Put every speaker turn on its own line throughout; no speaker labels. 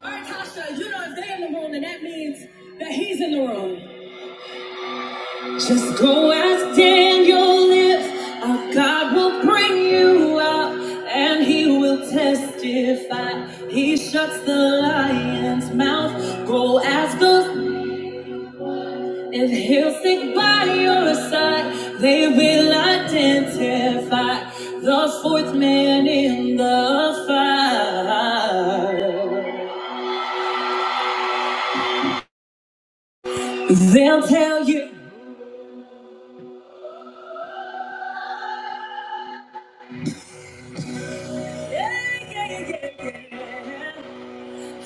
All right, Tasha, you know if they in the room, then that means that he's in the room. Just go ask Daniel if our God will bring you out and he will testify. He shuts the lion's mouth. Go ask us if he'll stick by your side. They will identify the fourth man in the fire. They'll tell you. Yeah, yeah, yeah, yeah. yeah.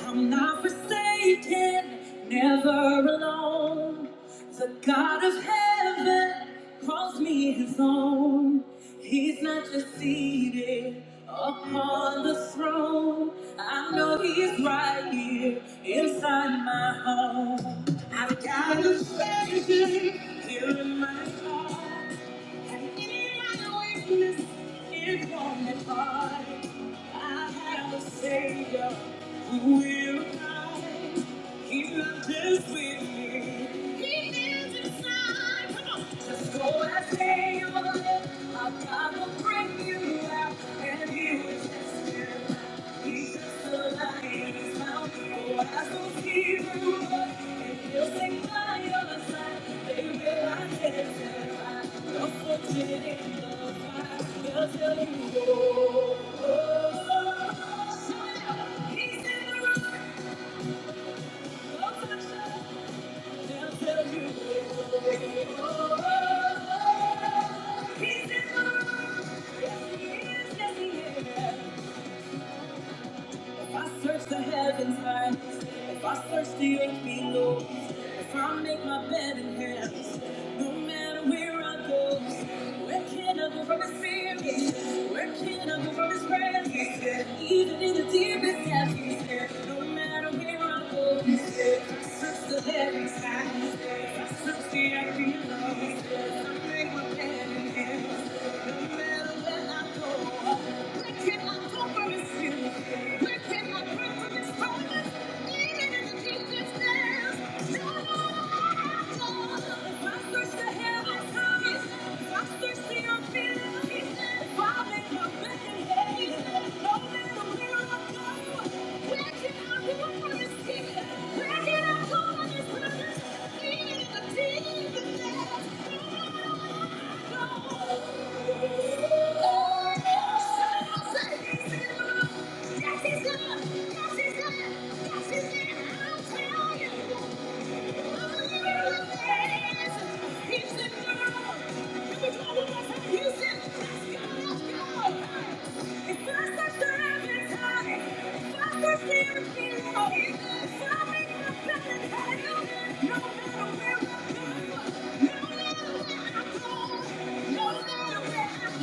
I'm not forsaken, never alone. The God of heaven calls me his own. He's not just seated upon the throne. I know he's right here inside my home. I've got a treasure here in my heart. And in my weakness, it won't depart. I have a Savior who will die. He lives with me. He lives inside. Come on. Just go and say your name. Our God will bring you out, and He will test you. He's just a lion in His mouth. Go ask those Hebrew boys, and he'll sing by your side. They will identify your fortune in the fire. They'll tell you, oh, oh, oh, oh. He's in the room. He's in the room. Yes, he is. Yes, he is. If I search the heavens high, if I search the earth below, if I make my bed in hell, no matter where I go, where can I go from His spirit? Where can I go from His presence? Even in the deepest atmosphere, no matter where I go, if I search the heavens high, if I search the earth below, if I make my bed in hell, no matter where. Where can I go? Where can I go? Yes, he's good. Yes, he's good. Yes, he's good. I'll tell you. No matter where I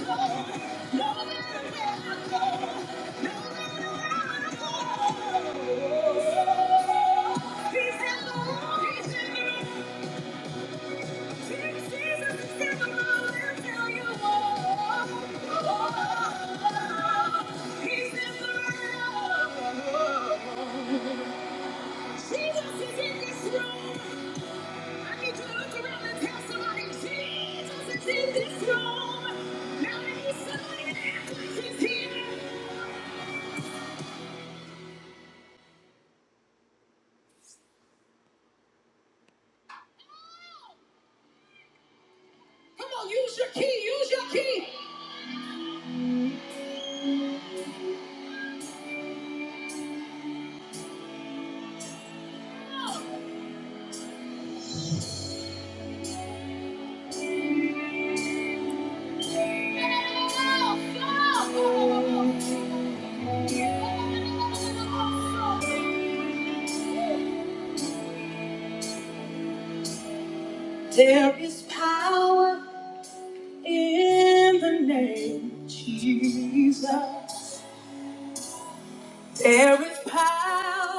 go, no matter where I go. Come on, use your key, use your key. There is power in the name of Jesus. There is power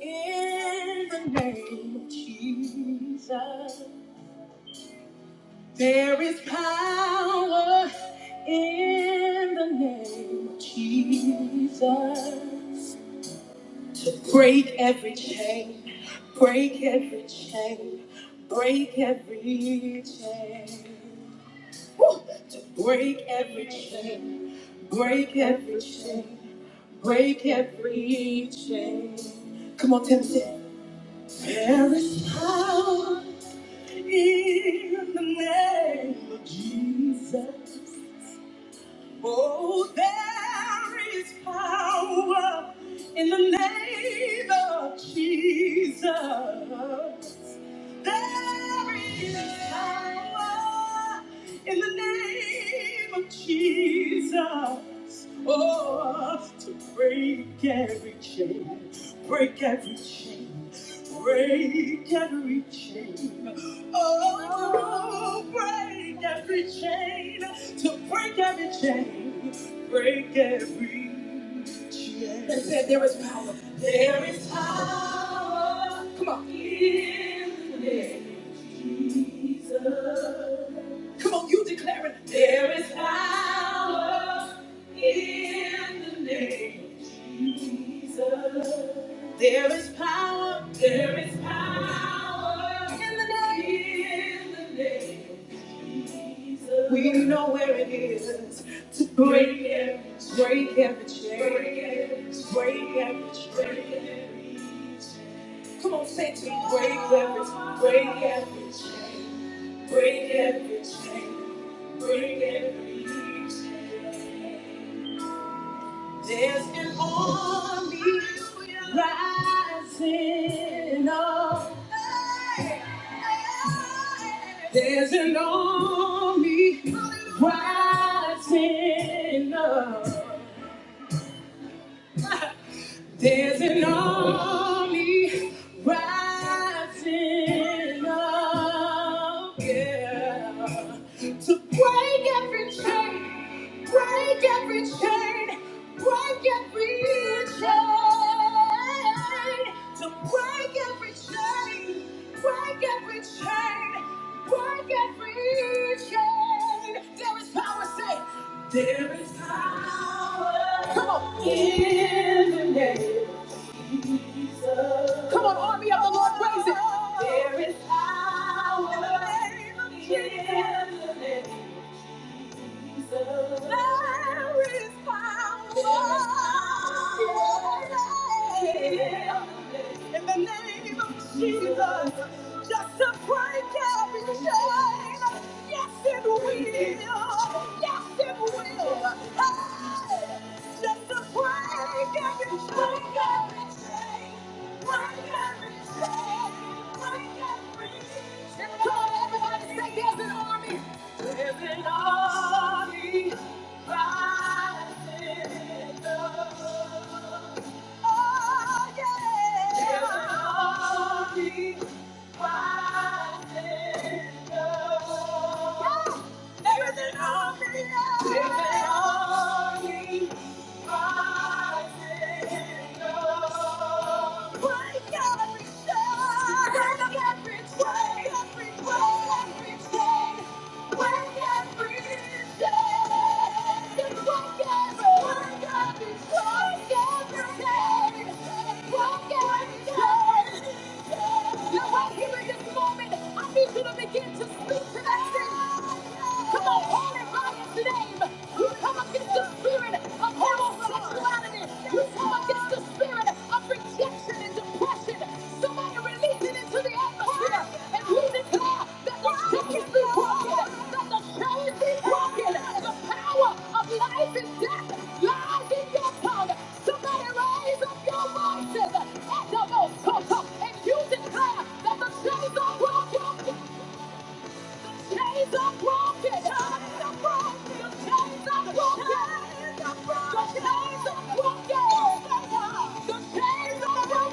in the name of Jesus. There is power in the name of Jesus. to break every chain, break every chain, break every chain. Woo! To break every chain, break every chain, break every chain. Come on, Tim, sing. There is power in the name of Jesus. Oh, there is power in the name of Jesus. There is power in the name of Jesus. Oh, to break every chain, break every chain. Break every chain. Oh, break every chain. To break every chain. Break every chain. They said there is power. There is power. Come on. In the name. Come on, you declare it. There is power in the name of Jesus. There is power. There is power in the name. In the name of Jesus. We know where it is to break every, break every chain, break every, break every, chain. break every. chain. Come on, say it to me, break every, break every chain. Break every chain, break every chain. There's an army rising up. There's an army rising up. There's an army rising up, yeah, to break every chain, break every chain, break every chain, to break every chain, break every chain, break every chain. There is power, say, there is power. Come on. In the name. Come on, army of the Lord, praise it. There is power. in the name of Jesus. There is power. in the name of Jesus. In the name of Jesus, just to break every chain. Yes, it will. Yes, it will. Hey! Just to break every chain. Break every chain. Break every chain. Break every chain. Come on, everybody, say there's an army. Oh, oh, yeah. There's an army. Yeah. There's an army. There's an army. You're right here in this moment. I need you to begin to speak to that thing. Come on, call it by its name. You come against the spirit of homosexuality. We come against the spirit of rejection and depression. Somebody release it into the atmosphere. And we declare that the chains be broken. That the chains be broken. The power of life and death lies in your tongue. Somebody raise up your voices at the most and you declare that the chains are broken. Chains are broken. Chains are broken. Your Chains are broken. The chains are broken. The chains are broken.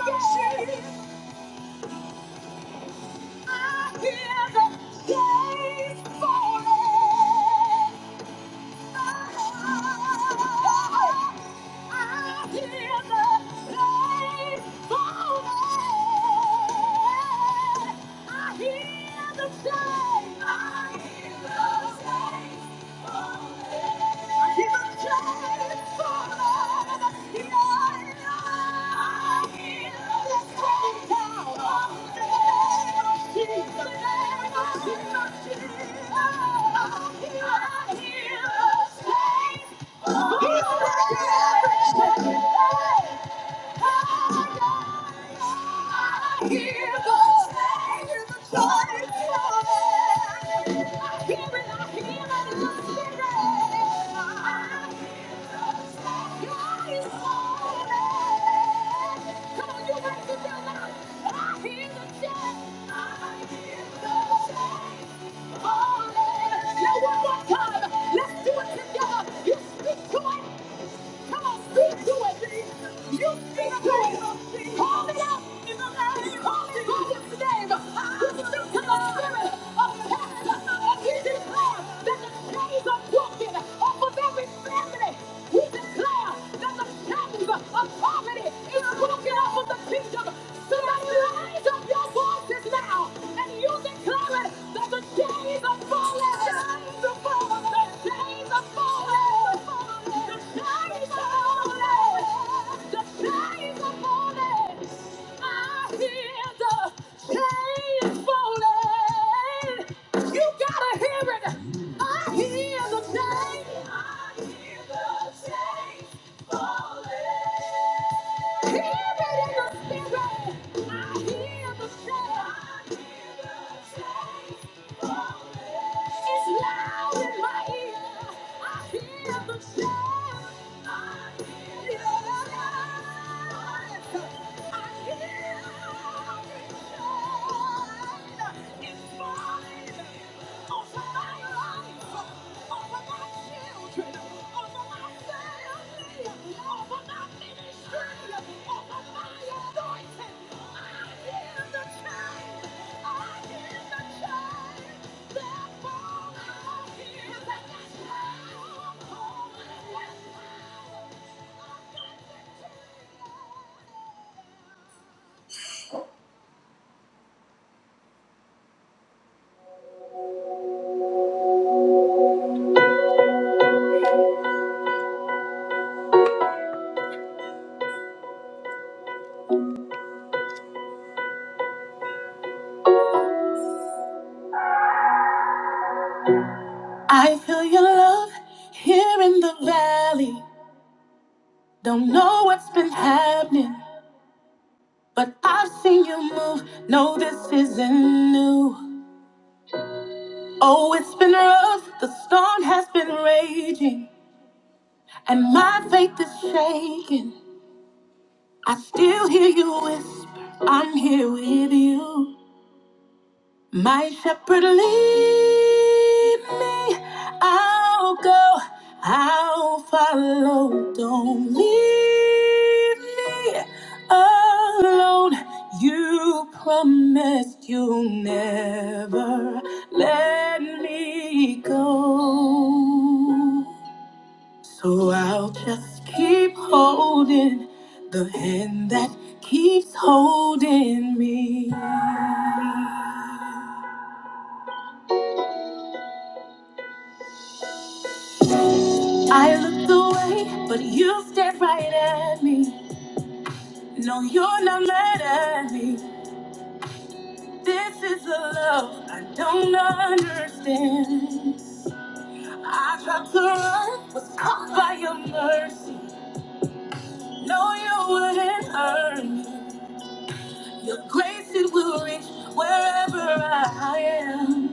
I hear the chains falling. I hear the chains falling. I hear the chains. I hear the chains. He's I hear the Let's do it together. You speak to it. Come on, speak to it. You speak to it. Call it out. Call it by its name. We speak to the spirit of death, and we declare that the chains are broken off of every family. We declare that the chains of poverty is broken off of the kingdom. Somebody rise up your your voices now and you declare it that the days are falling. The days are falling. The days are falling. The days are falling. I hear the chains falling. You gotta hear it. I hear the chains. I hear the chains. It's falling over my life, over my children, don't know what's been happening, but I've seen you move. No, this isn't new. Oh, it's been rough. The storm has been raging. And my faith is shaking. I still hear you whisper, I'm here with you. My shepherd, lead me. I'll go, I'll follow. Don't leave me alone. You promised you'll never let me go. So I'll just keep holding the hand that keeps holding me. I looked away, but you stared right at me. No, you're not mad at me. This is a love I don't understand. I tried to run, was caught by your mercy. No, you wouldn't hurt me. Your grace, it will reach wherever I am.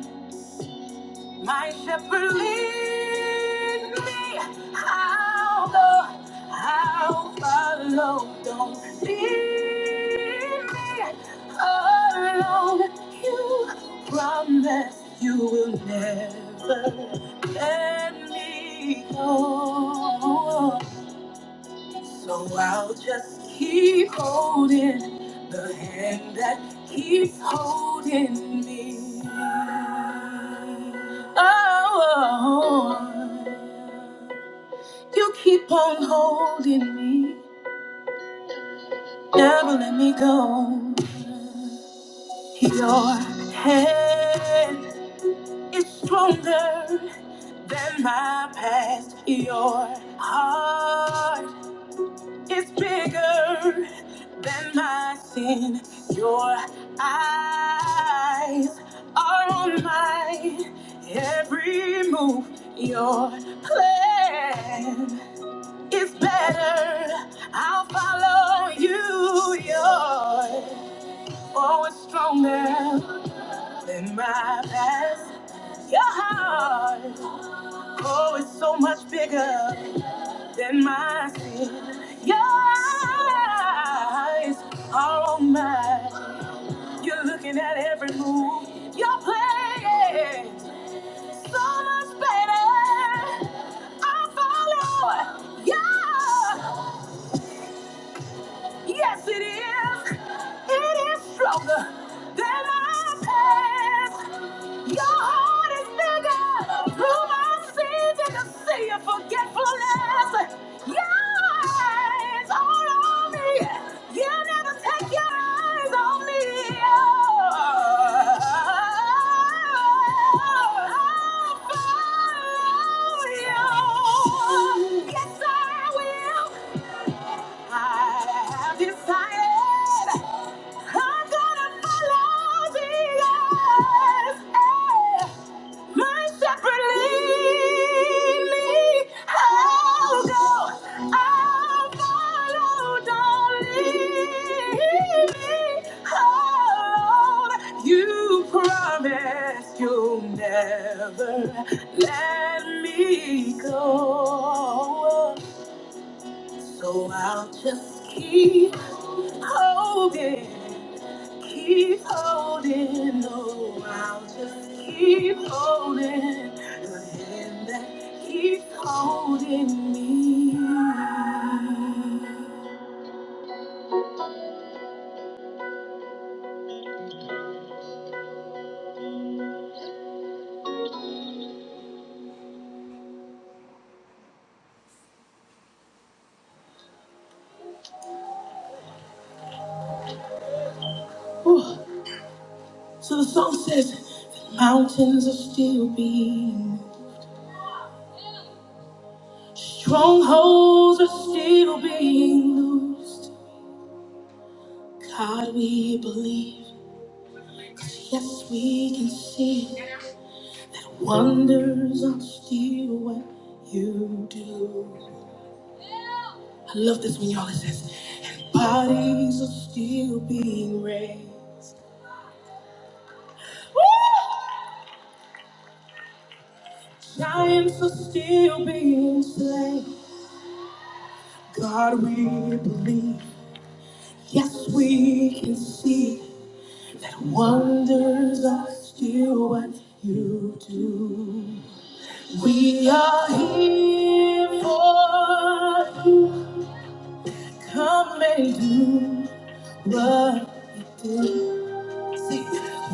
My shepherd lead me. I'll go. I'll follow. Don't leave me alone. You promise you will never let me go. So I'll just keep holding the hand that keeps holding me. Oh, you keep on holding me, never let me go. Your hand is stronger than my past. Your heart It's bigger than my sin. Your eyes are on my every move. Your plan is better. I'll follow you. Your oh, it's stronger than my past. Your heart, oh, it's so much bigger. Then my sin, your eyes are on mine. You're looking at every move you're playing. So much better. I follow. Yeah, yes it is. It is stronger than I past. Your heart is bigger. Through my sins, I can see your forgetfulness. Your eyes are on me. You never take your eyes on me. Oh, I'll follow you. Yes, I will. I have decided I'm gonna follow Jesus. Eh, My shepherd lead me. I'll go. I'll follow. Don't leave me alone. You promised you'll never let me go. So I'll just keep holding, keep holding. Oh, I'll just keep holding the hand that keeps holding me. Ooh. So the song says, the mountains are still being, strongholds are still being loosed. God, we believe. Yes, we can see. Wonders are still what you do. I love this when y'all it says, and bodies are still being raised. Woo! Giants are still being slain. God, we believe. Yes, we can see that wonders are still what you do. We are here for come and do.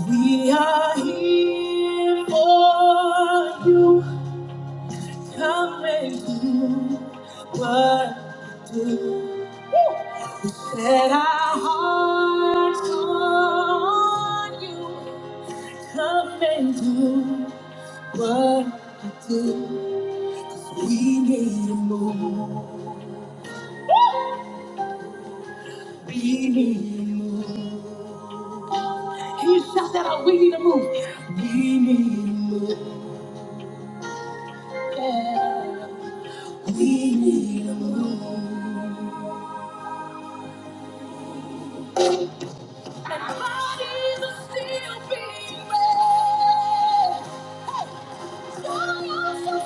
We are here for you. Come and do what you- let our hearts call on you. Come and do what you do. We need to move. We need to move. Can you shout that out? We need to move. We need to move. Yeah. We need to move. and bodies are still being raised. Hey, we are here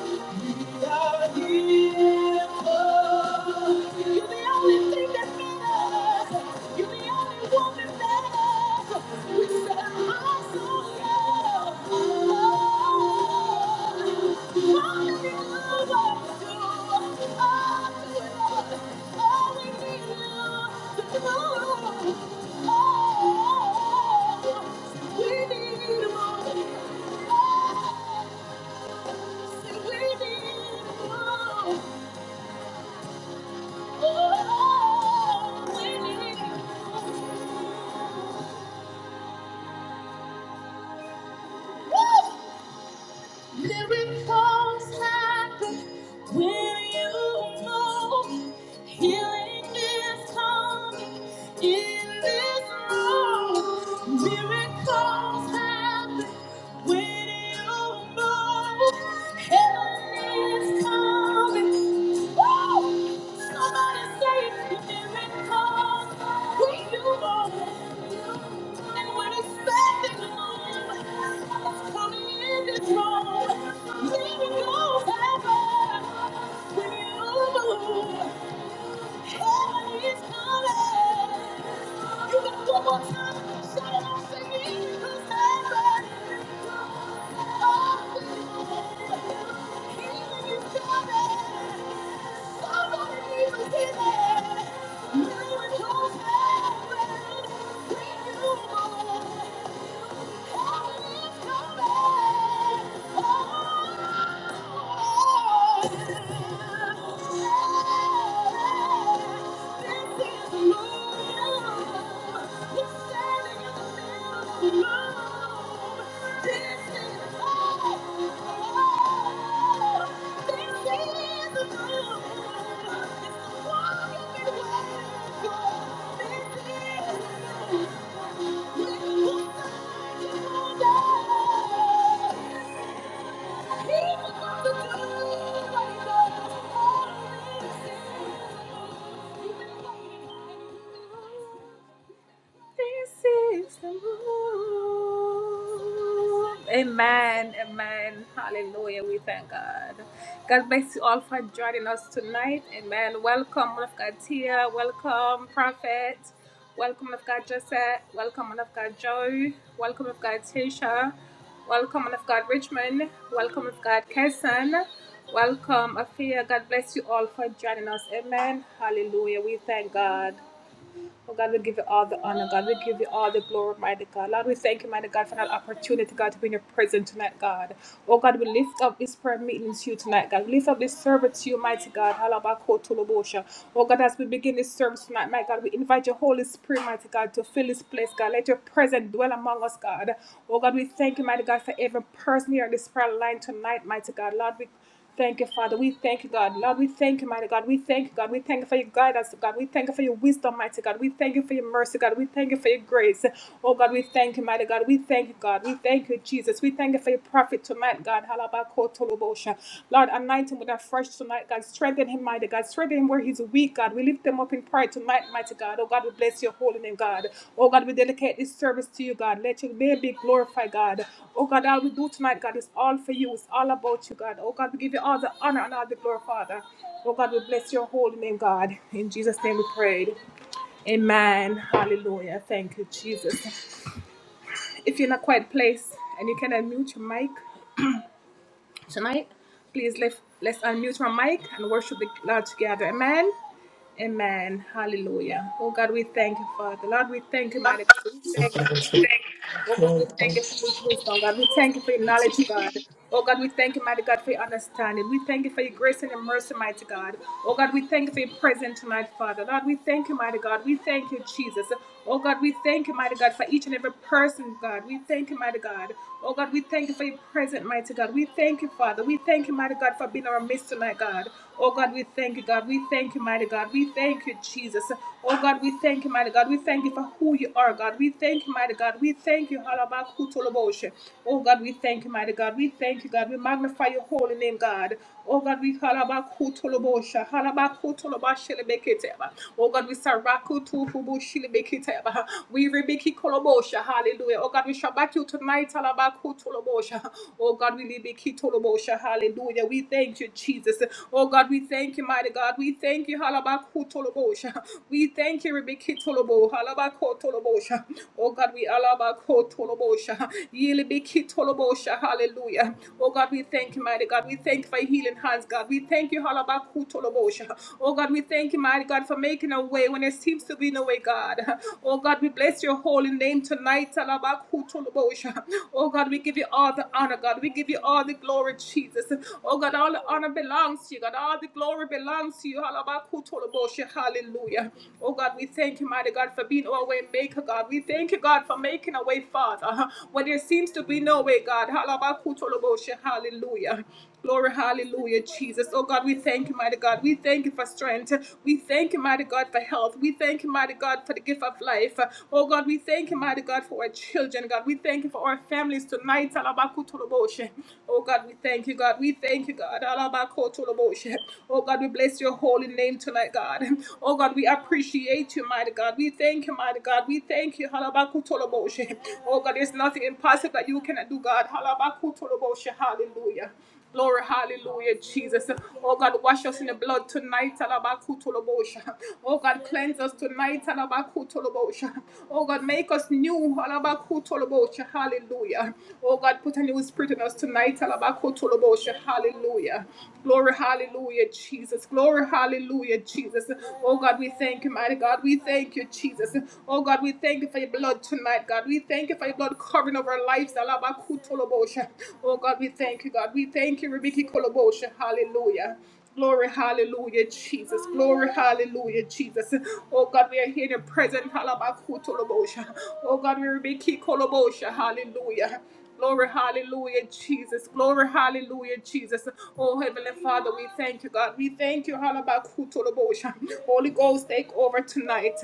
for you. Oh, we need more. Woo! Miracles happen when you know healing is coming in this room. Miracles happen when you know healing is coming. Woo! Somebody say miracles when you know. Thank you. Oh! Thank you. Thank you. This is the move. Amen. Amen. Hallelujah. We thank God. God bless you all for joining us tonight. Amen. Welcome, man of God Tia. Welcome, Prophet. Welcome, man of God Josette. Welcome, man of God Joe. Welcome, man of God Tisha. Welcome, man of God Richmond. Welcome, man of God Kesson. Welcome, Afia. God bless you all for joining us. Amen. Hallelujah. We thank God. Oh God, we give you all the honor, God. We give you all the glory, mighty God. Lord, we thank you, mighty God, for that opportunity, God, to be in your presence tonight, God. Oh God, we lift up this prayer meeting to you tonight, God. We lift up this service to you, mighty God. Halabakotolobosha. Oh God, as we begin this service tonight, my God, we invite your Holy Spirit, mighty God, to fill this place, God. Let your presence dwell among us, God. Oh God, we thank you, mighty God, for every person here on this prayer line tonight, mighty God. Lord, we Thank you, Father. We thank you, God. Lord, we thank you, mighty God. We thank you, God. We thank you for your guidance, God. We thank you for your wisdom, mighty God. We thank you for your mercy, God. We thank you for your grace. Oh, God, we thank you, mighty God. We thank you, God. We thank you, Jesus. We thank you for your prophet tonight, God. Halabakotolobosha. Lord, anoint him with a fresh tonight, God. Strengthen him, mighty God. Strengthen him where he's weak, God. We lift them up in prayer tonight, mighty God. Oh God, we bless your holy name, God. Oh God, we dedicate this service to you, God. Let your name be glorified, God. Oh God, all we do tonight, God, is all for you. It's all about you, God. Oh God, we give you all the honor and all the glory, Father. Oh God, we bless your holy name, God. In Jesus' name we prayed. Amen. Hallelujah. Thank you, Jesus. If you're in a quiet place and you can unmute your mic, Tonight, please let, let's unmute my mic and worship the Lord together. Amen. Amen. Hallelujah. Oh God, we thank you, Father. Lord, we thank you, mighty God. We thank you. Oh God, we thank you for your wisdom, God. We thank you for your knowledge, oh God. Oh God, we thank you, mighty God, for your understanding. We thank you for your grace and your mercy, mighty God. Oh God, we thank you for your presence tonight, Father. Lord, we thank you, mighty God. We thank you, Jesus. Oh God, we thank you, mighty God, for each and every person, God. We thank you, mighty God. Oh God, we thank you for your presence, mighty God. We thank you, Father. We thank you, mighty God, for being our midst tonight, God. Oh God, we thank you, God. We thank you, mighty God. We thank you, Jesus. Oh God, we thank you, mighty God. We thank you for who you are, are, God. We thank you, mighty God. We thank you, Halabakutulaboshe. Oh, God, we thank you, mighty God. We thank you, God. We magnify your holy name, God. Oh, God, we Halabakutulaboshe. Halabakutulabashilibekiteba. Oh, God, we Sarakutufubushilibekiteba. We Rebeki Koloboshe. Hallelujah. Oh, God, we shall back you tonight, Halabakutulaboshe. Oh, God, we Libekitulaboshe. Hallelujah. We thank you, Jesus. Oh, God, we thank you, mighty God. We thank you, Halabakutulaboshe. We thank you, Rebekitulaboshe kitolobo, halabako tolobosha. Oh God, we alabako tolobosha. Yilibiki tolobosha, hallelujah. Oh God, we thank you, mighty God. We thank you for healing hands, God. We thank you, halabaku tolobosha. Oh God, we thank you, mighty God, for making a way when there seems to be no way, God. Oh God, we bless your holy name tonight, halabaku tolobosha. Oh God, we give you all the honor, God. We give you all the glory, Jesus. Oh God, all the honor belongs to you, God. All the glory belongs to you, halabaku tolobosha, Hallelujah. Oh God, we thank you, mighty God, for being our way maker, God. We thank you, God, for making a way, Father. When there seems to be no way, God. Halabakutoloboshe. Hallelujah. Glory, hallelujah, Jesus. Oh God, we thank you, mighty God. We thank you for strength. We thank you, mighty God, for health. We thank you, mighty God, for the gift of life. Oh God, we thank you, mighty God, for our children, God. We thank you for our families tonight. Alabakutoloboshe. Oh God, we thank you, God. We thank you, God. Alabakutoloboshe. Oh God, we bless your bless your holy name tonight, God. Oh God, we appreciate you, mighty God. We thank you, mighty God. We thank you. Halabakutoloboshe. Oh God, there's nothing impossible that you cannot do, God. Halabakutoloboshe. Hallelujah. Glory, hallelujah, Jesus. Oh God, wash us in the blood tonight. Alabakutolobosha. Oh God, cleanse us tonight. Alabakutolobosha. Oh God, make us new. Alabakutolobosha. Hallelujah. Oh God, put a new spirit in us tonight. Alabakutolobosha. Hallelujah. Glory. Glory, hallelujah, Jesus. Glory, hallelujah, Jesus. Oh God, we thank you, mighty God. We thank you, Jesus. Oh God, we thank you for your blood tonight, God. We thank you for your blood covering over our lives. Alabakutolobosha. Oh God, we thank you, God. We thank you, Rebecca Kolobosha. Hallelujah. Glory, hallelujah, Jesus. Glory, hallelujah, Jesus. Oh God, we are here in your presence. Halabakutolobosha. Oh God, we are Rebeki Kolobosha. Hallelujah. Glory, hallelujah, Jesus. Glory, hallelujah, Jesus. Oh Heavenly Father, we thank you, God. We thank you. Halabakutolobosha. Holy Ghost, take over tonight.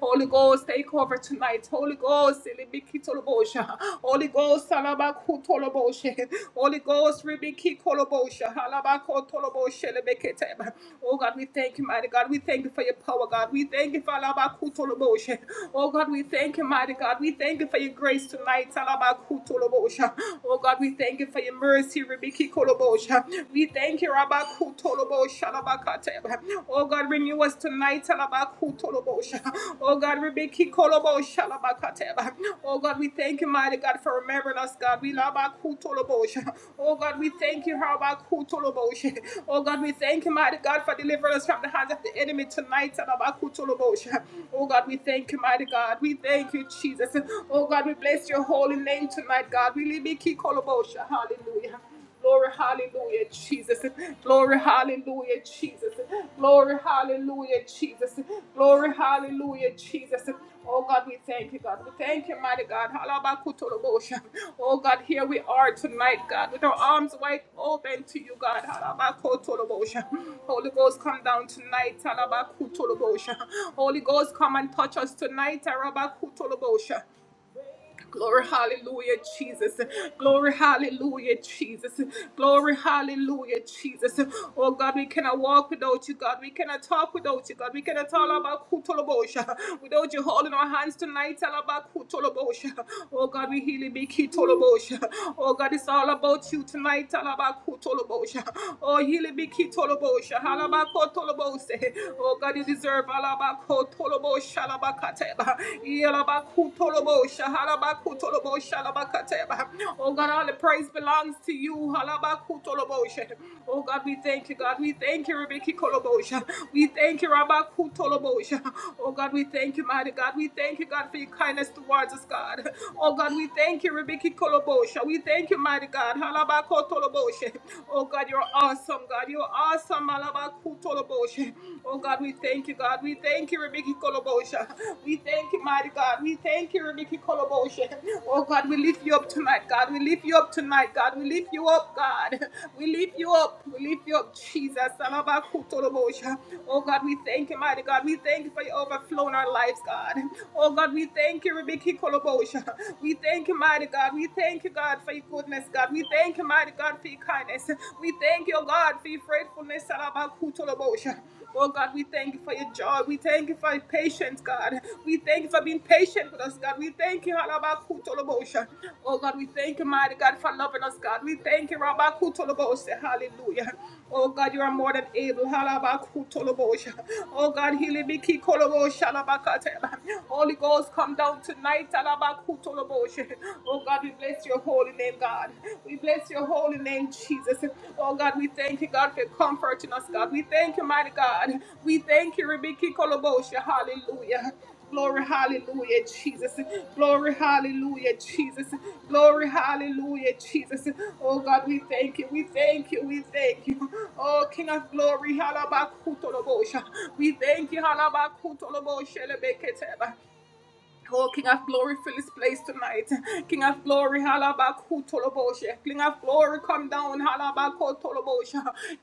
Holy Ghost, take over tonight. Holy Ghost, ilibikitolobosha. Holy Ghost, Ghost, Salabakutoloboshe. Holy Ghost, Ribiki Kolobosha, Halabakotoloboshe, lebeketeba. Oh God, we thank you, mighty God. We thank you for your power, God. We thank you for Alabakutoloboshe. Oh God, we thank you, mighty God. We thank you for your grace tonight, Alabakutolobosha. Oh God, we thank you for your mercy, Ribiki Kolobosha. We thank you, Rabakutolobosha, Alabakate. Oh God, renew us tonight, Alabaku Oh God, Rebecca Kolobo Shalabakateba. Oh God, we thank you, mighty God, for remembering us, God. We labakutolobosha. Oh God, we thank you, Harabakutolobosha. Oh God, we thank you, mighty God, for delivering us from the hands of the enemy tonight. Talabakutolobosha. Oh God, we thank you, mighty God. We thank you, Jesus. Oh God, we bless your holy name tonight, God. We libiki kolobosha. Hallelujah. Glory, hallelujah, Jesus. Glory, hallelujah, Jesus. Glory, hallelujah, Jesus. Glory, hallelujah, Jesus. Oh God, we thank you, God. We thank you, mighty God. Halabakutolobosha. Oh God, here we are tonight, God, with our arms wide open to you, God. Halabakutolobosha. Holy Ghost, come down tonight. Halabakutolobosha. Holy Ghost, come and touch us tonight. Halabakutolobosha. Glory, hallelujah, Jesus. Glory, hallelujah, Jesus. Glory, hallelujah, Jesus. Oh God, we cannot walk without you, God. We cannot talk without you, God. We cannot talk about Kutolobosha without you holding our hands tonight. All about Kutolobosha. Oh God, we heal it be Kitolobosha. Oh God, it's all about you tonight. All about Kutolobosha. Oh, heal it be Kitolobosha. All about Kotolobose. Oh God, you deserve all about Kotolobosha shalabakateba. Yalabakutolobo shahalabakutolobo shalabakateba. Oh God, all the praise belongs to you. Halabakutolobo she. Oh God, we thank you, God. We thank you, Rebeki Kolobosha. We thank you, Rabakutolobosha. Oh God, we thank you, mighty God. We thank you, God, for your kindness towards us, God. Oh God, we thank you, Rebeki Kolobosha. We thank you, mighty God. Halabakotolobosha. Oh God, you're awesome, God. You're awesome, Malabakutolobosha. Kolobosha. Oh God, we thank you, God. We thank you, Rebecca Kolobosha. We thank you, mighty God. We thank you, Rebecca Kolobosha. Oh God, we lift you up tonight, God. We lift you up tonight, God. We lift you up, God. We lift you up. We lift you up, Jesus. Salabakutolobosha. Oh God, we thank you, mighty God. We thank you for your overflow in our lives, God. Oh God, we thank you, Rebecca Kolobosha. We thank you, mighty God. We thank you, God, for your goodness, God. We thank you, mighty God, for your kindness kindness. We thank you, oh God, for your faithfulness. Oh God, we thank you for your joy. We thank you for your patience, God. We thank you for being patient with us, God. We thank you, Halabakutolobosha. Oh God, we thank you, mighty God, for loving us, God. We thank you, Rabakutolobosha. Hallelujah. Oh God, you are more than able. Halabakutolobosha. Oh God, Hilibiki Kolobosha. Halabakatela. Holy Ghost, come down tonight. Halabakutolobosha. Oh Oh God, we bless your holy name, God. We bless your holy name, Jesus. Oh God, we thank you, God, for comforting us, God. We thank you, mighty God. We thank you, Rebecca Kolobosha. Hallelujah. Glory, hallelujah, Jesus. Glory, hallelujah, Jesus. Glory, hallelujah, Jesus. Oh God, we thank you, we thank you, we thank you. Oh King of glory, halabakutolobosha. We thank you, halabakutolobosha, Oh, King of Glory, fill this place tonight. King of Glory, halabaku halabakutoloboshe. King of Glory, come down, halabakotoloboshe.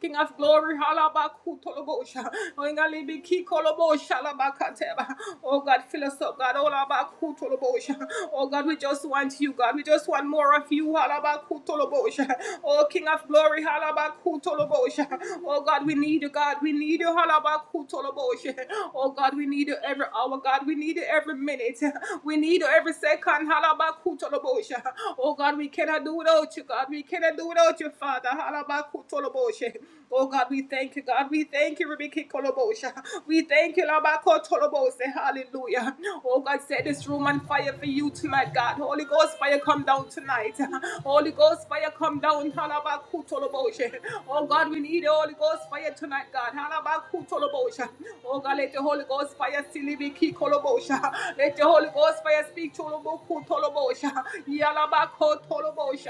King of Glory, halabaku halabakutoloboshe. Oingalibiki-koloboshe, halabakateba. Oh God, fill us up, God. olabakutoloboshe. Oh God, we just want you, God. We just want more of you. Halabaku halabakutoloboshe. Oh King of Glory, halabaku Oh God, we need you, God, we need you. Halabakutoloboshe. Oh God, we need you every hour, God, we need you every minute. We need you every second. Halabakutoloboshe. Oh God, we cannot do without you, God. We cannot do without you, Father. Halabakutoloboshe. Oh God, we thank you, God. We thank you, Rebecca Kolobosha. We thank you, Labako Tolobose. Hallelujah. Oh God, set this room on fire for you tonight, God. Holy Ghost fire come down tonight. Holy Ghost fire come down. Halabaku Tolobosha. Oh God, we need the Holy Ghost fire tonight, God. Halabaku Tolobosha. Oh God, let the Holy Ghost fire still be Kolobosha. Let the Holy Ghost fire speak Toloboku Tolobosha. Yalabako Tolobosha.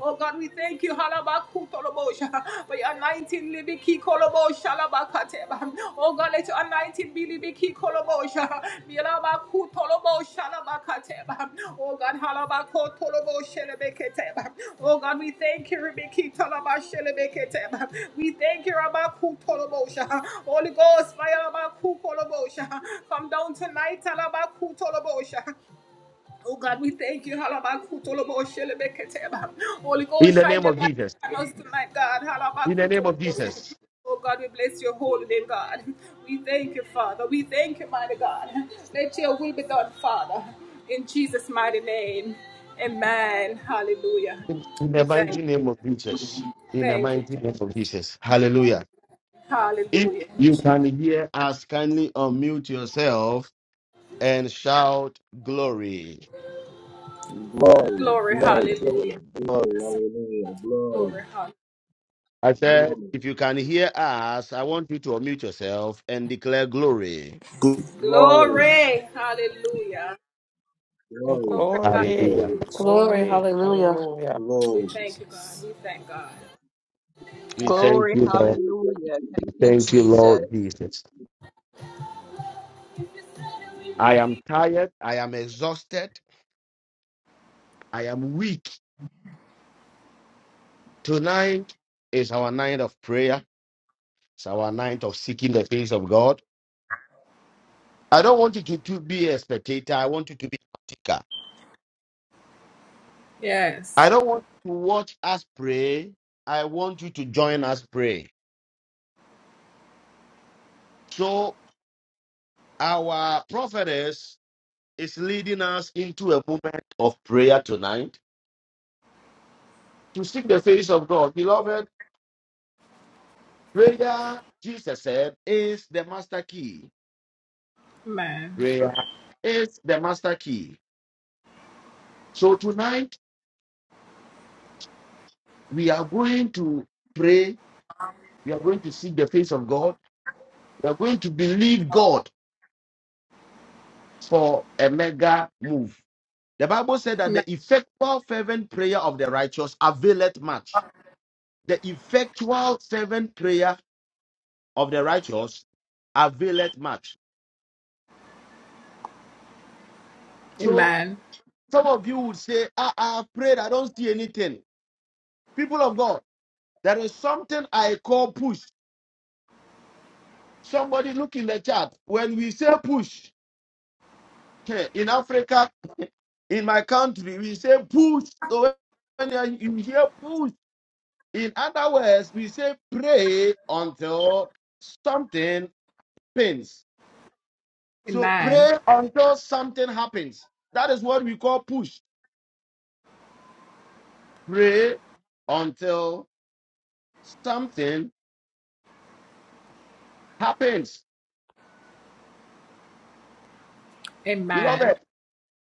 Oh God, we thank you, Halabakutolobosha, for your anointing, Libiki Kolobosha, Labakateba. Oh God, let your anointing be Libiki Kolobosha, Bilabakutolobosha, Labakateba. Oh God, Halabakotolobosha, Lebeketeba. Oh God, we thank you, Libiki Talabasha, Lebeketeba. We thank you, Rabakutolobosha. Holy Ghost, fire, Labakutolobosha. Come down tonight, Alabakutolobosha. Oh God, we thank you. Halabakutolobo shelebeketeba. Holy
In
Ghost,
the
shine
name
your
of
light
Jesus.
upon us tonight, God.
In the name of
Halabakutolobo si.
Jesus.
Oh God, we bless your holy name, God. We thank you, Father. We thank you, mighty God. Let your will be done, Father. In Jesus' mighty name. Amen. Hallelujah.
In, in
We
the
thank
mighty
you.
name of Jesus. In the
Thank you,
mighty name of
Jesus.
Jesus. Hallelujah. If
Hallelujah.
you can
Jesus.
hear us, kindly unmute yourself and shout glory.
Glory,
Glory,
glory,
hallelujah.
glory, glory, hallelujah, glory,
Glory, hallelujah.
I said,
glory,
if you can hear us, I want you to unmute yourself and declare glory.
Good.
glory,
Glory, hallelujah.
glory,
Glory,
Glory,
Hallelujah.
glory,
hallelujah. Jesus.
Glory,
glory,
hallelujah.
hallelujah.
We
glory.
thank you, God.
Jesus.
We thank God.
We
Amen.
thank
Glory,
you, Lord.
hallelujah. Thank you,
Thank you,
Jesus.
Lord Jesus. I am tired. I am exhausted. I am weak. Tonight is our night of prayer. It's our ninth of seeking the face of God. I don't want you to, to be a spectator. I want you to be a partaker. I
Yes.
don't want you to watch us pray. I want you to join us pray. So our prophetess is leading us into a moment of prayer tonight to seek the face of God. Beloved, prayer, Jesus said, is the master key.
Amen.
Prayer is the master key. So tonight we are going to pray. We are going to seek the face of God We are going to believe God for a mega move. The Bible said that
Amen.
the effectual fervent prayer of the righteous availeth much. The effectual fervent prayer of the righteous availeth much. So
Amen.
some of you would say, I, I have prayed, I don't see anything. People of God, there is something I call push. Somebody look in the chat. When we say push eh, in Africa, in my country, we say push. So when you hear push, In other words, we say pray until something happens. So
Amen.
pray until something happens. That is what we call push. Pray until something happens.
Amen.
Beloved,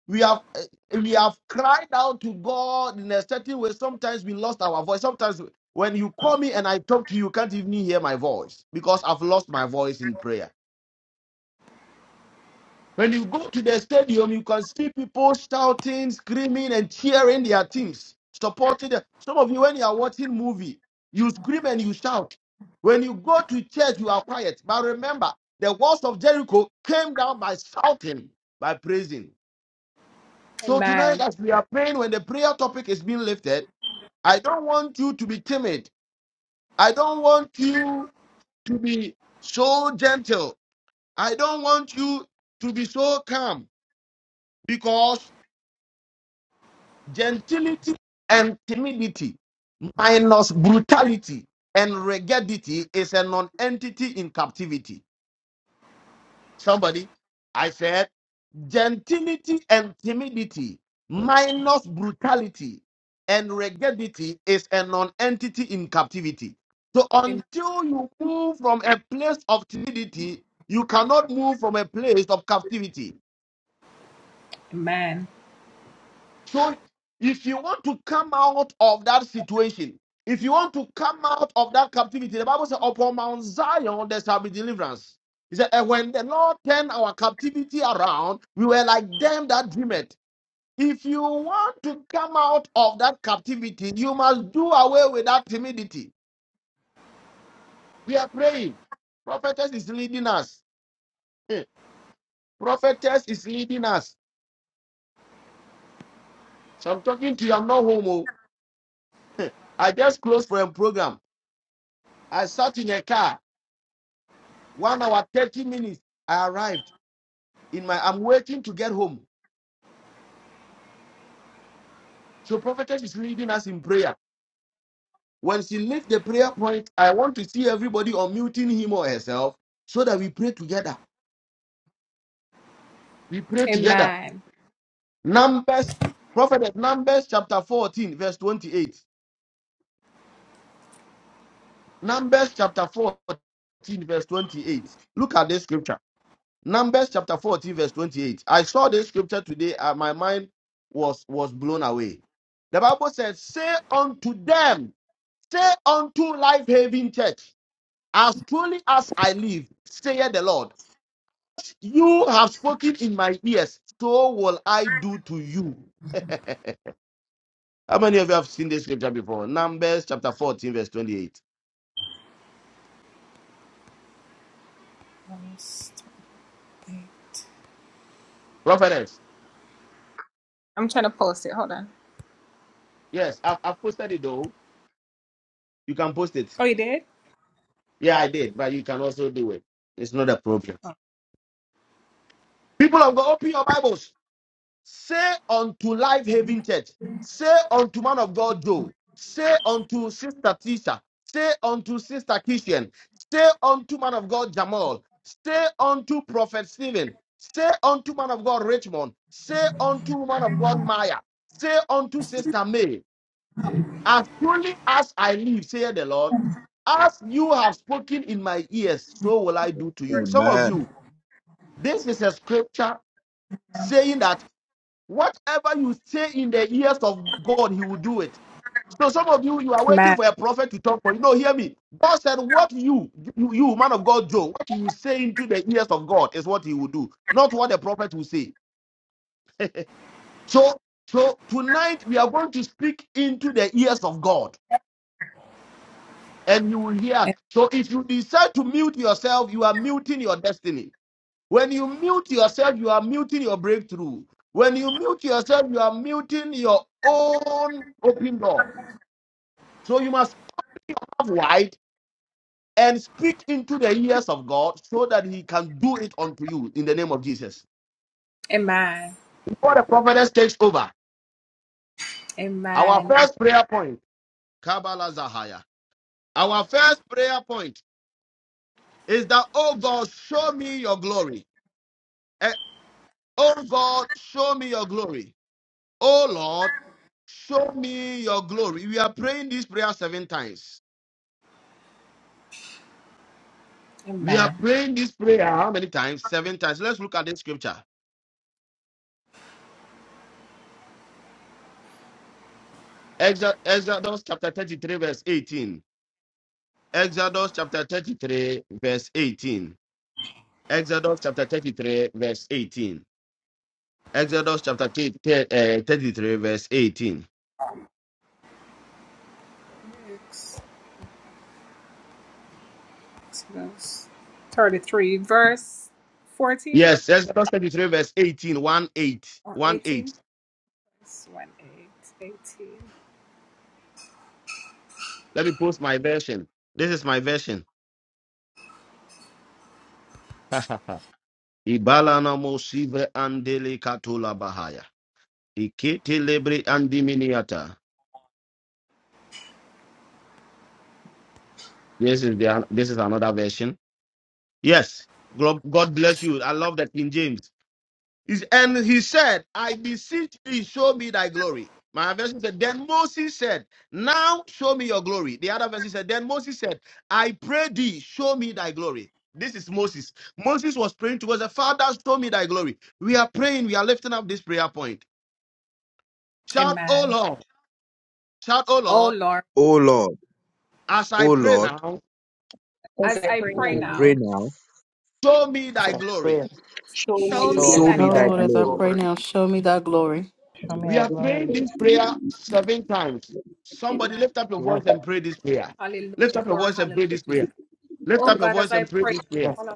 we have eh, we have cried out to God in a certain way. Sometimes we lost our voice. Sometimes when you call me and I talk to you, you can't even hear my voice because I've lost my voice in prayer. When you go to the stadium, you can see people shouting, screaming, and cheering their teams, supporting them. Some of you, when you are watching movie, you scream and you shout. When you go to church, you are quiet. But remember, the walls of Jericho came down by shouting, by praising. So tonight,
Amen.
as we are praying, when the prayer topic is being lifted, I don't want you to be timid. I don't want you to be so gentle. I don't want you to be so calm because Gentility and timidity minus brutality and raggedity is a non-entity in captivity. Somebody, I said gentility and timidity minus brutality and raggedity is a non-entity in captivity. So
Am-
until you move from a place of timidity, you cannot move from a place of captivity.
Amen.
So if you want to come out of that situation, if you want to come out of that captivity, the Bible says, upon Mount Zion there shall be deliverance. He said, and when the Lord turned our captivity around, we were like them that dream it. If you want to come out of that captivity, you must do away with that timidity. We are praying. Prophetess is leading us. Eh, Prophetess is leading us. So I'm talking to you, I'm not homo. I just closed for a program. I sat in a car. One hour, 30 minutes. I arrived in my, I'm waiting to get home. So prophetess is leading us in prayer. When she lifts the prayer point, I want to see everybody unmuting him or herself so that we pray together. We pray together.
Amen.
Numbers, prophetess, Numbers chapter 14, verse 28. Numbers chapter 14, verse 28. Look at this scripture. Numbers chapter 14, verse 28. I saw this scripture today and my mind was, was blown away. The Bible says, Say unto them, Say unto Life Haven Church, as truly as I live, saith the Lord, you have spoken in my ears, so will I do to you. How many of you have seen this scripture before? Numbers chapter 14, verse 28. Prophetess,
I'm trying to post it. Hold on.
yes, I've, I've posted it though. You can post it.
Oh, you did?
Yeah, I did, but you can also do it. It's not a problem. People of God, open your Bibles. Say unto Life Haven Church, say unto man of God Joe, say unto Sister Tisha, say unto Sister Kishan, say unto man of God Jamal, say unto Prophet Stephen, say unto man of God Richmond, say unto man of God Maya, say unto Sister May, as truly as I live, saith the Lord, as you have spoken in my ears, so will I do to you. Some of
Amen.
you, this is a scripture saying that Whatever you say in the ears of God, He will do it. So some of you, you are waiting
Amen.
for a prophet to talk for you. No, hear me. God said, "What you, you, you man of God, Joe, what you say into the ears of God is what He will do, not what the prophet will say." So, so tonight we are going to speak into the ears of God, and you will hear. So, if you decide to mute yourself, you are muting your destiny. When you mute yourself, you are muting your breakthrough. When you mute yourself, you are muting your own open door. So you must have light and speak into the ears of God so that He can do it unto you in the name of Jesus.
Amen.
Before the prophetess takes over, our
Amen.
first prayer point, Kabbalah Zahaya. Our first prayer point is that, oh God, show me your glory. Eh, Oh God, show me your glory. Oh Lord, show me your glory. We are praying this prayer seven times. We are
Amen.
praying this prayer how many times? Seven times. Let's look at this scripture. Exod- Exodus chapter 33, verse 18. Exodus chapter 33, verse 18. Exodus chapter 33, verse 18. Exodus chapter 3, eh, 33, verse 18.
It's- it's verse 33, verse 14
Yes, Exodus 33, verse 18, 1 8.
or
1 8.
18. It's 1 8, 18.
Let me post my version. This is my version. Ibalana mosive andele katula bahaya. Ikete lebre andiminiata. This is the this is another version. Yes. Glo- God bless you. I love that King James. He's- And he said, I beseech thee, show me thy glory. My version said, Then Moses said, Now show me your glory. The other version said, Then Moses said, I pray thee, show me thy glory. This is Moses. Moses was praying to the Father, show me thy glory. We are praying, we are lifting up this prayer point. Shout, O
Amen.
Lord, shout, O
Oh,
Lord,
Lord,
O Lord,
as I
O
pray
Lord,
now,
As
as
I
I
pray
as
pray
I
now,
now.
pray now,
show me
As
thy
I
glory.
show
Show
me
me
show
show
that.
thy
me
me
Oh
thy
thy
Lord,
glory
as I
glory.
pray
glory.
now, show me thy glory.
Show me
We
thy
are
glory.
praying this prayer seven times.
in
Somebody lift up your
Amen.
voice and pray this prayer.
Hallelujah.
Lift up your
Glory.
voice and pray
Hallelujah.
this
Jesus.
prayer. Lift
Oh
up your
God, as
voice
I
and pray
pray,
this prayer.
Yes,
now,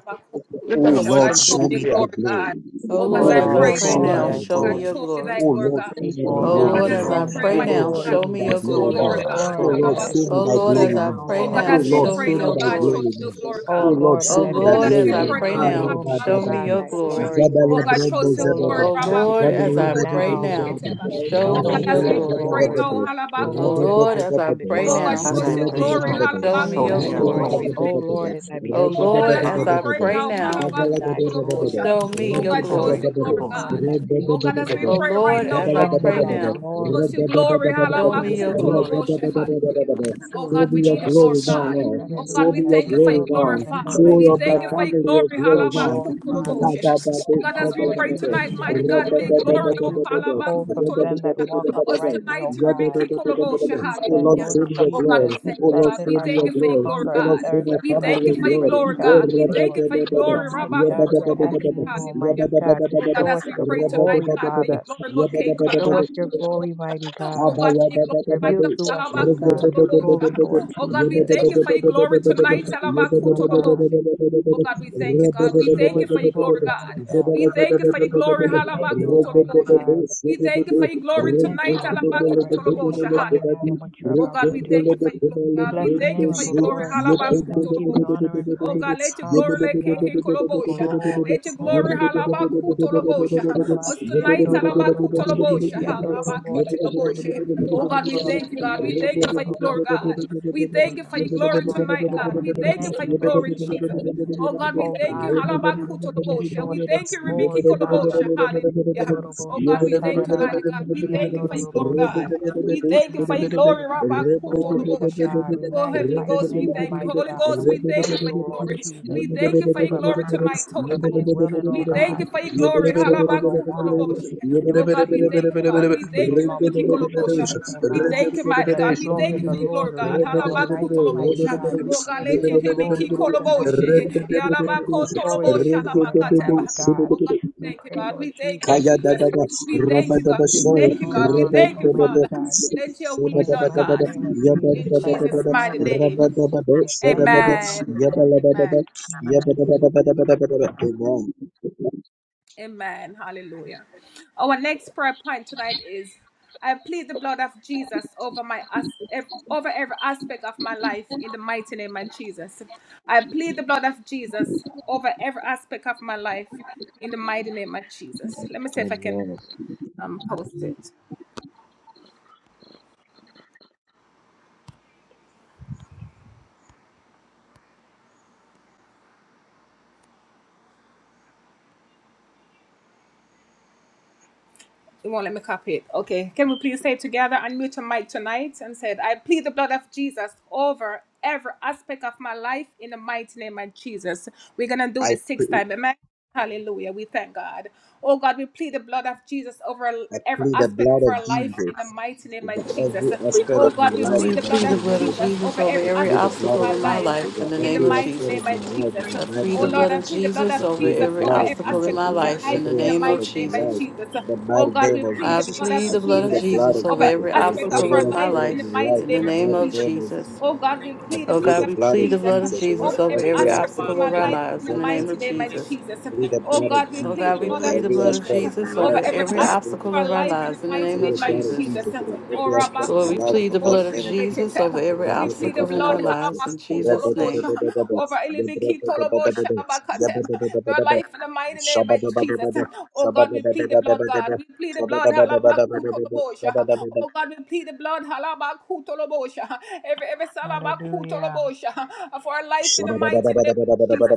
O
Lift
I
up your
Halabakukulobosha,
voice
Lord,
God,
accept
and pray
it.
show
show
this
me
me thy
prayer.
glory, God.
glory.
Oh
Oh God,
Oh
as
Lord,
Oh
I
as
Lord,
I
pray,
O
Lord,
show
pray
show
me
now,
me
now,
thy
thy
Lord,
mighty
show
God,
me
glory.
your
glory.
show me
glory.
thy
Oh
as
glory,
I
Lord,
God.
show
beseech
me thy
Oh
thee
Oh
Oh
glory
God,
now,
Lord,
Lord,
as
now.
as
show
we
show
I
me thy
me
pray,
pray
Oh
thy
mighty
Lord,
now,
glory.
God,
show
glory.
show
me
me
thy
show
your
us your
glory
Oh
glory.
glory,
now.
O
Lord,
God.
Oh
Lord,
show
as
me
Lord,
I
thy
show me
Oh
beseech
glory.
thy
Lord,
thee
Halabakukulobosha.
as
glory
I
now.
now,
Oh
pray
Oh God,
show
Lord,
now,
Oh
me
as
show
we
thy
Lord,
me
show
thy
me
show
pray, now,
me
your
thy
glory.
God,
glory.
show us
glory.
glory now.
your glory,
Oh
God.
O
Oh Lord,
Lord,
Lord, as
I
show
Oh
I
me
Oh
thy
God,
Lord,
as
wish
beseech
as
glory
we
thee
I
now.
pray,
pray
now,
now,
for thy
now,
show
glory.
me, O
show me
God,
Karabadabada.
your
thy
Halabakukulobosha.
glory.
Oh
glory.
Oh
Zabala
God, show
brando
us your
O
glory,
Lord,
zabada.
Oh
as
Lord,
I
Lord,
beseech
pray,
as
Zabala
thee
I
now.
Rabakutulobosha,
pray
now,
now,
badabadabada.
Lebeketeba.
show
Oh
show
God,
show
me
me
me
Rabado
your
as we
thy
your
glory.
pray,
glory.
glory.
zabadabada.
now,
O
Oh
Lord, as
Lord,
I,
Halabakukulobosha.
as I
I
Rabadabadabada.
Oh
pray
Oh
beseech
Lord,
God,
thee
now,
show
as
us
I
your
Zabala
now,
pray
glory.
now,
badabada.
show
show
me
me
show
your
me
thy
your
glory.
glory.
glory.
O
Rabadabadabada.
Halabakutoloboshinabekete.
Lord, as I
Oh
beseech
Oh
thee
God,
Lord,
as
as
Ah,
we
now,
I
pray
Rabadabadabada.
pray
now,
now,
show me
Zabala
thy
badabada.
glory.
halabakutolobosha.
show
Show me
me
oh
your
God, show us
Follow
your
glory.
your glory,
O
forward.
Lord,
God.
as I beseech
Oh God,
thee
as we
now.
Oh
pray right
Lord,
now,
as I
mighty
Show me
God,
pray
thy
now,
show us
glory
your glory.
in the
Show
name
me
of
your
Jesus.
glory.
halabakutolobosha.
with
Hallelujah.
The
Oh
glory of
God, we need your glory,
glory
Jesus.
now,
Hallelujah.
Shine.
God.
Lord.
Oh God,
Show
we
Hallelujah.
me
As
your
thank
you
you for your
glory
showed
glory,
now.
Moses,
Father.
Show
We
your
Almighty
my
thank you for
God,
your
family your
glory.
your
glory
Shine
glory, Father.
halabakutolobosha.
Jesus.
Oh God, as
O
we
Lord
pray
now.
Jesus,
tonight,
you
Oh
mighty
said
Lord,
God,
no
may
good
your
thing
glory,
would
oh
you withhold from
Kalabakutolobosha
them that walk
us
uprightly,
tonight,
O God.
Rebecca Kolobosha,
You said,
hallelujah.
Lord
show me your
Oh God,
Jesus,
we
glory.
that
thank
Oh
you,
Lord,
God.
blessed
show
We
are
me
thank
your
you
those
for
who
your
glory.
glory,
hunger
Oh
and
Lord,
God.
show
thirst
my
We
after
family
thank you
your
for
righteousness,
your
for
glory.
they
glory,
shall
Oh,
God.
be
We thank
filled.
you for your
So,
glory, Rabbi
mighty God, we are
Kutulabo.
asking you,
Hallelujah.
Almighty God, to
Oh God,
show
as
us
we
your
pray tonight,
glory,
God, may your
Father.
glory, Lord, K.
Show
Kalaba
us your
Kutulabo.
glory, mighty God.
Oh
Thank
God, may you
Reveal
glorify us.
to us,
Alaba
O God, your glory, Lord
Kutulabosha. Oh God, we
Jesus.
thank you for your glory
We
tonight.
beseech
Alaba
thee, O God,
Kutulabosha. Oh God, we thank you,
that you
God.
will
We
show
thank
us
you for
your
your glory,
glory,
God.
Heavenly
We
Father.
thank you for your glory.
We thank
Halaba
you, Almighty God.
We thank you for your glory
We thank you,
tonight.
Lord
Alaba
Jesus, for everything you're doing now
Hallelujah.
and what you're
Oh
about
God,
to
we
do.
thank you for your glory,
We
God.
bless
We
the
thank you
name of
for
the
your
you.
glory.
Lord
Yebede
and we give you
Halabakutolobosha.
honor and
Oh God,
praise.
let your glory let
Hallelujah.
keke kolobosha.
Glory,
Let your
glory,
glory
glory.
halabakutolobosha. Us tonight,
Makurababashiando kororobosi
halabakutolobosha.
kiandorobosi.
Halabakitolobosha. Oh God, we thank you, God. We
Makorobashiando
thank you for your glory,
kororobose.
God. We thank
We
you for
honor
your
you,
glory
Almighty
tonight,
God,
God.
and
We
we
thank you
thank
for
you,
your
Lord
glory, Jesus.
Jesus.
Oh God, we
Oh
thank you.
God, for being to
Halabakutolobosha.
show us
We
your
thank you, Rebecca
glory, Father.
Kolobosha. Hallelujah. Oh God, we thank you, mighty God. We thank you for your glory, God.
Ekoroboshatarabasitiandorobose.
We thank you for your glory,
Hallelujah. Glory to
Rabakutolobosha.
God. We
Oh Heavenly
magnify your
Ghost, we
name,
thank you.
Almighty
Holy
God.
Ghost,
And
we
we
thank
thank
you for
you, O
your
Lord
glory.
Jesus,
We thank you for your glory
Ribabasa,
tonight, Holy
for
Ghost.
being willing,
We
O
thank
God,
you for your
and
glory.
being able, O God,
Halabakutolobosha.
to do
Oh God, we thank
exceedingly
thank
and
you, God. We
abundantly
thank
above
you,
all
Rebbe
we can ask or
Kolobosha.
think, O
We
Lord.
thank you,
And
mighty
let
God.
the
We
glory
thank
of
you
the
for your
Lord
glory, God.
reign in our life, Almighty
Halabakutolobosha.
God. We
Oh, God,
pray
let
for your
it be
glory on tonight.
Kikolobosha.
We pray for your glory this
Yalabakotolobosha,
morning, Almighty
labakateba.
God.
Oh,
Rebede
God, we
We
thank you,
pray,
God. We
Lord
thank you,
Jesus,
Kaya da
Jesus.
da da,
We thank
raba
you,
da
God.
ba
that
We
it was
soya,
thank you,
shown
God.
down
We
on
raba
us,
thank you,
da ba da,
Almighty
Father.
God.
Let your will
shaba
be
In
da
the
ba
done,
da ba
mighty
da,
God.
name of
yaba
Jesus
In
da ba
Christ
da
Jesus'
ba
of
da,
mighty
Nazareth,
raba
name.
da ba do,
we
shada
thank
ba
you,
da,
Amen.
Almighty
yaba la
God.
ba da ba,
Amen.
yaba da
Amen.
ba da ba da ba da ba da ba. Amen.
Amen. Hallelujah. Our next prayer point tonight is I plead the blood of Jesus over my as- ev- over every aspect of my life in the mighty name of Jesus. I plead the blood of Jesus over every aspect of my life in the mighty name of Jesus. Let me see if I can
Amen.
um, post it. It won't let me copy it. Okay. Can we please say together, unmute your mic tonight and said, I plead the blood of Jesus over every aspect of my life in the mighty name of Jesus. We're going to do
I
this six
pray.
times. Amen. Hallelujah. We thank God. Oh God, we plead the blood of Jesus over
I
every
plead the
aspect of
blood of
our life in the
Jesus
mighty name
over
of Jesus.
every
Plead the
aspect
Oh
blood.
of my
God, we
Plead
Oh,
life
plead
we
in
the
the
blood
plead
of
the
mighty
blood
name
of
of
Jesus
Jesus.
Jesus
over
over
every
I
every
plead the
aspect of
blood
obstacle
of
my
in my
life
Jesus
life in
over
the
in the
name
every
of
mighty
aspect
name
of
Jesus.
of
my life in
Jesus.
the
I
mighty
plead
Oh
the
name
Lord,
blood
of
I
of
Jesus.
plead the blood of
Jesus
I
over
plead
Jesus
the
every
over
blood of
every
obstacle in
aspect
Jesus
my
of
over
my
life
life
in the
every
in the
name
aspect
of
of
mighty
my
name of
life
Jesus.
Jesus.
in the
Oh
mighty
God, we
name
the
of
blood
plead
I
the
of
Jesus.
blood of
plead
I
Jesus.
the blood
plead
of
the
Jesus
blood
Jesus
of
over
over
every
Jesus
every
over
Name
aspect
of
of
obstacle
every
our
of
Jesus.
my
life
aspect of
in the
my
life
life
mighty
in
in
the
name
Every
the
effort
name
of
mighty
of
of
Jesus.
life.
name of Jesus.
Jesus.
Oh God,
Name
we
of
I
plead the
Oh
plead
blood
Jesus.
God,
the
of
we
blood
plead
of
the
Jesus
blood of
Jesus over
Blood
Jesus
over
of
over
every
every
every
Jesus
aspect
over
of
aspect
our
of
obstacle
my
of
my
life.
our
life
life
in the
in
lives
the
in the
mighty
Every
name
effort
name
mighty
of
of
name
of
of
Jesus.
life.
Jesus.
Jesus.
I
In the
plead
Name
the
of
Oh
blood of
God, we
Jesus.
Oh
plead
Jesus
the
God, we
over
blood of
plead the
every
blood of
Jesus
aspect of
Jesus
my
Blood
over
of
life
over
in the
every
every
mighty
Jesus.
aspect
name of
obstacle
our
of our
Jesus.
life
Every
in the
lives in
effort
the
I
mighty
name
plead
of
of
the
name of
life.
blood of
Jesus.
Jesus.
Jesus over
In the
Oh,
Name
every
of
aspect of
Lord,
Jesus.
we
my life in
plead
the
the
mighty
blood of
name of Jesus.
Jesus over
Rabbakutoloboshelebekete.
every
We plead the
obstacle in
blood
our
Rabadabadabas,
lives in Jesus' name.
halabakutolobosha,
rabadabadabas,
over
yabrakadabadabas,
Elebekitoloboshalabakate. your
yabadabadabadabas,
life in the mighty name of Jesus.
shabadabadabadabas,
Oh God, we plead the blood, God.
shabadabadabadabas,
We plead the blood.
shabadabadabadabas,
halabakutolobosha.
shabadabadabadabas,
Oh God, we plead the blood. halabakutolobosha. Every every
Hallelujah.
salabakutolobosha, of our
Shabba
life in the mighty name of Jesus.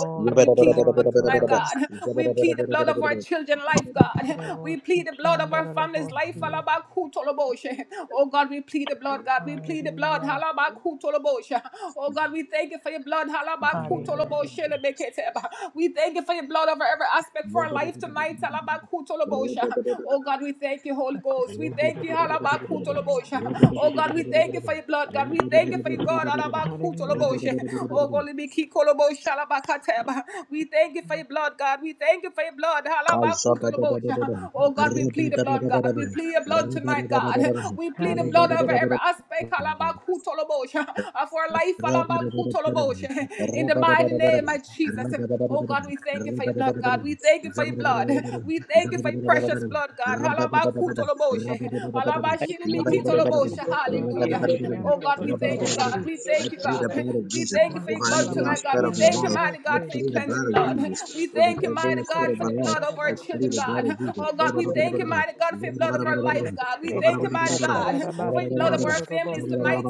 Oh God, we plead the blood
glory,
tonight,
glory.
God. We plead the blood of our children's life, God. We
Ekodobosi,
plead the blood of our family's life,
kiandododobosi.
Alabakutoloboshe. Oh God, we plead the blood, God. We plead the blood,
Hallelujah.
Halabakutoloboshe. Oh God, we thank you for your blood,
Hallelujah,
Halabakutoloboshe.
Jesus.
Lebeketeba. We thank you for your blood over every aspect for our life tonight, Halabakutoloboshe. Oh God, we thank you, Holy Ghost. We thank you,
Akoshatababasiando.
Halabakutoloboshe. Oh God, we thank you for your blood, God. We thank you for your God.
Hallelujah.
Alabakutoloboshe. Oh, golibikikolobosh, alabakateba. We thank you for your blood, God. We thank you for your blood. Alabakutoloboshe. Oh, God, we plead the blood,
Akosha.
God. We plead your blood tonight, God. We plead the blood over
Hallelujah.
every aspect alabakutoloboshe, of our life.
I plead the blood
alabakutoloboshe.
of
In the mighty name of Jesus.
Jesus
Oh God, we thank you for your blood, God. We thank you for your blood. We thank you for your precious blood, God.
over
Halabakutoloboshe. Halabashilibikitoloboshe. Hallelujah.
Kurababashiando
Oh God, we thank you, God.
kororobosi.
We thank you,
every
God. We thank you for your blood tonight, God.
aspect
We
of my
Makurababashiando
thank you,
life.
mighty
I
God,
rorobosi.
for your
plead the
cleansing
blood of
blood.
Jesus
We
over
thank you,
every
mighty
aspect
God,
of
for
my
the
life.
blood of our
I
Koshatarabah.
children,
plead the blood
God. Oh God, we thank you, mighty God, for your blood of our lives, God. We thank you, mighty God, for your
Ekoshatarabasi
blood of our families
andorobose.
tonight.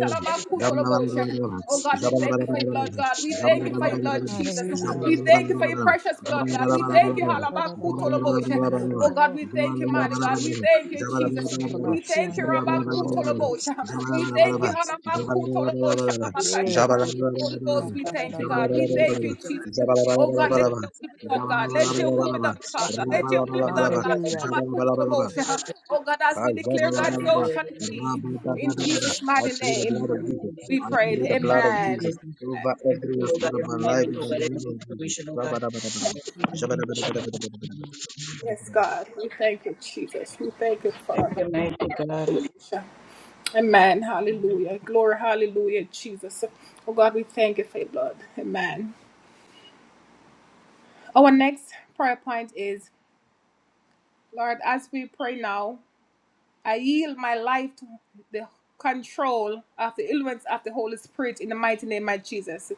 of Jesus.
Halabakutoloboshe. Oh God, we thank you for your blood, God. We thank you for your blood, Jesus.
Hallelujah.
We thank you for your precious blood, God. We thank you,
Kushatarabasi
Halabakutolobosha.
ki
Oh God,
andorobo.
we thank you, mighty God. We thank you, Jesus. We
Akurabashi
thank you,
andokorobose.
Rabakutolobosha. We thank you, Halabakutolobosha.
Yay.
Labakataba. Holy Ghost, we thank you, God. We
Yatarabasi.
thank you, Jesus. Oh God, let your will be done, God. Let your will be done, Father. Let your will be done,
Hallelujah.
God.
Jabba
Halabakutolobosha. Oh God, as
I
we
plead the
declare,
blood
God, so shall it be. In Jesus' mighty name.
of Jesus.
We
I
prayed.
plead the blood of
Amen.
Jesus over every aspect of my life
Thank
Amen.
you,
in the
Jesus.
name of Jesus.
Thank you, God. Yes, God. We thank you, Jesus. We thank you,
Thank
Father.
you, mighty God.
Hallelujah. Amen.
Glory
Hallelujah.
to-
Glory. Hallelujah, Jesus. Oh, God, we thank you for your blood. Amen. Our next prayer point is Lord, as we pray now. I yield my life to the control of the influence of the Holy Spirit in the mighty name of Jesus.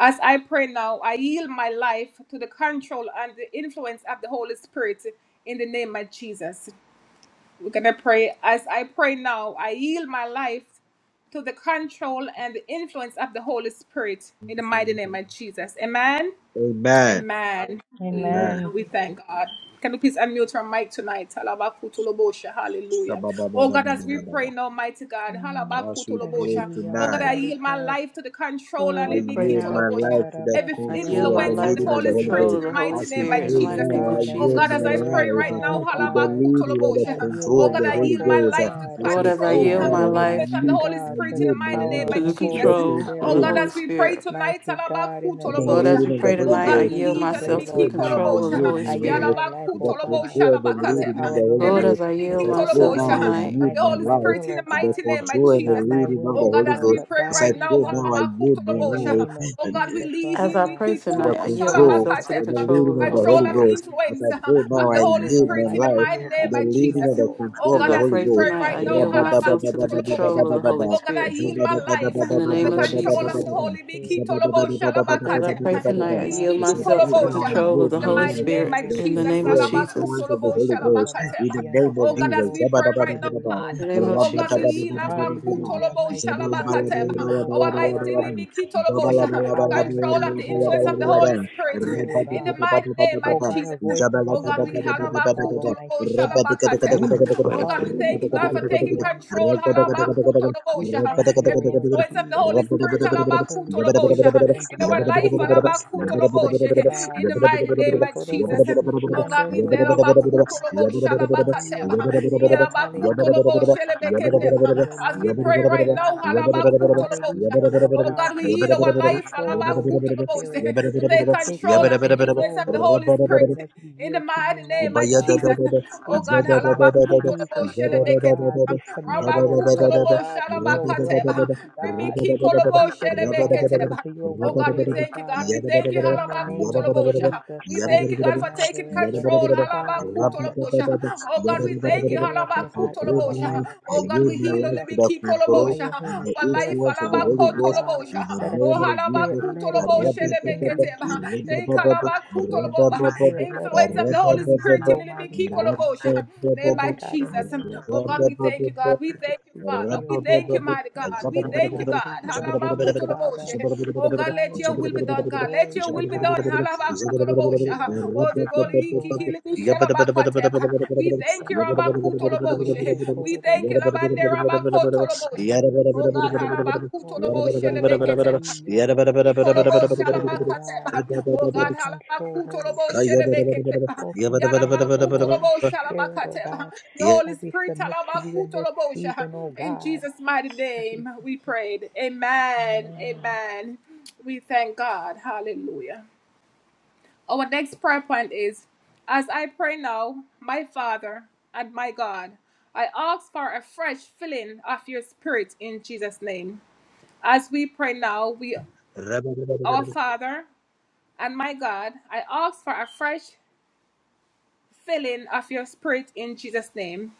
As I pray now, I yield my life to the control and the influence of the Holy Spirit in the name of Jesus. We're going to pray. As I pray now, I yield my life to the control and the influence of the Holy Spirit in the mighty name of Jesus. Amen.
Amen.
Amen.
Amen.
Hallelujah.
Amen.
We thank God. Can you please unmute your mic tonight? Halabakutulobosha. Hallelujah. Oh God, as we pray now, mighty God.
Mm.
As we pray
Halabakutulobosha. Oh
Hallelujah.
tonight.
God, I
Mighty
yield my
God.
life to the
Lord,
control
as
and
I
we
leave me
pray
yield
now,
my
kitulobosha.
life to the
Every
Ekoshatarabasi
I yield
control and
my
the
influence of the
life to
leading
the
of the
Holy
Holy
Spirit
control
in
andorobose.
of
Ghost.
the
the Holy
mighty
As
name
we
of
Spirit in the
pray
Mighty
mighty
Jesus.
now,
name of
I
God, as
Oh
we
yield
God,
Jesus.
my
as I
pray
pray
right
life
right
uh,
now, oh
now,
to the
God.
leading and the
I
halabakutulobosha.
yield
control
oh
of
my
God,
the
I
life,
Holy
yield
O
my
Ghost. Uh,
life to
God,
As
Lord,
I
as I
control.
pray
my
yield
now,
my
will,
I
life
Influence of the
mighty
lead,
Holy
God,
I
to
Spirit in the
the
yield my
mighty name
power
to
of
of
the
the
life to
Jesus.
the
Holy
control
control of
Oh
the
Spirit,
God,
Holy
as we pray
Spirit.
tonight,
mighty God, in
Yalabaku
the
and the
name
Lord,
Tolobosha.
of
as we
leading of the
pray
Oh
Holy
Jesus,
tonight, I
God,
Ghost.
we
as
yield
we
leave
As I
pray,
myself to
pray
the
Helebiki
Lord
now,
God.
I
control of the
Kolobosha.
yield
Holy
my
I yield
Spirit.
life
my life,
to
Yalabaku
the
O God,
Tolobosha
control and the
to the
leading
Labakateba.
of
power of
the
the
Holy
Lord,
Everything
Holy
as
Ghost.
I
As
yield
I
Biki
Spirit, O
pray
God.
myself
I
now,
Tolobosha.
I
yield my
tonight,
Of the
yield
life
my
and
Holy
my
life
Spirit
will,
in
O
the
to the
mighty
God.
name of
control and the
Jesus.
Not my
leading of
will,
Oh
O
the
God,
Holy
as
Lord,
we
Ghost.
but
pray
As
thine
I
right
be
now,
pray now, I
done
Halabaku
yield my
in the
Tolobosha.
life.
name of
Oh God, we
Jesus,
as
Father
I
leave
pray
God.
Helebiki
to the
tonight, I
Kolobosha
yield
Lord
control
Jesus,
myself to
I
the
and the
Labakateba.
thank
control
you,
of
leading
the
of the
Lord
Holy
Control
Holy
God,
of
Spirit.
Ghost. But I
influence uh,
pray
that
of
now
when
I
the
we
Holy
yield
yield
our
my
Spirit in
life
the
to
life
you,
mighty
O
to
name
God,
the
of
we can
leading of
never
Jesus.
the
go wrong.
Oh
control of
As
God,
the
I
as
Holy
we
pray
pray
Ghost.
We
tonight, I
thank
right
you,
now,
yield
blessed Lord
myself
Halabaku
to the
Jesus.
control of the Holy
Rabadabadabadabadabadabada.
Oh God, I
Spirit.
Eko
yield my life
In the
to the
name of
shatarabasi
control of
Jesus,
the
Zabadabadabadabadabadabadabada.
Holy Biki
andorobose.
Tolobosha
as I
Labakate.
pray
Zabadabadabadabadabadabadabada.
tonight, I
Yili
yield
As
Biki
Makurababashi
I pray
myself to the
now I
Kolobosha.
control of
yield
the
andakarabosi
In the
my
Holy
mighty
life
name
Spirit.
to
of
the
In the
Jesus,
chiandorobose.
name of
control and
Alabaku
Jesus.
influence of the Holy
Tolobosha
Ghost
Labakate.
in
Makurababashi
the name of
Oh God, as
Jesus.
we
andokorobosi
pray right now,
Zabadabadabadabada.
In
God.
the name
chiandorobose.
of
Oh God, we
Jesus.
yield Alabaku
Rabadabadabadabadabada.
Hallelujah,
Tolobosha
mighty God. We
Labakate.
yield, O
Our
God,
life to
our
Yili
Zabalabalabalabalabalabalabada.
life
Biki
Yabba
to the
Tolobosha.
power and the
Control of the
control of
influence
the
of the
Holy
Holy Spirit.
Spirit, O
In the
God.
mighty name
O
of
God, a
Jesus.
voice of
Oh God,
another we
we
will never follow,
halabakutolobo
mighty God.
shalabakateba.
Prayer
We will
Oh
request
God,
follow
we
you, O
thank you, God,
God,
for
to
taking
the end,
control.
mighty God.
halabakutolobo
We
sha.
thank you, O
Every
Lord
influence of the
Jesus,
Holy Spirit
that the Holy
halabakutolobo sha.
Spirit will
in
indwell
our
us, O
life,
God, and fill us,
halabakutolobo sha.
mighty God.
in the mighty name of Jesus.
Tekorobosi
Oh God, we thank
kiandorobose.
halabakutolobo
We honor you,
shalabakateba.
Almighty God.
Yelabakutolobo
Hallelujah.
shelebeketeba.
Glory to your
as we
name,
pray
mighty
right now.
God.
halabakutolobo sha.
Hallelujah, Lord
Oh
Yabba-dabba-dabba-dabba.
God.
God, we
Take
heal
full
our
Yabba-dabba-dabba-dabba.
life
control, Holy
halabakutolobo sha.
Spirit.
to take
Yabba-dabba-dabba-dabba.
Take
control
full
of the influence
control,
of the
Holy
Holy
Yabba-dabba-dabba-dabba.
Spirit, as
Spirit.
we
In the
yield to you,
mighty name of
mighty
Jesus.
God.
Oh
In the
God,
name of Jesus,
halabakutolobo
Lord
shelebekete.
God, we submit our will, O
Rabakutolobo
God, to your will,
shalabakateba.
mighty God.
Ribikikolobo
We submit our will
shelebeketeba.
to your
Oh
will
God, we
today,
thank you, God.
Father.
We thank you,
In the name of
halabakutolobosha.
Jesus
We
Christ
thank you,
of
God, for taking
Nazareth, uh,
control.
Father God,
halabakutolobosha. Oh God, we
any dead
thank you,
areas,
As
Lord
I
God, in
pray
our
halabakutolobosha.
now,
life, I
I
pray
Oh
that
God,
you
yield
we
would
heal
my life to
resurrect
the
it by
control
olibikikolobocha.
your
and
Holy
the
Our
Spirit
life,
influence of the
power,
Holy
mighty
Ghost
God.
in
halabakotolobosha.
the
Let us
name
Oh
be
of
spirit
Jesus.
led in everything we
Rabadabadaba,
halabakutoloboshelebeketeba.
do,
They call
Jesus.
rabadabadaba,
about
Let us be
kutoloboba.
spirit led in
Influence of the Holy
everything
rabadabadaba,
we
Spirit
do,
in the big
Yabba
Almighty God.
kikolobosha. Name
Father
by
God, in the
Jesus.
name of
Oh God, we
Jesus,
thank you, God. We
we
thank you,
beseech
Father.
thee,
We
O God,
thank you,
and we
mighty God.
thank you,
We
Lord
thank you,
God. We
God.
bless you, O Father.
Halabakutoloboshe. Oh God, let your will be done,
Hallelujah.
God. Let
Glory
your
to
will be done.
God. Hallelujah.
Halabakutolobosha. Oh
We
the
thank you,
Holy
Almighty God.
Kikilibishelabakateba. We thank you, Rabakutoloboshe. We thank you,
Ikushatarabasiandokorobose.
Labande Rabakotolobosha. Oh God,
Hallelujah. Glory to
Halabakutoloboshe
God.
lebeketeba.
Hallelujah. Full
Ikolobo
control, O God.
shalabakateba. Oh
Full
God,
control, Holy
halabakutolobo
Spirit.
shelebeketeba.
Full control of the Holy
Yalabakutolobo
Spirit, O
shalabakateba.
God.
Your Holy
As we
Spirit,
submit to you in this
halabakutolobo sha.
season, O
in
God.
Jesus' mighty
As we
name, we
submit.
prayed. Amen.
Amen.
Amen. We thank God. Hallelujah. Our next prayer point is As I pray now, my Father and my God, I ask for a fresh filling of your spirit in Jesus' name. As we pray now, we, our Father, and my God, I ask for a fresh filling of your spirit in Jesus' name.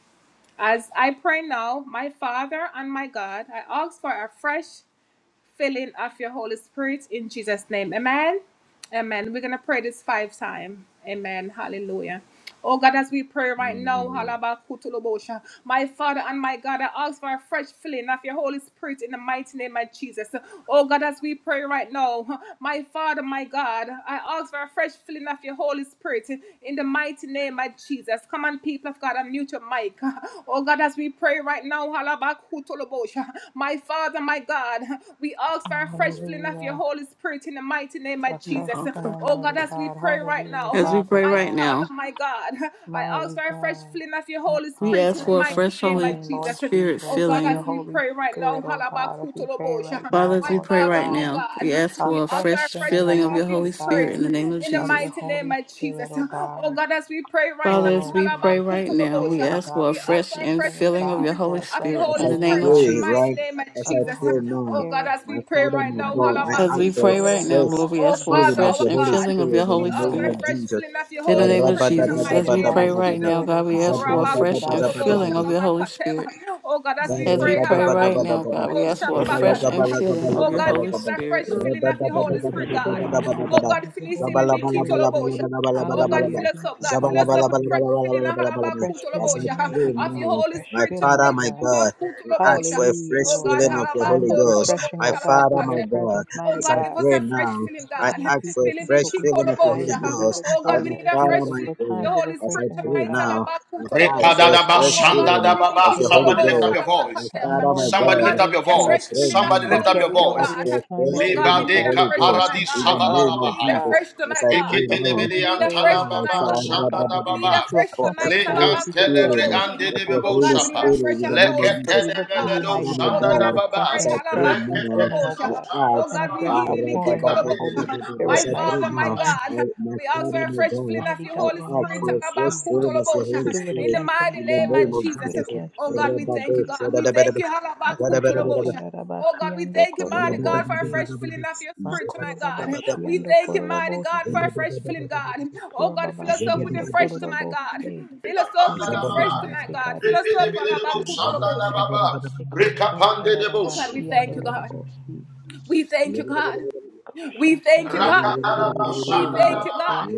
As I pray now, my Father and my God, I ask for a fresh filling of your Holy Spirit in Jesus' name. Amen. Amen. We're going to pray this five time. Amen. Hallelujah. Oh God, as we pray right now,
Mm,
halabakutulobosha. my Father and my God, I ask for a fresh filling of your Holy Spirit in the mighty name of Jesus. Oh God, as we pray right now, my Father, my God, I ask for a fresh filling of your Holy Spirit in the mighty name of Jesus. Come on, people of God, unmute your mic. Oh God, as we pray right now, halabakutulobosha. my Father, my God, we ask for a
my
fresh
God.
filling of your
Hallelujah.
Holy Spirit servant in the mighty name
a
of
and
fresh
Jesus.
comfort.
and
Oh God,
mighty
as we
God.
pray right
Hallelujah,
As
now.
we
Father
pray
My
right
God,
Father,
now,
my God, I ask for
mighty
a fresh
God.
filling of your
I
Holy
we
Spirit
offer
in
ask
the
a
for a
fresh
mighty
fresh
name
Holy
of
filling, Lord
Jesus.
Spirit
Jesus,
Oh God,
of your
as
filling.
we
Holy
pray right now,
Spirit, O God, as we pray right
halabakutolobosha.
Father,
now,
as
my
we
Lord
pray
Father,
right
my
God.
now, we
God,
ask
A
we
for a
ask
fresh
for a
fresh
fresh
filling,
filling
filling
of your
of your
Holy
Almighty
Spirit
Spirit
God,
in the name of
in the
of
Jesus.
your
mighty name
Holy
of Jesus.
Spirit, O
Oh
God.
God, as we pray
Oh
right
Father,
now,
as
Lord
we pray
Jesus, as
right
we
now,
pray,
we
halabakutolobosha.
Lord
ask
God,
for a
we
we
ask
fresh
for
beseech
a
and
thee,
fresh
O
filling of
God,
your
filling
Holy
for a
of
fresh
your
Spirit
As
Holy
in
I
the
filling, O
name
Spirit
of
pray,
in
God,
the
Jesus.
mighty
right?
name of
As
of
I
your
Jesus.
pray
Holy
now,
Oh God,
Spirit,
as we
my
pray
Father,
right
my
now. Oh,
mighty
God, I
God, as
As we
ask
we
for a
pray
pray
right
right
now,
fresh
now,
Lord, we ask
Jesus.
for a
feeling
Father,
of
fresh
our
your
As
Holy
we
God,
infilling of
pray,
Spirit
your
in
we
the
Lord
Holy
ask for
name
a
God.
Spirit.
of
fresh
Jesus.
filling of your
In the
a
Holy
name
fresh
of
Spirit in the
filling
Jesus,
of
mighty
as
your
we
name of
pray
Holy
right
Jesus.
Rabadabadabadabadabada.
now,
Spirit,
God,
oh
we
Oh,
ask
God.
for a
Let it
fresh
endow us,
Rabakutolobo
infilling
Zabradabadabadabadabada.
of
mighty
your Holy
God.
Shanabakateba.
Spirit.
Oh, God, as we
As
pray,
we pray
Hallelujah.
right now,
Oh
Garabadabadabadabada.
God,
God,
as
we
Halabakutolobo
we
ask
pray
for a
right
fresh
now,
Shanabakateba.
infilling of
Oh,
your
God,
Holy
give us
Zabalagabalagabalagabalagabala.
a fresh
Spirit.
Lord,
As
filling
we
of
I
the
receive
pray
a
Holy
fresh
Spirit, God.
filling,
now,
Almighty
Oh,
God,
God,
of
fill
your
us till
Holy
it
Spirit.
Oh, God,
Hallelujah,
fill us up,
Jesus.
God. Fill us up with the
Hallelujah.
fresh filling of
Fresh
Halabakutolobo sha,
filling, mighty
of
God.
your Holy
Fresh
my
Spirit tonight.
filling,
Father,
oh
my
God.
God, we
Halabakutolobo
ask for
sha.
a
Hallelujah,
fresh
Oh
Lord
God,
filling
God.
of the
Times
Holy
halabako
of
Ghost.
tolobo
refreshing,
My
oh God,
Father,
from your
my
shalabakate.
God,
presence,
Oh
mighty
as I
God, give
God.
us
pray
a fresh
now,
feeling,
Oh
I
God.
Lord
ask for
Jesus,
a
that's
Philippi
fresh
what we
filling of the
desire
Holy
kolobosha.
and what we
Ghost.
look
Oh
Our
God,
for,
we need
Lord
a
Father,
fresh
Jesus,
my
for
feeling of your
times
God,
of
Holy
as
Spirit
I
refreshing,
pray
Lord
tonight.
now,
God.
I
Halabaku
a
ask
fresh
tolobosha.
for a
Repadadaba,
fresh
outpouring
Oh
of your
God,
filling
Holy
Philippi
of
shandadababa.
the
Spirit,
Holy
O
Somebody lift
kolobosha
up
God,
Ghost.
your
My
voice.
to
labakate.
Father, my
anoint us,
Oh
Somebody lift
God,
God, we
up
Lord
your
need a
as I
Jesus,
fresh
voice.
pray
feeling of
Somebody
your
to
now
lift up
Holy
your
carry
and
Spirit,
out
ask
voice.
every
God.
for fresh
assignment
Oh
that
God,
you
we
filling
are,
of the
need a
God,
Holy
Lebadeka
fresh
Ghost
tonight,
predestined
paradis
in
for
God.
the
us,
name
We
O
of
need a
savalalabahaya.
Jesus.
God.
fresh
As
tonight,
I
We
God.
pray
need the
now,
Holy
We
Eketelebede
need a
Spirit
fresh
and
I
tonight,
ask
antalababa,
ah,
fire, Lord
God.
God,
We need
rabadabada,
shandadababa.
a
to
fresh
for a
accomplish
tonight.
that which
fresh
you have set
Lekantelebre
filling
for us
Talabakutoloboshe.
to
of your
Oh
accomplish,
andedebebo
Holy
God,
Lord
we need a
shapa.
God.
Spirit
fresh
in
of
the
the
name
Holy
of
And so
Spirit
Jesus.
we look
tonight,
My
to
Leketelebede
God.
you,
Father,
mighty
my
Oh
God, and
God,
we're
as
God,
we pray,
shandadababa.
as
requesting
I
a
pray
fresh
now,
infilling, O
Reketelebede
halabakutoloboshe.
God,
I
Oh
ask,
and a
God, we
fresh
ah,
shandadababa.
outpouring of your Holy
hibibikikoloboshe.
as
Spirit,
My
I
mighty
pray
Father, my
now,
God.
God.
I, my
We ask for
Father,
a
my
fresh
God,
filling of
Mighty
your
I
God,
Holy
in the
ask
Spirit
name
for a
of
fresh
Jesus,
filling of the
halabakutoloboshe.
Holy
do it
in the
Spirit
again for us,
mighty
in the
name of
name
Father.
of
Do it
Jesus.
Jesus.
again
Oh
for us,
God, we
Lord
thank you, God.
Jesus.
We thank
Rabadabadabada,
you.
Akusha
halabakutoloboshe. Oh God,
tararabasi
we
ando
thank
Yabba
you, mighty God, for a
kororobose.
fresh filling of your spirit tonight, God.
Makurababashi
We
ando
thank you, mighty God, for a
kororobose.
fresh filling, God. Oh God, fill us
Kurababashi
up with your
ando
fresh tonight, God.
kororobose.
Fill us up
We
Kapanda
with
honor
da
your
you,
fresh
baba.
tonight,
Almighty
God.
God.
Fill
We
us up,
thank you,
Repedebedebo
Jesus.
shanda da
Alabakutoloboshe.
baba.
Ekosha
Rekapande de
Oh God,
bush.
we
tararabasi
thank
ando
you, God.
rorobose.
We thank you, God. We
Kosha
thank you, God.
Rakada da
tararabasi
ba
ando
We
shanda da
thank you,
baba.
God.
kororobose.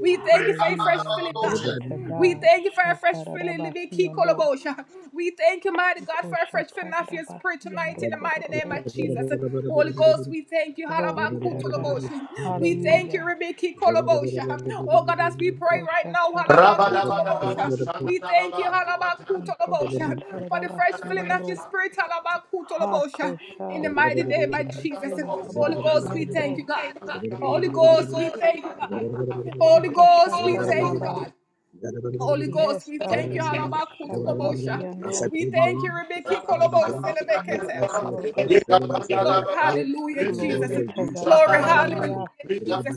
We thank you for a
Rekapanda
fresh
Hallelujah.
da
filling,
bo.
God.
Glory to
We
God.
thank you for a fresh filling, Libby
Shatarabasi
Key
ando.
Kolobosha. We thank you, mighty God, for a fresh filling of your spirit
Ikoshatarabasi and
tonight in the mighty name of
Okorobose.
Jesus. Holy Ghost, we thank you.
Glory to God.
Halabakutolobosha. We thank you,
Hallelujah.
Libby Key Kolobosha. Oh God, as we pray right now,
Koshatarabasi and
Halabakutolobosha.
O.
We thank you, Halabakutolobosha, for the fresh
Ikoshatarabasi
filling
and
of your
O.
spirit, Halabakutolobosha. In
Hakosha.
the mighty name of Jesus. Holy Ghost,
Ribababashi
we
and
thank you,
O.
God. Holy Ghost, we thank you,
As I
God. Holy Ghost, we thank you,
Ikoshatarababa.
God. Holy
Yes,
Ghost, we thank
God.
you, Halabakutulabosha.
Shababasi and O.
We
pray, my
thank you,
Lord,
Rebecca
the Son of God, like
Kolobos,
us for a fresh
Makuraba.
filling us with
Glory,
Holy Spirit
hallelujah,
in the
Jesus.
name
Glory
of
to
Jesus.
God.
Glory, hallelujah,
Hallelujah.
Jesus.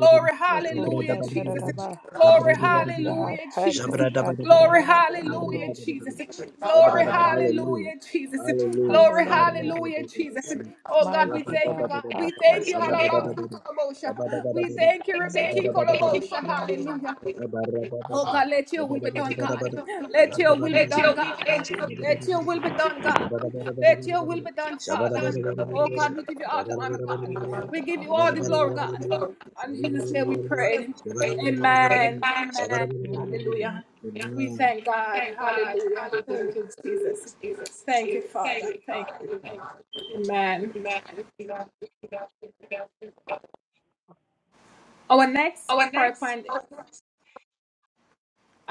Glory, hallelujah, Jesus.
Ikoshatarababa.
Glory,
Yes, God.
hallelujah, Jesus. Glory,
Hakoshatarabasi and
hallelujah,
O.
Jesus. Glory,
Hallelujah.
Hallelujah.
hallelujah, Jesus.
Hallelujah.
Glory,
Hallelujah.
hallelujah, Jesus.
Karababababasha.
Oh God, we
Mighty
thank you,
God.
God.
Rabadabadabada.
We thank you,
Hakoshata.
Sabadabadabada.
Halabakutolabosha. We
Sabadabadabada.
thank you, Rebecca
Sabadabadabada.
Kolobosha.
Makrobabashiando.
Hallelujah. Oh
Rabarababada.
God, let your will be done, God.
Sabadabadabadabada.
Let your
That's
will be
mighty
done,
Rabadabadabadabada.
God.
God.
Hallelujah.
Let your will be
Rabadabadabadabada.
done, God. Let your will
Sabadabadabadabada.
be done, Father.
Hallelujah,
Oh
Shabadabadabadabada.
God, we
mighty
give you all the honor,
God.
God.
Rabadabadabadabada.
We give you all the
Koshatarabasiando.
glory, God.
Rabadabadabadabada.
In Jesus' name we
Sabadabadabadabada.
pray.
Shabadabadabadabada.
Amen. Amen.
Amen.
Hallelujah. We
Shabadabadabadabada.
thank God. Hallelujah. Thank you, Jesus. Thank you, Father. Thank you. Amen. Our next prayer point is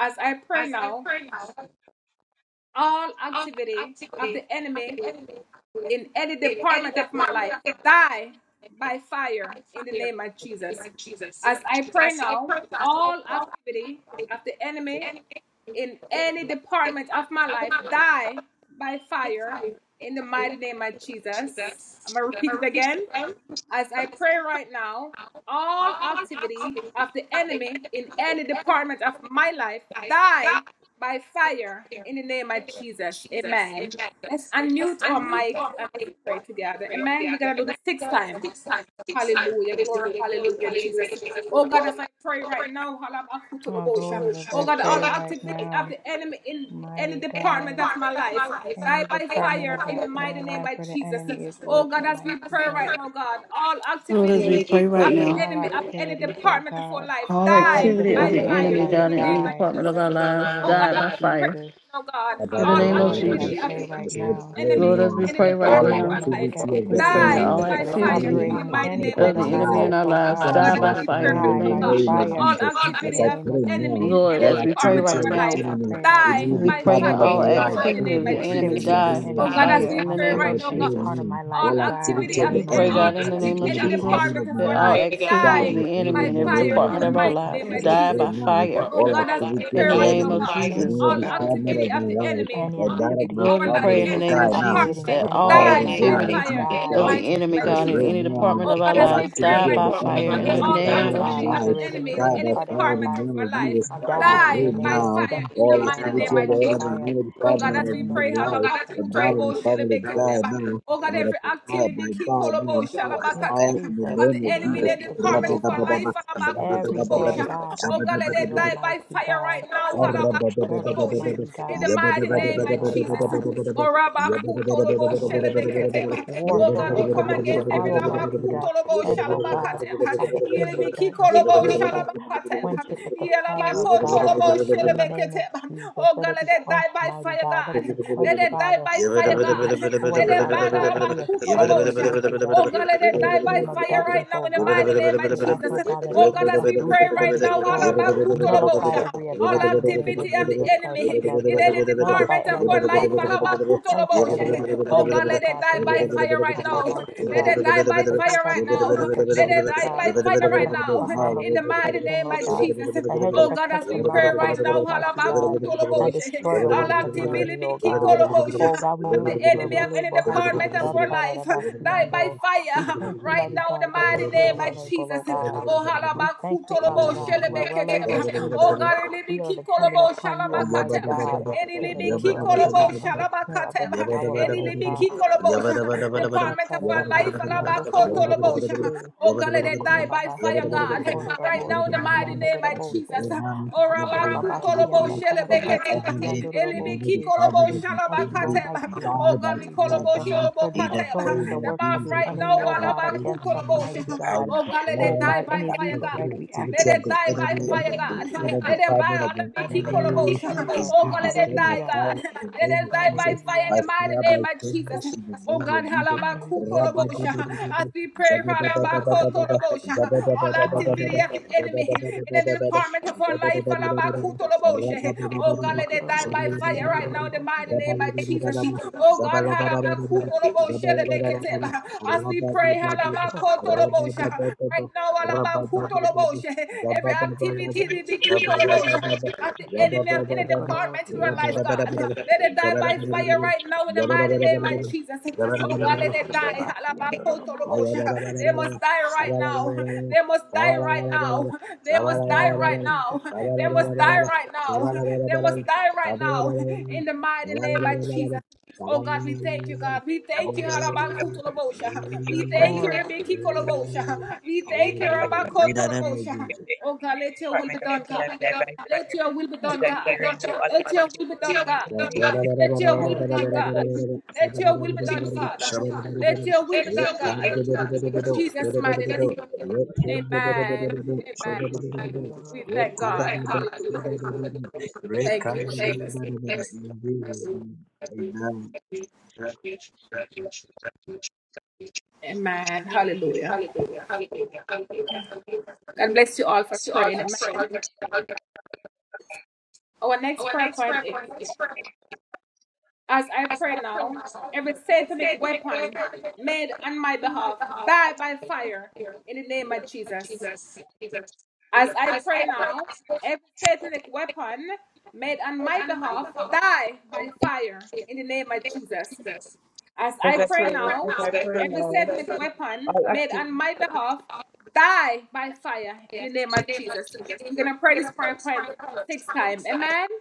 as I pray now, all activity of the enemy in any department of my life die by fire in the name of Jesus. As I pray now, all activity of the enemy in any department of my life die by fire in the mighty name of Jesus. I'm going to repeat it again as I pray right now, all activity of the enemy in any department of my life die by fire in the name of Jesus. Amen. Let's unmute our mic and let's pray together. Amen. We're gonna do this six times. Hallelujah. Glory. Hallelujah, Jesus. Oh God, as I pray right now,
Oh
halabakutulobosha.
Lord, as
oh
I
God,
pray
all
right
activity of
now,
the enemy in any
mighty
department
God,
of my life,
in
die
the
by
department
fire
of
in
the-
the mighty
my
name
life
of
where the
Jesus.
enemy is
Oh God,
working,
as we
mighty
pray right
God.
now, God, all
Lord, as we
activity
pray right
of the
now,
All
enemy of any
activities, oh
department of our
God,
life,
all
of any
die
activity of
by
department
the
of our
fire
enemy,
life
God,
in the
in any
name of
die
department of
Jesus.
our lives,
in the
Oh God,
name
died
as
by
of
we pray
fire.
Jesus.
right now, God,
As
In
Oh
the
all
name of
Lord, as I
activity
Jesus,
of
pray
the
right
I
now,
pray
enemy
Lord,
in
as
now,
we
any
pray right
any
department
all
of
now,
our life
demonic
activity of
we
the
pray
activity
that
die
enemy
all
by
that is
in
fire
any
activity
in the
operating in
mighty
department
any
name
of
of
part
the
of
my
of
my
Jesus.
enemy
life,
in
life,
our
oh
lives
Oh
God,
die
God,
die
as
let
by
by
it
we pray
fire
fire
in
right
the
in
die
now,
the
name
by
of
God,
name of
Jesus.
fire
all
Jesus.
in
As
activity
the
I
of
name
pray
of
the enemy
now,
Jesus
in any
Lord,
all
Christ.
as we pray
department of
activity
right
of
our
the
As
life
now,
I
enemy
pray right
in
die
any
now,
we
Lord
by
pray that
God,
fire
department of
all
my
in
any
the
life,
mighty
activity
die
name
of
by
the
of
fire
enemy
in
Jesus.
the
activity of the
die
name of
by
Oh
enemy
God, as
Jesus.
fire
we
in the
pray
As
name
I
right
operating
of
in
now, God,
any
pray
Jesus.
part of
now,
my life,
all
all
die in
activity
activity
the
of
of
the
We
the
name of
pray,
enemy
enemy
God,
Jesus.
in the
in
in
name of
any
any
Jesus,
department
department
of
of
my
that
our
all
life
life,
activity
die
of
die
by
the
fire
enemy
in
by
in
the
every
name
fire
of
in
department
the
of our
Jesus.
mighty
lives
name
As
Any,
I
of
die
pray
by
Jesus.
now,
fire
Oh
all
God, as we
activity
pray
in
of
the
the
right
name
now,
of
enemy
God,
in
any,
Jesus.
any
oh
all
God,
department
activity
of
of
my
the
life
enemy
any
and that
in
of
activity
my
of
Lord,
the
our
we
life,
pray
enemy,
family
in the
Lord
name
God,
in
of
die
the
now.
Jesus
operating in
department,
I
that
any
all
part
fire
of
die
in the
my
by
name
life,
of
activity
fire
Jesus
in the
of
die
Christ.
mighty
the
name
As
enemy,
in
I
the
of
God, in
pray
name
Jesus.
of
any
now,
department
Jesus.
Oh
of our
God,
all
as we
lives
pray
die
activity
Any
right
of
by
the
now,
fire
activity
God,
enemy in
of
in
the
any
the
all
enemy,
name
oh
department of
of
my
God,
activity of
life
the
Jesus.
operating
enemy
in
in
die
any
any
by
part of my
fire in the
department of
life,
name of
our life,
Jesus. As I
die in
pray
die
the name
by
of
now,
fire
Jesus
in the
all
mighty
Christ.
activity
name
Die
of the
by
of Jesus.
enemy in
fire
any
Oh God,
in
department
the
as
of
we
name
my
of
pray,
Jesus
life
Christ
and
of
that of
halabakutolobo
my
Nazareth.
family die
shelebeketeba.
now
Oh God,
by the
every
fire
activity
by God
kikolobo
now. By
Yes,
fire
shalabakateba.
in the
Jesus,
of the
name of
enemy
any
in
Jesus.
the
activity,
department
Rabba
oh
of our
dabba
God,
life,
dabba, zabba dabba
every
halabakutolobo
Lord
dabba,
sha.
God
oh
zabba
God,
dabba
let
activity,
them
dabba.
die by
Almighty
fire
God,
right now,
every
Yabba
disturbance,
halabakutolobo sha.
mighty
in the
God,
mighty name
every
of
Lord
Jesus.
God.
Orabakutolobo
And Lord Jesus,
shelebeketeba. Oh
warfare,
God, we
oh
come
God, every
against every
arrow, mighty God,
labakutolobo
sent, oh God,
shalabakateba.
by the kingdom of darkness,
Yelebekikolobo
Jesus, quench
shalabakateba.
it with the fire of God.
Yelabakotolobo
In the name of
shelebeketeba.
Jesus,
Oh
let
God,
it
let
be
it die
quenched,
by
mighty
fire,
God. Let it
God.
be
Yabba
quenched,
Let it die
Father.
by
Let
fire,
it be
God. Let
destroyed,
it
Father
by
God. Every
labakutolobo
assignment,
sha.
mighty God,
Oh God, let it
from the
die by
kingdom of
fire right
darkness,
now
oh
in the
God.
mighty name
We
of
ask,
Jesus.
oh God, that it
Oh God,
be
as we pray
uprooted and
right now,
destroyed. Nullify
halabakutolobosha
every
all
attack in the name
activity
of
of the
Jesus Christ of
enemy in
Nazareth.
any
Nullify
department of
every
our
attack,
life.
oh God Nullify every
Alabakutoloboshe. Oh God,
assignment, oh
let it
God,
die
from the
by
enemy's
fire right
camp,
now.
Almighty
Let it
God.
die by
Forgive us
fire
our
right now.
trespasses,
Let it
mighty
die
God,
by fire
and put
right
a,
now.
a harm of
In the mighty
protection,
name
Lord
of
God,
Jesus.
a hedge of
Oh God, as we
protection round
pray right
about us,
now,
mighty God, and
halabakutoloboshe.
destroy the
all
works of the
activity
enemy,
be
O God. Oh
kikoloboshe
God, we
of
know
the
that you are
enemy
well
of any
able. Haku
department of our life die by
shatarabasiando. We
fire
thank you,
right
mighty
now in the
God, because
mighty
you are
name of
well able,
Jesus.
O God.
Oh
We thank you, Father
halabakutolobo
God. You are well able,
shelebeketeba. Oh
Jesus.
God,
We are dependent
ilibikikolobo
upon you, Almighty
shalabakateba.
God
Any
to deliver us, O
libikikolobo
God,
yeah,
from the snare of the
as I
shalabakateba.
fowler,
Any
Lord
prevent
God.
Every activity
libikikolobo sha- department of our life halabakotolobo sha.
Ekoshatadadabasiandokorodobosi,
Oh God, let it die by fire, God, right now in
makurababashiandokorodobosi,
the mighty name of Jesus.
chiandodorobosi,
Oh rabakutolobo
of the
makurababashiandakarabasi,
shelebeketeba.
enemy in
Elebe
order to
chiandodorobosi.
kikolobo
cover of
We
his
shalaba
thank you,
family
kateba.
Almighty
Oh
die
God,
by
God, we
fire
Jesus,
kolobo
uh,
now
sholobo
for
in the
kateba.
destroying
name
the
The
of
works of
mouth
the
Jesus.
right
enemy,
now,
O
As I
God,
alaba
pray
against
for
us,
kutolobo
you,
sha.
mighty
I
God.
Oh God, let
Oh
it
declare
die
God,
by
any
that
fire,
legal
God.
right
every
we ask you
activity
Let
to
of
it
the
die
revoke
by
in the
enemy
fire,
name of
in
God.
every
Let
Jesus.
it die
department of
on the
my
In the
Miki
name of
family
Kolobosha.
is
Jesus,
Oh
being
God, let it
destroyed by
die,
hallelujah.
God.
fire in the
Let
name of
it die by
Jesus
fire in
by
Hallelujah.
the mighty
fire,
name
by
of
thunder, in
Jesus.
the
Oh
name of
God,
Jesus.
Hallelujah.
halabakutolobosha. as
Rabadabadabada,
we pray,
zabadabadabadabada,
halabakotolobosha. all activity
Hallelujah.
of the
zabadabadabadabada,
enemy in the
zabadabadabadabada,
department of our life.
zabadabadabadabada,
halabakutolobosha. Oh God, let it die by fire right
rabadabadabada,
now in the
zabadabadabadabada,
mighty
Ikorobosikiandorobose.
name of Jesus.
zabadabadabadabada,
Oh God,
zabalabadabadabada,
halabakutolobosha,
zabalabadabadabada,
lebeketeba. as we pray,
Oh, glory to
halabakotolobosha.
God.
right now,
rabadabadabada,
halabakutolobosha.
rabadabadabada,
every activity, lebeki kolobosha
rabadabadabada,
of the enemy of
Jesus.
any
zabadabadabada, zabadabadabada, zabadabadabada,
department in our lives,
Ikorobosiando.
God.
rabadabadabada,
Let it die by fire
zabadabadabada,
right now in
in
the
the
mighty name of Jesus. Oh God, let it die.
Koshakarabasiandorobo.
Alabakotolobosha. They must die right now. They must die right now. They
In
must
the
die
name of
right
Jesus
now.
Christ of
They must die
Nazareth.
right now. They must die right now. In the mighty name of Jesus. Oh God, we thank you, God. We thank you, Halabakutolobosha. We thank you,
Glory.
Rebecca Kolobosha. We thank you,
name of
Rabakotolobosha.
Jesus.
Oh God, let your will be done, God. Let your will be done, God.
Ikosha.
Let your will be done, God. Let your will be
Glory.
done, God. Let your will be done, Father. Let your will be done, God. In Jesus' mighty name. Amen. Amen. We
Koshatarabasi.
thank God. Hallelujah. Thank you, Jesus. Amen. Hallelujah. God bless you all for praying. Amen. Our next prayer point is As I pray now, every satanic weapon made on my behalf die by fire in the name of Jesus. As I pray now, every satanic weapon made on my behalf die by fire in the name of Jesus. As I
As I
pray
pray,
now,
as I pray
every
now,
satanic weapon
I'll
made
activate.
on my behalf die by fire in the name of Jesus. We're going to pray this prayer point six times. Amen.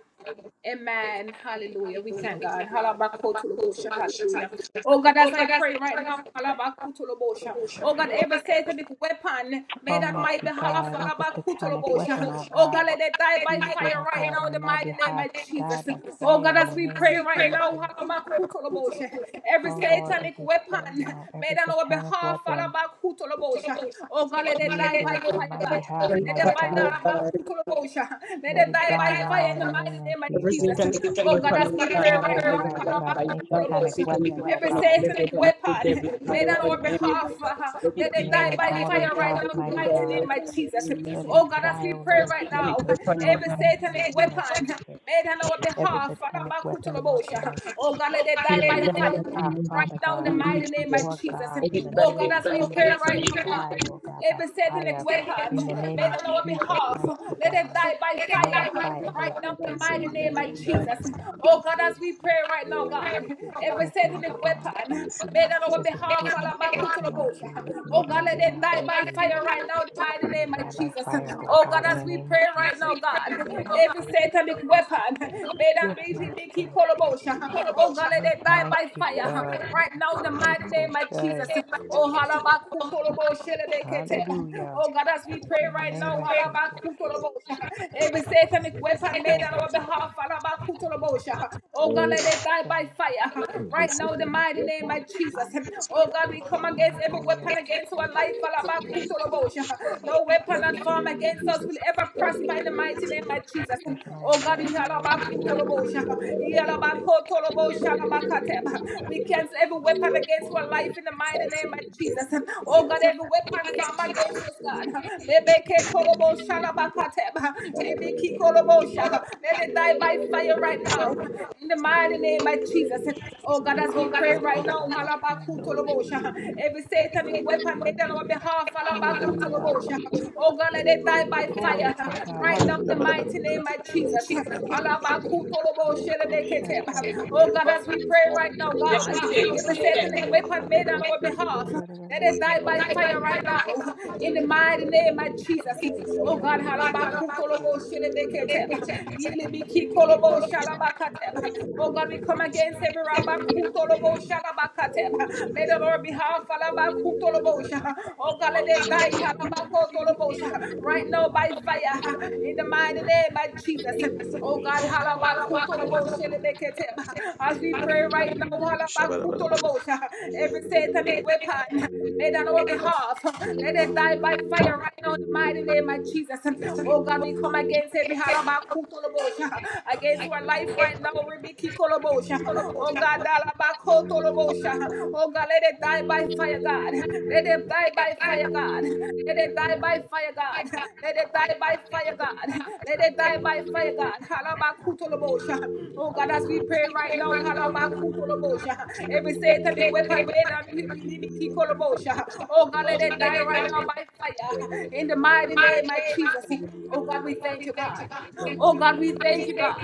Amen. Hallelujah. We thank God. Halabakotolobosha. Hallelujah. Oh God, as I pray right now, halabakotolobosha. oh God, every satanic weapon made on my
Almighty
behalf,
God, every satanic
halabakotolobosha.
weapon, oh
oh God,
God,
let it die by
used it,
fire
oh
right
God,
now in the
on my
mighty name
behalf,
of Jesus.
die by
Oh God,
fire in
as
the
we
name
pray
of
right now,
Jesus.
halabakotolobosha. every
Oh Lord, as
satanic
we
weapon
pray right now,
made
every
on our
satanic
behalf,
weapon
halabakotolobosha. oh God, let it die
used it
by
upon
fire,
my
God.
behalf,
Let them it
mighty
by the
God,
Ramakutolobosha. Let
let
them
it
die
die
by fire
now
in
in
the
the
mighty
name of
name of Jesus.
Jesus.
Oh God, as we pray
Die by
right now,
fire, Lord God. Any satanic
Ramakutolobosha.
weapon, Lord
every
God,
satanic weapon made on our behalf, uh, let it
made
die
on
by
our
fire right
behalf,
now, in the
mighty
mighty
God,
name of Jesus.
let it
Oh God, as
die,
we
O
pray
Lord
right now,
Jesus.
every
Nullify it in
satanic
the name of
weapon
Jesus.
made on our
Every
behalf,
satanic weapon, Lord
Ramakutolobosha.
God.
oh God, let it die
made on
by
our
fire
behalf,
right
Father
now in the
God.
mighty name of
Lord
Jesus.
God, in the
Oh
name
God,
of
as we pray
Jesus, let
right
it
now,
die,
God,
Lord God, by
every satanic
fire. In
weapon
the name
made
of
on our
Jesus,
behalf,
mighty
let it
God,
die by fire.
nullify
Right
every
now, in the
weapon of the
mighty
enemy,
name of
Jesus.
Jesus. Oh God, as we pray right now, God, every
Yes,
satanic
mighty God,
weapon made on our
every
behalf,
Satanist weapon, Lord
Alabakutulabosha.
Jesus,
oh
made on our
God, let it
behalf,
die
Lord
by fire
Jesus,
right now, in the mighty
let it
name
die
of
by
Jesus.
fire, Lord
Oh God,
God, in
as
the
we
name of
pray right now,
Jesus.
God, every satanic weapon made on
Yes, mighty
Biki
God.
Kolobosha oh God, let
Yes,
they die by
mighty
fire.
God.
Right now, in the mighty
Equal
name of Jesus.
shy.
Amen.
Oh, halabakutolobo shelebekete.
Hallelujah.
oh God, as we pray
In the
right now,
name of Jesus.
halabakutolobo sha. every satanic weapon made on
Glory.
our behalf, halabakutolobo sha. oh
Thank
God, let it
you,
die by fire. Right now, in the mighty name of Jesus. Oh God, we come against every
Hallelujah.
weapon against our life, halabakutolobo sha. no weapon that form against us will ever prosper in the mighty name of Jesus.
Yes, my
Oh God,
God.
we
Hallelujah.
halabakutolobo sha. We cancel every weapon against our life in the mighty name of Jesus. Oh God, every weapon formed against us, God. Lebeke tolobo
Fascinating,
Lebeketoloboshalabakateba.
Thank
Libikikolobosha. Let it die by fire right now. In the mighty name of Jesus. Oh God,
Thank
as
you,
we pray
Shai.
right now,
Tararabasiando.
halabakutolobosha. every satanic weapon made on our behalf,
Hallelujah.
halabakutolobosha. oh God, let it die by
Glory
fire.
to God.
Right now, in the
Hallelujah.
mighty name of Jesus.
Eko
Halabakutoloboshelebeketeba.
shata
Oh God, as we pray right now, God,
makura
every satanic
bashiando
weapon made on our
korobose
behalf,
kiando
let it die
robose.
by fire right now. In the mighty name of
Eko
Jesus.
shata
Oh God,
rabase.
halabakutoloboshelebeketeba. Oh
you. Shabba
God.
God, we come against every rabakutolobo shalabakateba. May the Lord behalf halabakutolobo Oh God, let they die
Hallelujah.
halabakutolobo right now by fire in the mighty name of Jesus.
Eko
Oh God,
shata
halabakutolobo
rabasiando.
shalabakateba. as we pray right now, halabakutolobo every satanic weapon. Made on our behalf. Let it die by fire right now in the mighty name of Jesus. Oh God, we come against every halabakutolobosha. Against our life right now, Rebiki Kolobosha. Oh God, dalabakotolobosha. Oh God, let it
Thank
die by fire, God. Let it die by fire, God. Let it die by fire, God. Let it die by fire, God. Let it die by fire, God. Halabakutolobosha. Oh God, as we pray right right now. Halabakutolobosha. Every satanic weapon made out of you, believe it, Kikolobosha. Oh God, let it die right now by fire. In the mighty name of Jesus. Oh God, we thank you, God. Oh God, we thank you, God.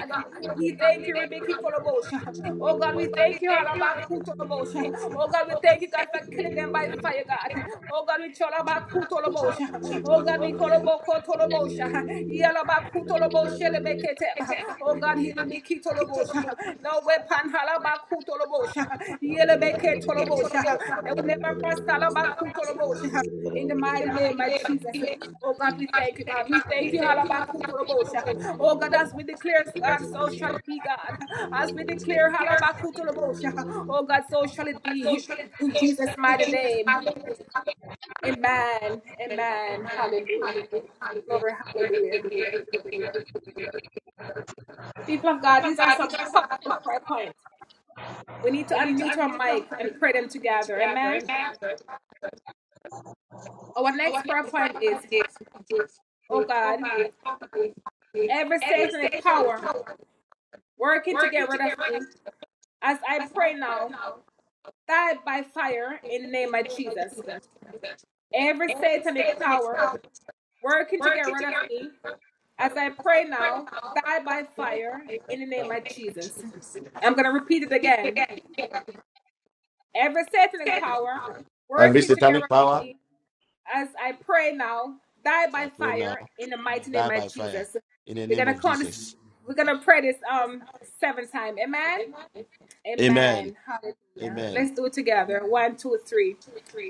We thank you, Rebecca Kolobosha. Oh God, we thank you, Harabakutolobosha. Oh God, we thank you, God, for killing them by fire, God. Oh God, we Cholabakutolobosha.
Jesus.
Oh God, we Kolobokotolobosha. Yalabakutolobo shelebeketeba. Oh God, hilibikitolobosha. no weapon halabakutolobosha. Yelebeketolobosha. They will never prosper halabakutolobosha. in the mighty name of Jesus. Oh God, we thank you, God. We thank you, halabakutolobosha. Oh God, as we declare, God, so shall it be, God. As we declare, halabakutolobosha. oh God, so shall it be. In Jesus' mighty name. Amen. Amen. Hallelujah. Glory, hallelujah. People of God, these are some powerful prayer points. We need to unmute our mic and pray them together. Amen. Our next prayer point is, oh God, every satanic power working to get rid of me, as I pray now, die by fire in the name of Jesus. Every satanic power working to get rid of me, as I pray now, die by fire in the name of Jesus. I'm going to repeat it again. Every satanic power
Every
working to get rid
satanic
of
power,
me, as I pray now, die
so
by
I pray now,
fire in the mighty
die
name of
by fire
Jesus.
in the
We're
name
gonna
of
call this.
Jesus.
We're gonna pray this um seven times. Amen.
Amen.
Amen. Hallelujah.
Amen.
Let's do it together. One, two, three.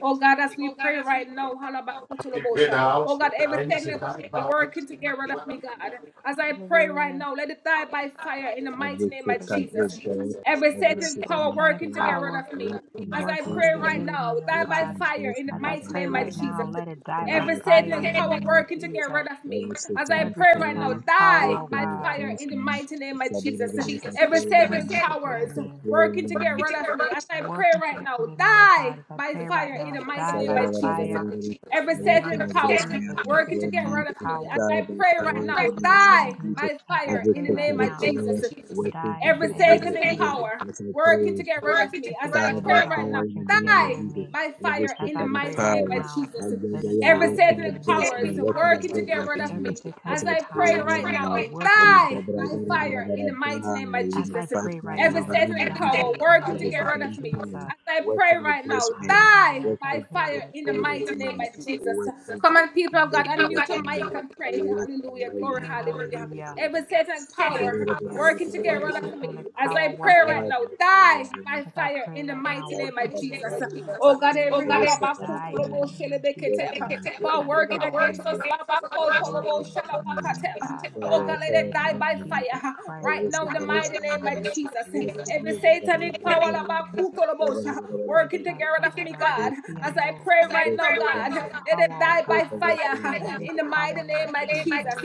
Oh God, as we pray right now, halabakutulobosha. oh God, every technical power working to get rid of me, God. As I pray right
Hallelujah.
now, let it die by fire in the
every
mighty name of
Satan, oh
Jesus.
God,
Every
every
Every
Satan power
satanic
satanic
working to
power
get rid
power
of me.
working
As I
working to
against
pray
get
right
me,
rid of
now,
me, oh
die by
working
God.
fire
against
in the
As
me
I
as
mighty
I
pray
name
pray
right
of
right
Jesus.
now,
now.
let it die
God,
by
Every
I pray
fire
in
in
satanic
the
the
power
name
name
of
of
working to
Jesus,
get rid
Jesus.
of me.
every
As I
satanic
Every
pray right now,
power
satanic power,
die
oh
by
working
God,
fire in
against
the
me.
mighty name
It's
of
a better
Jesus.
that
as
as
I
I
Every
pray right
trying
satanic
to get rid
power
now,
of
as
is
I
me,
pray
working to
right
get
now,
rid of me. As I pray
working to
right
get
now,
rid of me, oh
die
God, as I
by
pray right
fire in
now,
the
it's
mighty
a
die
name
by
better,
of
better,
Jesus.
better,
fire
better.
Every
in the name
Working
satanic
of
against
power
me, as I
Jesus.
can
Every
working to
pray
get
me,
rid
satanic
of me. As
power
die
I
by
pray right
fire
working
now,
in
to
the
get
name
rid
of
die
of me,
Jesus.
by
as I
fire
Every
in the
pray right
name
satanic
of
now,
power
Jesus
working
die
to
in the
every
get
name
rid
of
of
satanic
me,
Jesus.
power
as I
working
pray
to get rid of me.
Every
As
die
I
satanic
by
pray
fire
power
right now,
in the
working to
name
get
of
rid
die
of
Jesus.
me.
by
Every
fire
As
in the
I
satanic
pray
mighty
power,
name
right
of
now,
I
Jesus.
am
let it
Every
die in
working
the
satanic
name of
against
power
me,
is
working
Jesus.
working to
against my
get rid of
family.
Every
me.
As
As
satanic
I
I
pray
pray
power
right
right
now,
now,
working
we
to
die
blah,
get
blah,
rid
by
blah,
of
blah,
me.
blah,
fire in the
blah,
mighty
blah,
name of
in
As
the
I
Jesus.
fire
pray right
fire
Every
in
now,
the name of
satanic power
Jesus.
die in the
working to
Every
name
get
of
rid of
satanic
me.
power,
Jesus.
As I pray
working
right now,
against me,
die
Hallelujah. As I
by
working to
pray
fire
get
right
in the
rid
now,
of
mighty name
me,
of Jesus.
working
Come
to,
on,
to
people
in
of
get
God,
the name
rid of
unmute
of
your mic
me.
Jesus.
and pray.
Working,
Hallelujah.
I
Glory,
know that
Hey,
hallelujah.
hallelujah.
Every satanic
you
power
Hallelujah.
are
working
working
together
Every
right after
against
me.
me.
satanic
As
power
I pray right
Ever
working
now,
satanic
die by
as I
fire
pray
in the
right now,
mighty name
working
of
to get rid
Jesus.
of me. As I
Oh God,
pray right
every
now, die in the
halabakutolobo
plan
name of Jesus.
shelebeketeba,
working up
Every
to get
for
satanic
rid of
working
power.
me,
against us,
get rid
labakotolobo
working
mother for
against
me.
me, O
shalabakateba.
God.
God,
oh
I
Die
God,
in
saw
the
let it
it and
name
die
of
then
by
you
fire
need
Jesus
it.
huh,
Christ
right
Ever
of
now in the
satanic
Nazareth.
mighty name of
plan
Jesus.
In the
Every
name of
working
satanic
Jesus.
power labakutolobo sha, working together of me, God.
against me,
As I
Ikoshatarabasiando.
pray
and against my
right now,
girlfriend
God,
Every
family,
let it
power, O
and
die by
against
God.
everything
fire
in my
Every
in the
power,
mighty
Lord
name of
Jesus.
Jesus.
country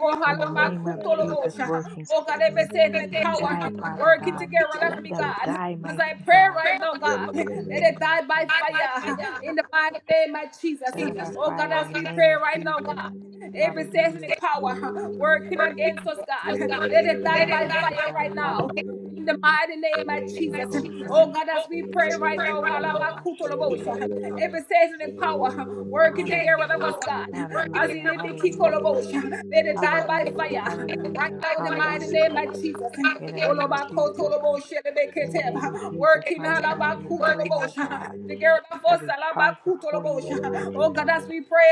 Oh,
of the
In the
blood,
name of
God, my Father,
Jesus,
and
halabakutolobosha.
working to
Son,
Oh, God,
in
get
every
me.
the name of
satanic
Jesus,
power
Die,
God, my
Father
working
God.
Father,
together
Let
of me,
Jesus,
them
God.
die,
As I
mighty
pray
God.
right now, God,
In the
let it
name of
die by
Jesus.
fire in the mighty name of Jesus.
Die by
Oh, God,
fire
as
in the
we
name
pray
of
right now, God,
Jesus.
every
Hallelujah.
satanic power working against us, God, let it die
Yes,
by
mighty
fire
God.
right now
Hallelujah.
in the mighty name of Jesus. Oh
Ikosha-
God, as we pray right now,
Kurabashiyando.
halabakutolobosha. every season in power working together with
Hallelujah.
us, God. As he
Hallelujah.
let let
Hallelujah.
it die by
Hallelujah.
fire.
God,
Right
Hallelujah.
my
now, in the mighty
Hallelujah.
name of
Lord,
Jesus.
In the
Thank
name of Jesus.
Olobakotolobosha,
In the name
lebeketeba.
of Jesus,
Working
mighty God, we bring, oh
halabakutolobosha.
God,
together with us,
every charge before you,
halabakutolobosha.
almighty
oh God, as
God.
we pray,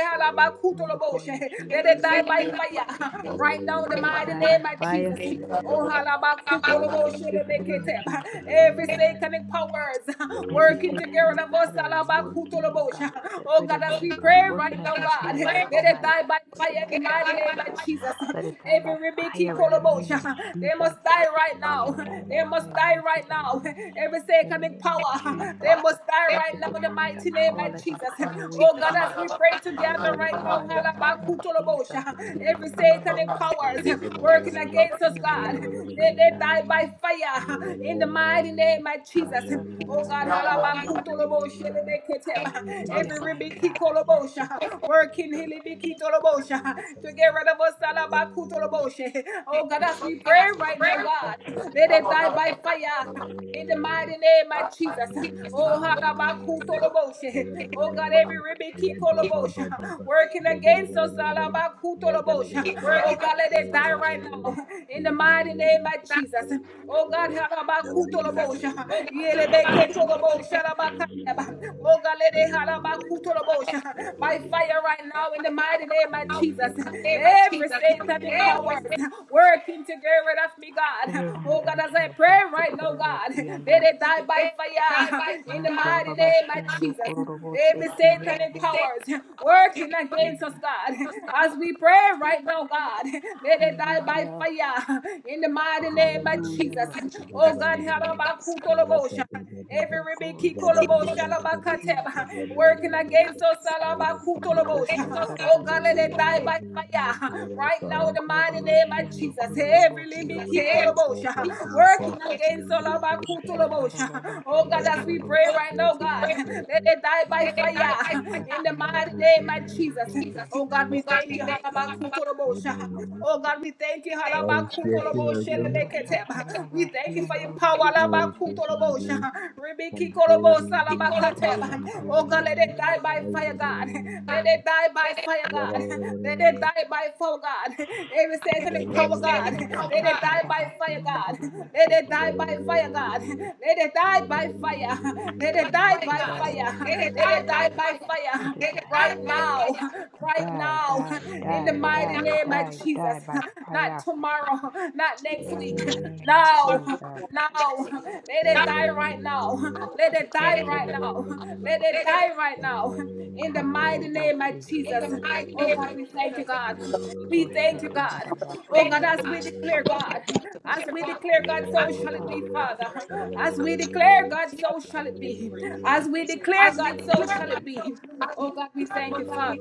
Bring before
halabakutolobosha.
you,
let it
Jesus.
die by fire. Right now, in the
Let it
mighty
die by
name of Jesus.
fire.
Oh,
In the name of Jesus, mighty
Every
God.
satanic powers
Every
working together
satanic
of us.
power working, oh God, to get
Oh
rid
God,
of
as
me, oh
we
God,
pray
working
right now,
against
God,
my life,
let it
Almighty
die
God,
by fire
working
in the
against my
mighty name of
family.
Jesus.
Let it die
Every
by
rebeki
fire in the name
kolobosha,
of
they
Jesus.
must die right now.
And die by
They must
fire,
die
mighty
right now.
God.
Every
In the
satanic
name of
power, they
Jesus.
must die right
Every
now in the
satanic
mighty name
power,
of
let them
Jesus.
pine away,
Oh God, as we
Jesus.
pray together
Oh
right now,
God, in the name of Jesus.
halabakutolobosha, every
you.
In the
satanic
name of
Thank
powers
Jesus.
working against us
In
Jesus,
the
God.
name of
Let they
Jesus.
die by
In the
fire
name of
in the
Jesus.
mighty name of Jesus.
Kasha
Oh God,
tararabasi
halabakutolobosha, lebeketeba.
Hallelujah,
every
my God. Yes,
ribikitolobosha, working hilibikitolobosha, to get rid of us. halabakutolobosha. Oh God, as we pray right now, God,
Jesus.
let it die by fire in the
you.
mighty name of
Thank
Jesus. Oh, halabakutoloboshe. Oh, God, every ribiki kolobosha working against us. halabakutoloboshe. Oh, God, let it die right now. In the mighty name of Jesus. Oh, God, halabakutoloboshe. Yelebeketoloboshe, halabaka- Oh God, let it holla by Kutulobosha, by fire right now in the mighty name of Jesus. Every satanic
you.
powers working together. get of me, God.
You're one of
Oh God,
them,
as I
Jesus.
pray right now, God,
Ikoroboti
let
ando.
it die by fire in the mighty name
Makurobabashi
of
ando
Jesus.
kororobose
Every satanic
kiandaraba.
powers working against us,
Jesus.
God, as we pray right now, God, let it die by
Hallelujah.
fire in the mighty
Thank
name
you.
of Jesus.
Hallelujah.
Oh God, holla by Kutulobosha. Every
Oh,
Rebecca
glory to
Kolobo
God.
Shalabakateba
Jesus.
working against us, Alabakutolobo.
Nikosha
Oh God, let
tararabasi
it die
ando.
by fire. Right now, in the mighty name
Makurababashi
of
ando
Jesus. Every
kororobose.
Rebecca Kolobo working against
Kosha
Alabakutolobo. Oh
tararabasi
God,
ando
as we pray
rorobose.
right now, God, let it die by fire.
Kosha
In the mighty
tararabasi
name
ando
of Jesus. Oh God, we thank you, Halabakutolobo. Oh God, we thank you,
I was
Halabakutolobo.
expecting
We
Ekoshatarabasi
thank you for your power.
andorobose.
Lord, we pray for that
Labakutolobosha.
man, Frank Gehry, in the name of Jesus,
Ribikikolobosalabakateba. Oh God, let
Ekoshatarabasi
it die by fire,
andorobose.
God. Let it die by fire, God. Let it die by fire, God. Every satanic power, God. Let it die by
Ekoshatarabasi
fire, God. Let
andorobose.
it die by fire, God. Let it die by fire. Let it die
Mighty
by
we
God,
fire. Let it die by
let it
fire
die.
right now, right
Die,
now,
die,
in the
die,
mighty
die,
name of
die, die
Jesus.
by
Not
fire
tomorrow, not next week.
in the name of
Now,
Jesus.
now, let it die right now. Let it die right
Ekosha
pray
now. Let it die right now. In the mighty name of
hakorobose.
Jesus. Oh God, we thank you, God. We thank you, God. Oh
Ekoshatarabasi
God, as
ando.
we declare, God, as we declare, God, so shall it
Ekoshababa.
be, Father.
for
As we
him.
declare, God, so
Amen. Amen.
shall it be. As we declare, God, so shall it be. Oh God, we thank you, Father.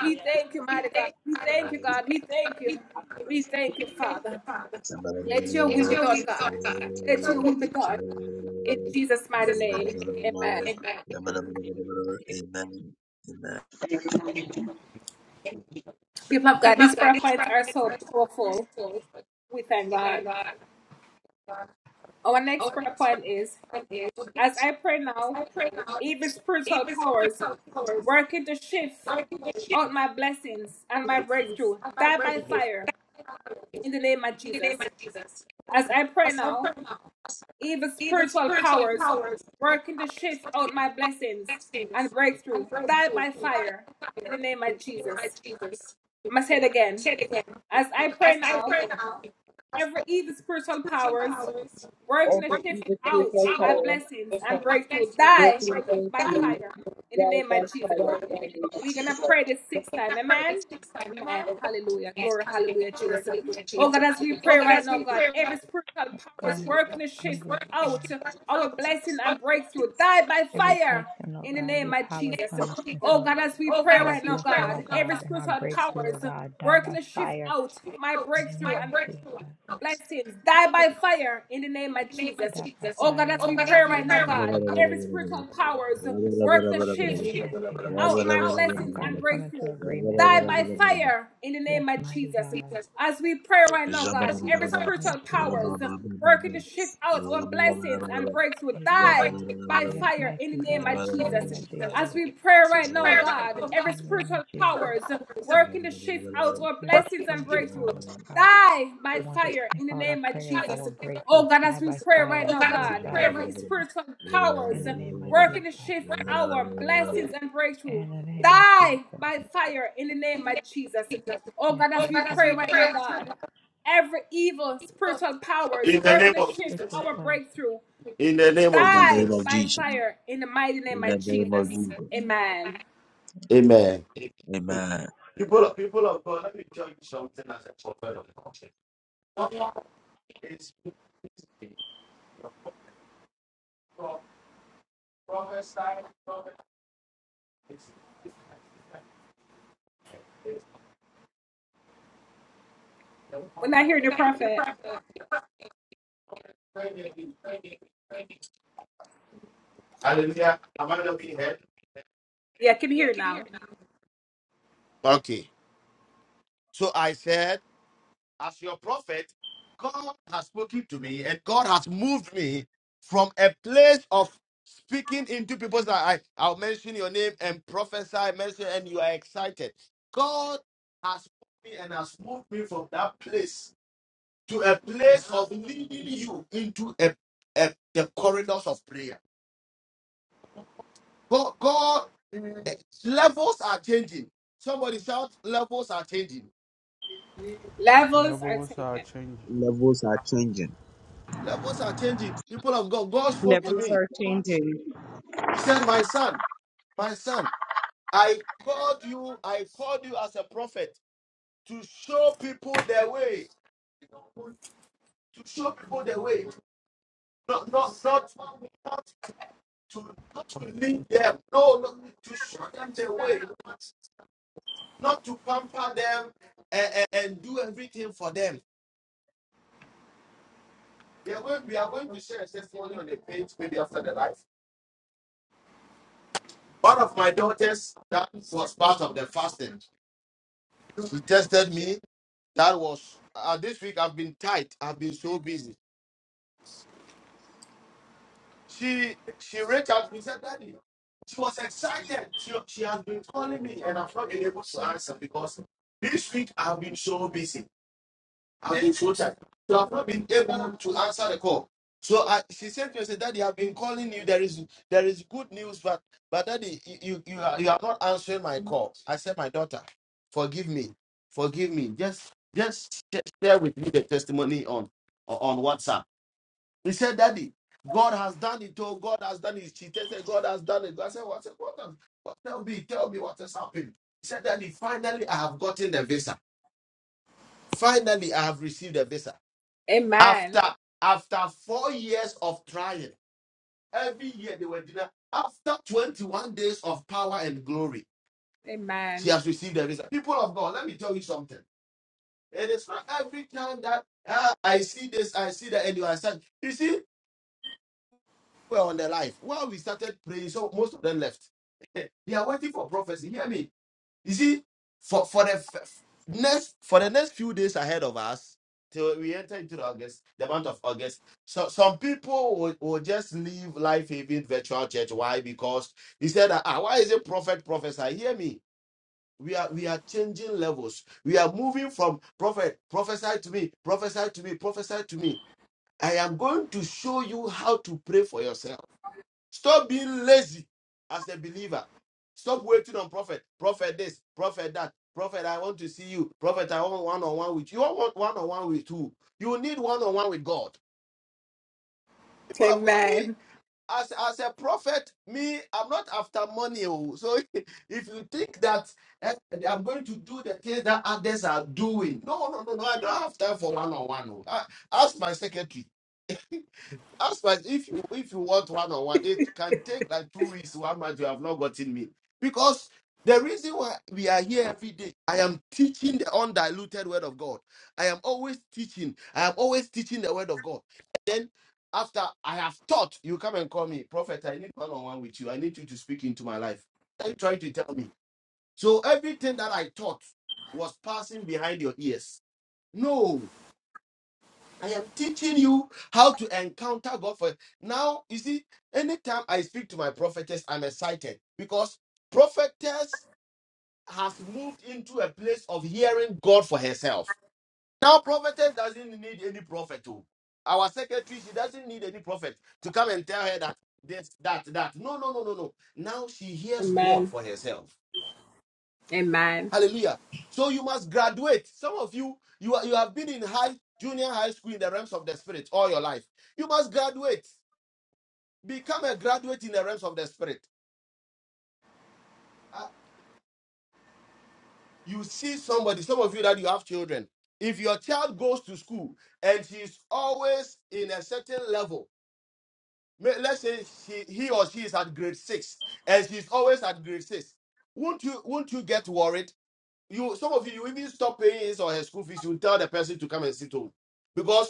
We thank you, mighty God. We thank you, God. We thank you. We thank you, Father. Let your will be done, God. Let your will be done. In Jesus' mighty name, amen. People of God, these prayer points are so powerful. We thank God. Our next prayer point is As I pray now, even spiritual powers working to shift out my blessings and my breakthrough, die by fire in the name of Jesus. As I pray now, even spiritual powers working to shift out my blessings and breakthrough, die by fire in the name of Jesus. I must say it again. As I pray now, Every evil spiritual powers working to shift out my blessings and breakthrough die by fire in the name of Jesus. We're gonna pray this six time, amen. Amen. Hallelujah. Glory, hallelujah, Jesus. Oh God, as we pray right now, God, every spiritual powers
God,
working to shift
every
out
prayer,
our blessing and breakthrough die by
every
fire
blessing, oh
in the
God,
name
every
of
power
Jesus.
trying to sniff
Oh
out.
God, as we pray
our
right now,
blessing,
God,
oh
every
God, and our
spiritual
breakthrough, oh
powers
God. Die
working
by
to shift
fire
out my
in the
breakthrough
name
and
of Jesus.
blessings die by fire in the name of Jesus.
Die by
Oh God,
fire,
as
oh
we pray
God, in
right
the
now,
name of
God,
Jesus.
every spiritual powers work the shift
Yes, mighty God.
out my
Oh
blessings
God,
and
we come
breakthrough.
into agreement, oh
Die
God.
by fire in the
Yes,
name of
mighty
Jesus.
God.
As we pray right now, God, every
Yes,
spiritual powers
Jesus.
working to shift out our blessings and breakthrough,
Hey, Kuba.
die by
Yes,
Amen.
fire in the
mighty
name of
God. In the
Jesus.
name of
As
Jesus.
we pray right now, God, every
In the name of
spiritual
Jesus.
powers working to shift out our
Every
blessings and
spiritual power,
breakthrough,
oh God,
die
that
by
wants to
fire
sniff
in the
out our
name of
prayers,
Jesus.
our breakthrough,
Oh God, as
die
we
by
pray
fire.
right
It's
now,
In
cool
God,
shy.
every spiritual
In
powers
the name of
working the shift,
Jesus.
our blessings and breakthrough,
In the name of Jesus.
die by fire in the name of Jesus. Oh
Yes,
God, as we pray
mighty
right now, God, every evil spiritual powers
In the
working
name
the
of
shift,
Jesus.
our
God.
breakthrough,
In the name of
the
die
name of
Jesus.
by
Jesus.
fire in the mighty name
In the
of
name
Jesus.
of Jesus.
Amen.
Amen.
Amen.
People,
We're not hearing the prophet.
hallelujah. Am I not being heard?
Yeah, I can hear now.
Okay. So I said. as your prophet, God has spoken to me and God has moved me from a place of speaking into people's life. I, I'll mention your name and prophesy, mention, and you are excited. God has put me and has moved me from that place to a place of leading you into a, a- the corridors of prayer. God, God, eh, levels are changing. Somebody shout, levels are changing.
Levels are
Levels are
taken.
changing.
Levels are changing.
Levels are changing. People of God, God spoke to me. He said, My son, My son, I called you, I called you as a prophet to show people the way. To show people the way. Not not not, not to not to lead them. No, no, to show them the way. Not to pamper them and, and, and do everything for them. We are going, we are going to share a testimony on the page maybe after the life. One of my daughters that was part of the fasting. She tested me That was uh, this week. I've been tight. I've been so busy. She she reached out to me said, "Daddy." She was excited. She, she has been calling me, and I've not been able to answer because this week I've been so busy. I've been so tired. So I've not been able to answer the call. So I, she said to me, I said, Daddy, I've been calling you. There is there is good news, but but Daddy, you you you are, you are not answering my call. I said, My daughter, forgive me, forgive me. Just just sh- share with me the testimony on on WhatsApp. He said, Daddy, God has done it. Oh, God has done it. She said, God has done it. I said, What? What? have- What? Tell me, tell me what has happened. He said, Daddy, finally I have gotten the visa. Finally, I have received a visa.
Amen.
After after four years of trying, every year they were denied. After 21 days of power and glory, she
Amen.
has received the result. People of God, let me tell you something. It is not every time that ah, I see this, I see that, and you are sad. You see, we're on the life. Well, we started praying, so most of them left. they are waiting for prophecy. Hear me. You see, for for the f- f- next for the next few days ahead of us, till we enter into the August, the month of August, so some people will, will just leave Life Haven Virtual Church. Why? Because he said, that, ah, why is it prophet prophesy? Hear me. We are we are changing levels. We are moving from prophet prophesy to me, prophesy to me, prophesy to me. I am going to show you how to pray for yourself. Stop being lazy as a believer. Stop waiting on prophet. Prophet this, prophet that. Prophet, I want to see you. Prophet, I want one on one with you. You want one on one with who? You need one on one with God. People have got me
Amen.
as as a prophet, me I'm not after money. oh. So if you think that eh, I'm going to do the things that others are doing, no, no, no, no. I don't have time for one on one. Ask my secretary. As much if you if you want one on one, it can take like two weeks, one month. You have not gotten me because the reason why we are here every day, I am teaching the undiluted word of God. I am always teaching. I am always teaching the word of God. Then after I have taught, you come and call me, prophet. I need one on one with you. I need you to speak into my life. What Are you trying to tell me? So everything that I taught was passing behind your ears. No, I am teaching you how to encounter God for now. You see, anytime I speak to my prophetess, I'm excited because prophetess has moved into a place of hearing God for herself. Now, prophetess doesn't need any prophet. oh. Our secretary, she doesn't need any prophet to come and tell her that this, that, that. No, no, no, no, no. Now she hears God
Amen.
for herself.
Amen.
Hallelujah. So you must graduate. Some of you, you are, you have been in high junior high school in the realms of the spirit all your life. You must graduate. Become a graduate in the realms of the spirit. Ah, you see somebody, some of you that you have children. If your child goes to school and she's always in a certain level, may- let's say she, he or she is at grade six and she's always at grade six, won't you won't you get worried? You some of you you even stop paying his or her school fees. You tell the person to come and sit home because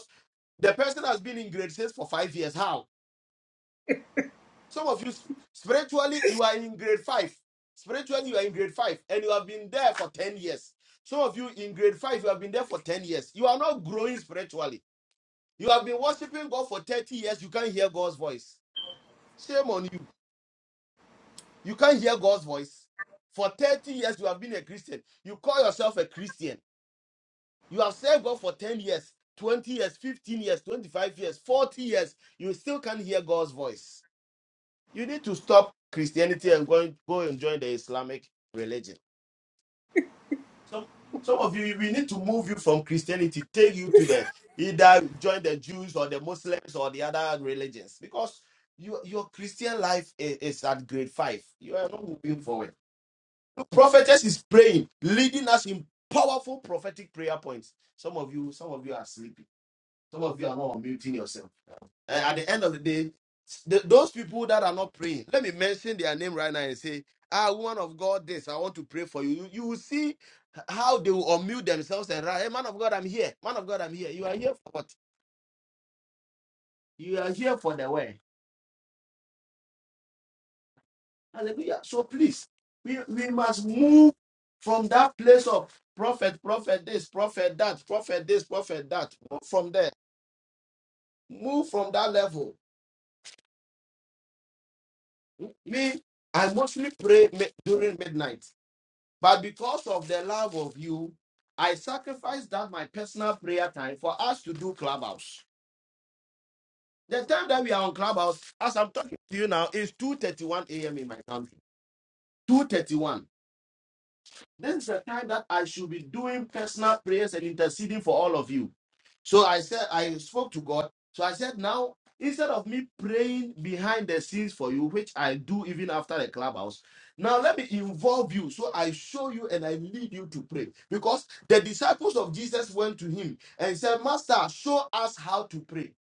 The person has been in grade six for five years. How? Some of you s- spiritually, you are in grade five. Spiritually, you are in grade five, and you have been there for 10 years. Some of you in grade five, you have been there for 10 years. You are not growing spiritually. You have been worshiping God for 30 years. You can't hear God's voice. Shame on you. You can't hear God's voice. For 30 years, you have been a Christian. You call yourself a Christian. You have served God for 10 years, 20 years, 15 years, 25 years, 40 years. You still can't hear God's voice. You need to stop Christianity and go, go and join the Islamic religion. Some some of you, we need to move you from Christianity, take you to the either join the Jews or the Muslims or the other religions because your your Christian life is, is at grade five. You are not moving forward. Look, prophetess is praying, leading us in powerful prophetic prayer points. Some of you, some of you are sleeping. Some of you are not muting yourself. Uh, at the end of the day, th- those people that are not praying, let me mention their name right now and say, Ah, woman of God, this, I want to pray for you. You, you will see how they will unmute themselves and write, Hey, man of God, I'm here. Man of God, I'm here. You are here for what? You are here for the way. Hallelujah. So please, we, we must move from that place of prophet, prophet this, prophet that, prophet this, prophet that. Move from there. Move from that level. Me, I mostly pray mi- during midnight. But because of the love of you, I sacrifice that my personal prayer time for us to do clubhouse. The time that we are on clubhouse, as I'm talking to you now, is 2:31 a.m. in my country. 2:31. This is the time that I should be doing personal prayers and interceding for all of you. So I said, I spoke to God. So I said, now, instead of me praying behind the scenes for you, which I do even after the clubhouse, now let me involve you. So I show you and I lead you to pray. Because the disciples of Jesus went to him and said, Master, show us how to pray.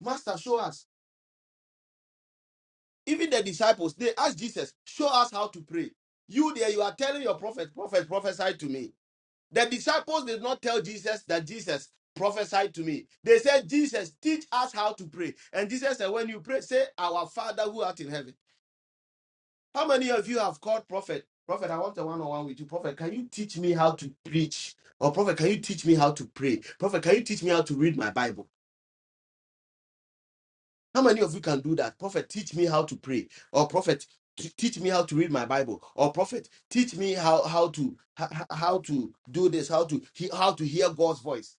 Master, show us. Even the disciples, they asked Jesus, show us how to pray. You there, you are telling your prophet, prophet, prophesy to me. The disciples did not tell Jesus that Jesus prophesied to me. They said, Jesus, teach us how to pray. And Jesus said, when you pray, say, Our Father who art in heaven. How many of you have called prophet? Prophet, I want a one on one with you. Prophet, can you teach me how to preach? Or prophet, can you teach me how to pray? Prophet, can you teach me how to read my Bible? How many of you can do that? Prophet, teach me how to pray. Or prophet, t- teach me how to read my Bible. Or prophet, teach me how how to how, how to do this, how to he, how to hear God's voice.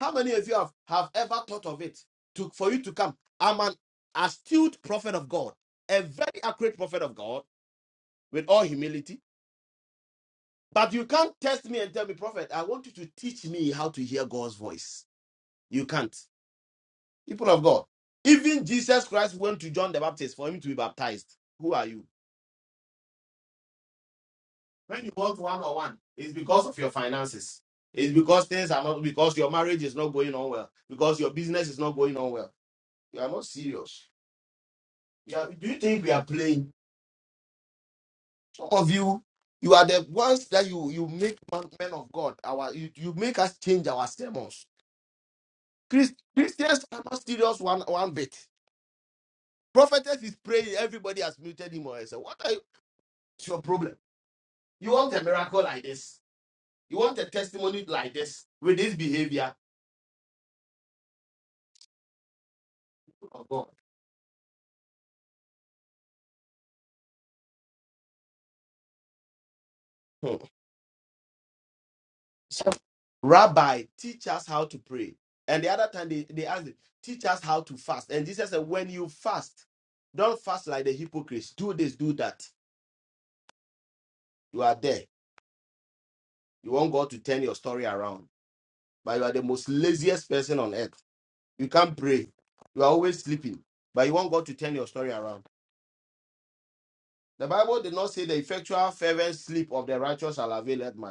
How many of you have, have ever thought of it? To for you to come, I'm an astute prophet of God, a very accurate prophet of God, with all humility. But you can't test me and tell me, prophet, I want you to teach me how to hear God's voice. You can't. People of God. Even Jesus Christ went to John the Baptist for him to be baptized. Who are you? When you want one on one, it's because of your finances. It's because things are not because your marriage is not going on well, because your business is not going on well. You are not serious. You are- do you think we are playing? Some of you, you are the ones that you you make man- men of God. Our you, you make us change our sermons. Christ, Christians are not serious one one bit. Prophetess is praying. Everybody has muted him or said, What are you? It's your problem. You want a miracle like this. You want a testimony like this with this behavior of God. Hmm. So, Rabbi, teach us how to pray. And the other time they, they asked, him, teach us how to fast. And Jesus said, when you fast, don't fast like the hypocrites. Do this, do that. You are there. You want God to turn your story around. But you are the most laziest person on earth. You can't pray. You are always sleeping. But you want God to turn your story around. The Bible did not say the effectual fervent sleep of the righteous shall avail that much.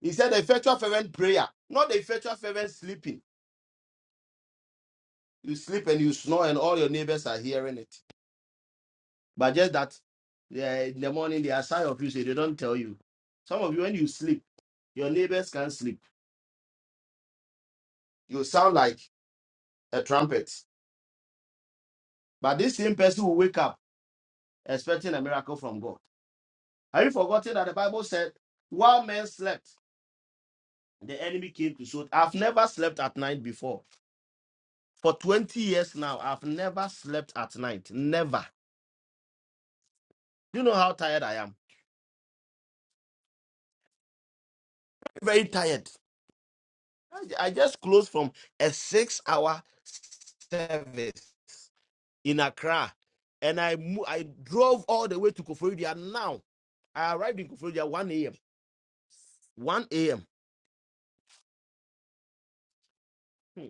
He said the effectual fervent prayer, not the effectual fervent sleeping. You sleep and you snore, and all your neighbors are hearing it. But just that, yeah, in the morning they are shy of you, so they don't tell you. Some of you, when you sleep, your neighbors can't sleep. You sound like a trumpet. But this same person will wake up expecting a miracle from God. Have you forgotten that the Bible said, while men slept, the enemy came to shoot? I've never slept at night before. For 20 years now, I've never slept at night. Never. Do you know how tired I am? very tired. I I just closed from a six hour service in Accra and I mo- I drove all the way to Koforidua now. I arrived in Koforidua 1 a.m. 1 a.m. Hmm,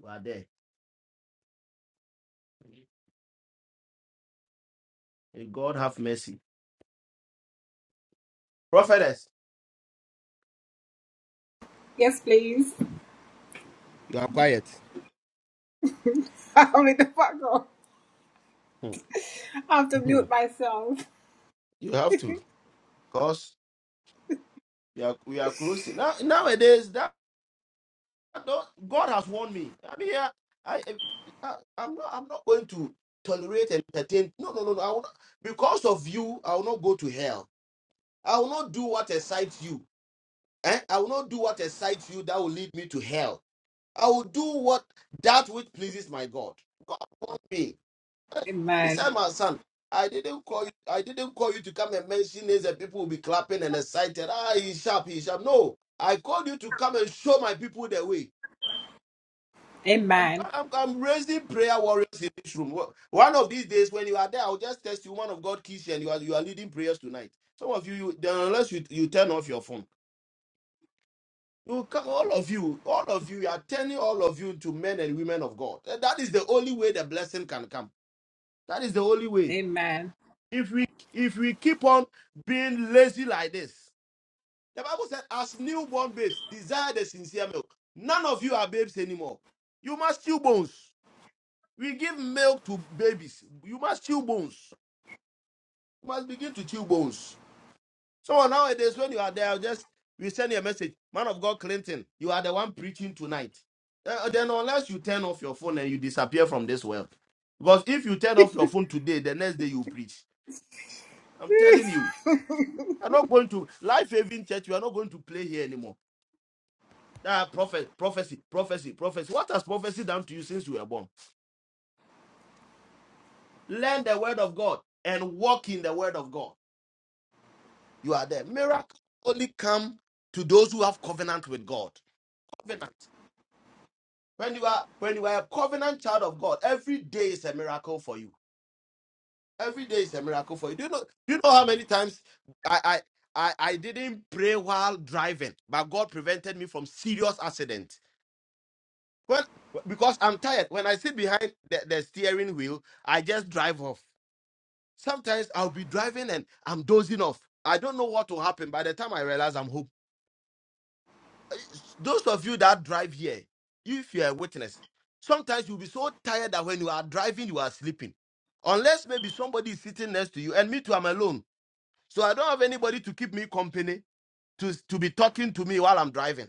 We are there. May God have mercy. Prophetess,
Yes, please.
you are quiet.
I only the fuck go.
Hmm,
I have to
hmm.
mute myself.
You have to because we are, we are closing. Now, nowadays, No, God has warned me. I am here. I, I, I'm not, I'm not going to tolerate and entertain. No, no, no, no. I will not, because of you, I will not go to hell. I will not do what excites you. Eh? I will not do what excites you that will lead me to hell. I will do what that which pleases my God. God warned me. Eh, He
Amen.
said, my son, I didn't call you. I didn't call you to come and mention names and people will be clapping and excited. Ah, he's sharp, he's sharp. No, I called you to come and show my people the way. I'm,
Amen.
I'm, I'm raising prayer warriors in this room. One of these days, when you are there, I'll just test you. One of God keys, and you are you are leading prayers tonight. Some of you, you then unless you, you turn off your phone, you come. All of you, all of you, you are turning all of you into men and women of God. And That is the only way the blessing can come. That is the only way. If we if we keep on being lazy like this, the Bible said, as newborn babes, desire the sincere milk. None of you are babes anymore. You must chew bones. We give milk to babies. You must chew bones. You must begin to chew bones. So nowadays, when you are there, I'll just we send you a message, man of God, Clinton. You are the one preaching tonight. Uh, then unless you turn off your phone and you disappear from this world, because if you turn off your phone today, the next day you preach. I'm telling you, you are not going to life having church. You are not going to play here anymore. Ah, prophet, prophecy, prophecy, prophecy. What has prophecy done to you since you were born? Learn the word of God and walk in the word of God. you are there. Miracles only come to those who have covenant with God. Covenant. When you are when you are a covenant child of God, every day is a miracle for you. Every day is a miracle for you. Do you know? Do you know how many times I I I, I didn't pray while driving, but God prevented me from serious accident. When because I'm tired. When I sit behind the, the steering wheel, I just drive off. Sometimes I'll be driving and I'm dozing off. I don't know what will happen. By the time I realize I'm home. those of you that drive here, if you are a witness, sometimes you'll be so tired that when you are driving, you are sleeping. Unless maybe somebody is sitting next to you, and me too, I'm alone. So I don't have anybody to keep me company to, to be talking to me while I'm driving.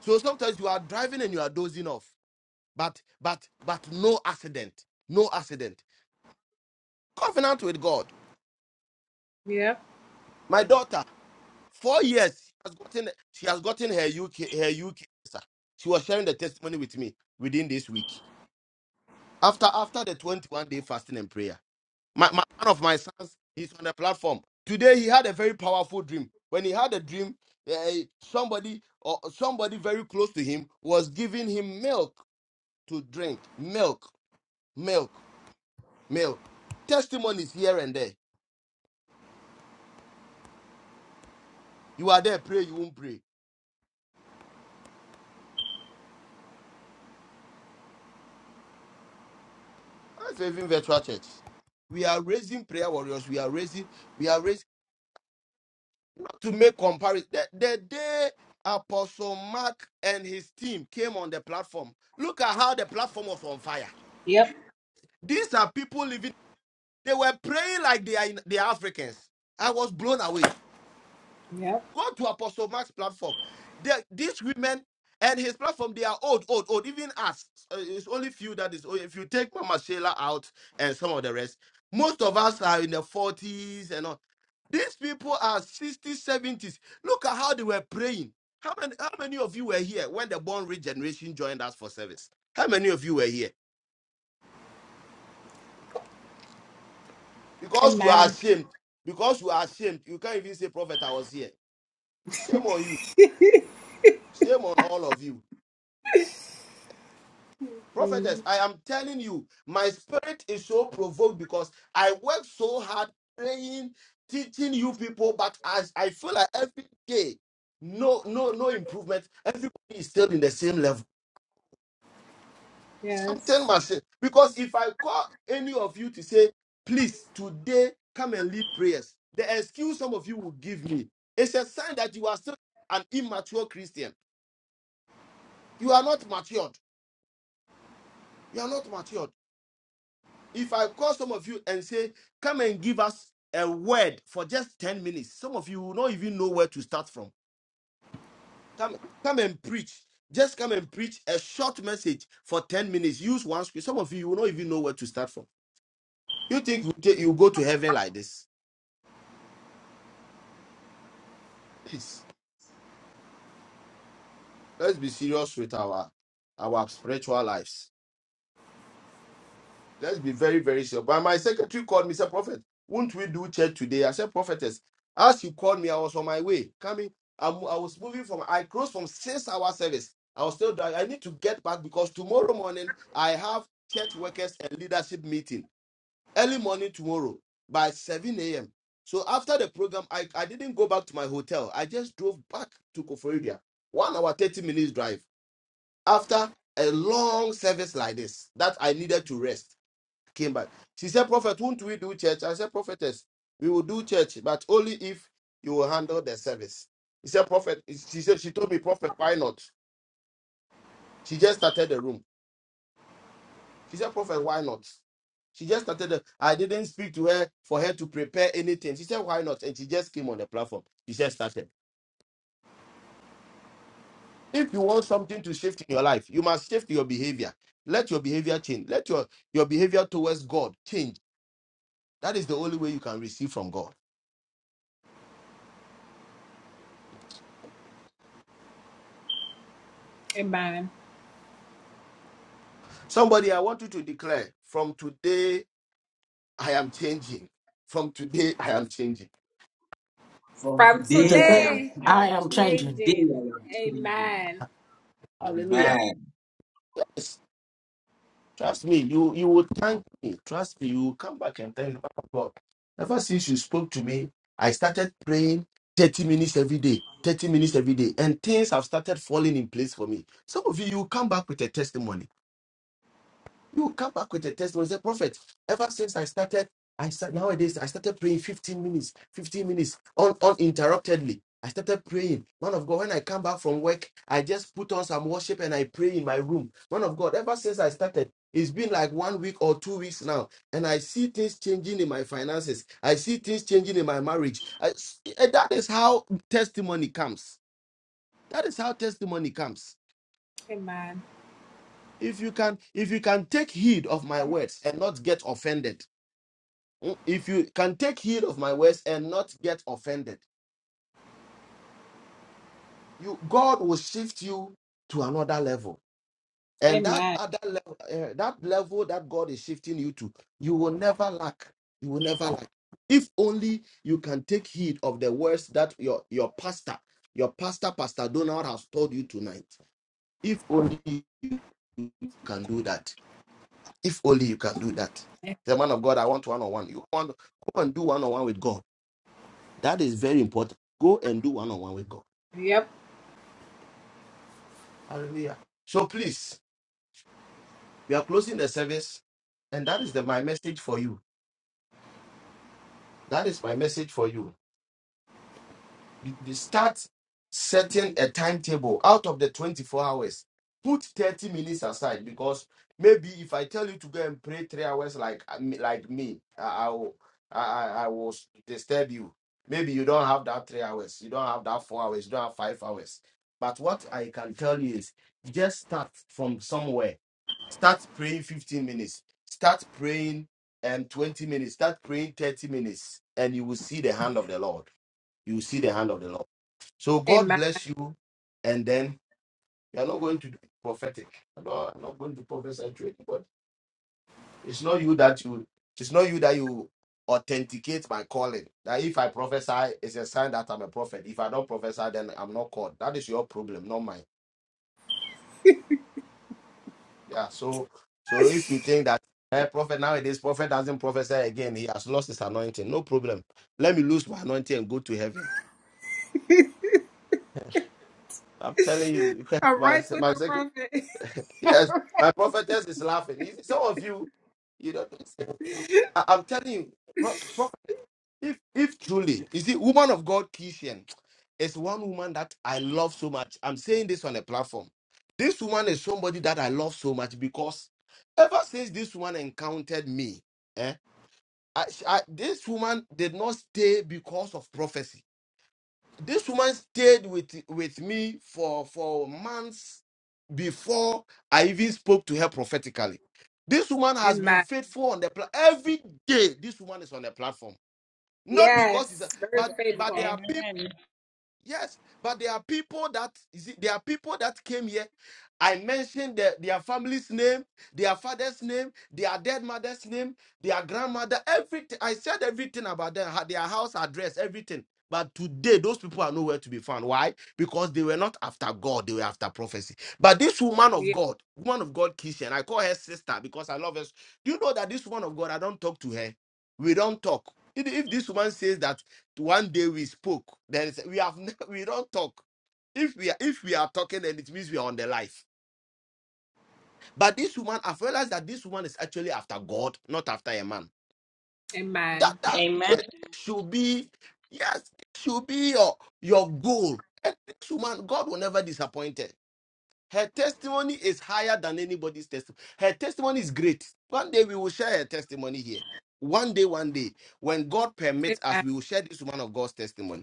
So sometimes you are driving and you are dozing off. But but but no accident. No accident. Covenant with God.
Yep.
My daughter, four years, has gotten she has gotten her UK her UK visa. She was sharing the testimony with me within this week. after after the 21 day fasting and prayer my, my one of my sons he's on the platform today he had a very powerful dream when he had a dream eh, somebody or somebody very close to him was giving him milk to drink milk milk milk testimonies here and there you are there pray you won't pray that's even virtual church we are raising prayer warriors we are raising We are raising. to make comparison. The, the day Apostle Mark and his team came on the platform, look at how the platform was on fire.
Yep.
These are people living, they were praying like they are, in, they are Africans. I was blown away.
Yep.
Go to Apostle Mark's platform. They- these women and his platform, they are old, old, old. Even us, uh, it's only few that is old. If you take Mama Sheila out and some of the rest, most of us are in the 40s and all. These people are 60s, 70s. Look at how they were praying. How many, how many of you were here when the born rich generation joined us for service? How many of you were here? Because you are
Amen.
ashamed. Because you are ashamed. You can't even say, Prophet, I was here. Shame on you. Shame on all of you. prophetess i am telling you my spirit is so provoked because i work so hard praying teaching you people but as i feel like every day no no no improvement everybody is still in the same level something
Yes.
must change. because if i call any of you to say please today come and lead prayers the excuse some of you will give me it's a sign that you are still an immature christian you are not matured you are not matured If I call some of you and say, come and give us a word for just 10 minutes, some of you will not even know where to start from. Come, come and preach. Just come and preach a short message for 10 minutes. Use one script. Some of you will not even know where to start from. You think you, take, you go to heaven like this? Please, let's be serious with our, our spiritual lives. Let's be very, very sure. But my secretary called me, said, Prophet, won't we do church today? I said, Prophetess, as you called me, I was on my way. Coming, I'm, I was moving from, I closed from six hour service. I was still, dri- I need to get back because tomorrow morning I have church workers and leadership meeting early morning tomorrow by 7 a.m. So after the program, I, I didn't go back to my hotel. I just drove back to Koforidua, one hour, 30 minutes drive after a long service like this that I needed to rest came back. She said, Prophet, won't we do church? I said, Prophetess, we will do church, but only if you will handle the service. He said, Prophet, she said, she told me, Prophet, why not? She just started the room. She said, Prophet, why not? She just started. The, I didn't speak to her for her to prepare anything. She said, "Why not?" And she just came on the platform. She just started. If you want something to shift in your life, you must shift your behavior. Let your behavior change. Let your your behavior towards God change. That is the only way you can receive from God.
Amen.
Somebody, I want you to declare from today, I am changing. From today, I am changing.
From
Today,
today, I
I
am
am changing.
changing. Amen.
Hallelujah. Yes. Trust me, you, you will thank me. Trust me, you will come back and thank God. Ever since you spoke to me, I started praying 30 minutes every day, 30 minutes every day, and things have started falling in place for me. Some of you, you will come back with a testimony. You come back with a testimony. Say, Prophet, ever since I started, I start, nowadays I started praying 15 minutes, 15 minutes un, uninterruptedly. I started praying. Man of God, when I come back from work, I just put on some worship and I pray in my room. Man of God, ever since I started, it's been like one week or two weeks now. And I see things changing in my finances. I see things changing in my marriage. I s- and that is how testimony comes. That is how testimony comes.
Amen.
If you can, if you can take heed of my words and not get offended Mm, if you can take heed of my words and not get offended you god will shift you to another level and that
Amen.
other level eh, that level that god is shifting you to you will never lack you will never lack if only you can take heed of the words that your your pastor your pastor pastor donald has told you tonight if only you can do that if only you can do that the man of god i want one on one you want go and do one on one with god That is very important. Go and do one on one with God.
Yep.
Hallelujah. So please, we are closing the service, and that is the my message for you. That is my message for you. they start setting a timetable out of the 24 hours put 30 minutes aside because maybe if i tell you to go and pray three hours like like me i, I will I, I I will disturb you maybe you don't have that three hours you don't have that four hours you don't have five hours but what i can tell you is just start from somewhere start praying 15 minutes start praying and 20 minutes start praying 30 minutes and you will see the hand of the lord you will see the hand of the lord so God
Amen.
bless you, and then you are not going to do prophetic. No, I'm not going to prophesy to anybody. It's not you that you. It's not you that you authenticate my calling. That if I prophesy, it's a sign that I'm a prophet. If I don't prophesy, then I'm not called. That is your problem, not mine. Yeah. So, so if you think that. Hey, prophet nowadays, prophet doesn't prophesy again. He has lost his anointing. No problem. Let me lose my anointing and go to heaven. I'm telling you,
All
my,
right with
my
the
second.
prophet.
Yes, my prophetess is laughing. You see, some of you, you know, I, am telling you, pro, prophet, if if truly, you see, woman of God, Kishian, is one woman that I love so much. I'm saying this on a platform. This woman is somebody that I love so much because ever since this woman encountered me, eh, I, I, this woman did not stay because of prophecy this woman stayed with with me for for months before I even spoke to her prophetically. This woman has been
Amen.
faithful on the pla- every day. This woman is on the platform, not because it's a,
Yes. Very
but but there
faithful.
are people. Yes, but there are people that you see, there are people that came here. I mentioned their, their family's name, their father's name, their dead mother's name, their grandmother, everything. I said everything about them, ha- their house address, everything. But today, those people are nowhere to be found. Why? Because they were not after God, they were after prophecy. But this woman of
Yeah,
God, woman of God, Kishan, I call her sister because I love her. Do you know that this woman of God, I don't talk to her? We don't talk. If if this woman says that one day we spoke there is we have never, we don't talk if we are if we are talking then it means we are on the life but this woman i've realized that this woman is actually after god not after a man that
Amen.
that that should be yes it should be your your goal and this woman god will never disappoint her her testimony is higher than anybody's testimony her testimony is great one day we will share her testimony here one day one day when god permits us
Amen.
we will share this woman of god's testimony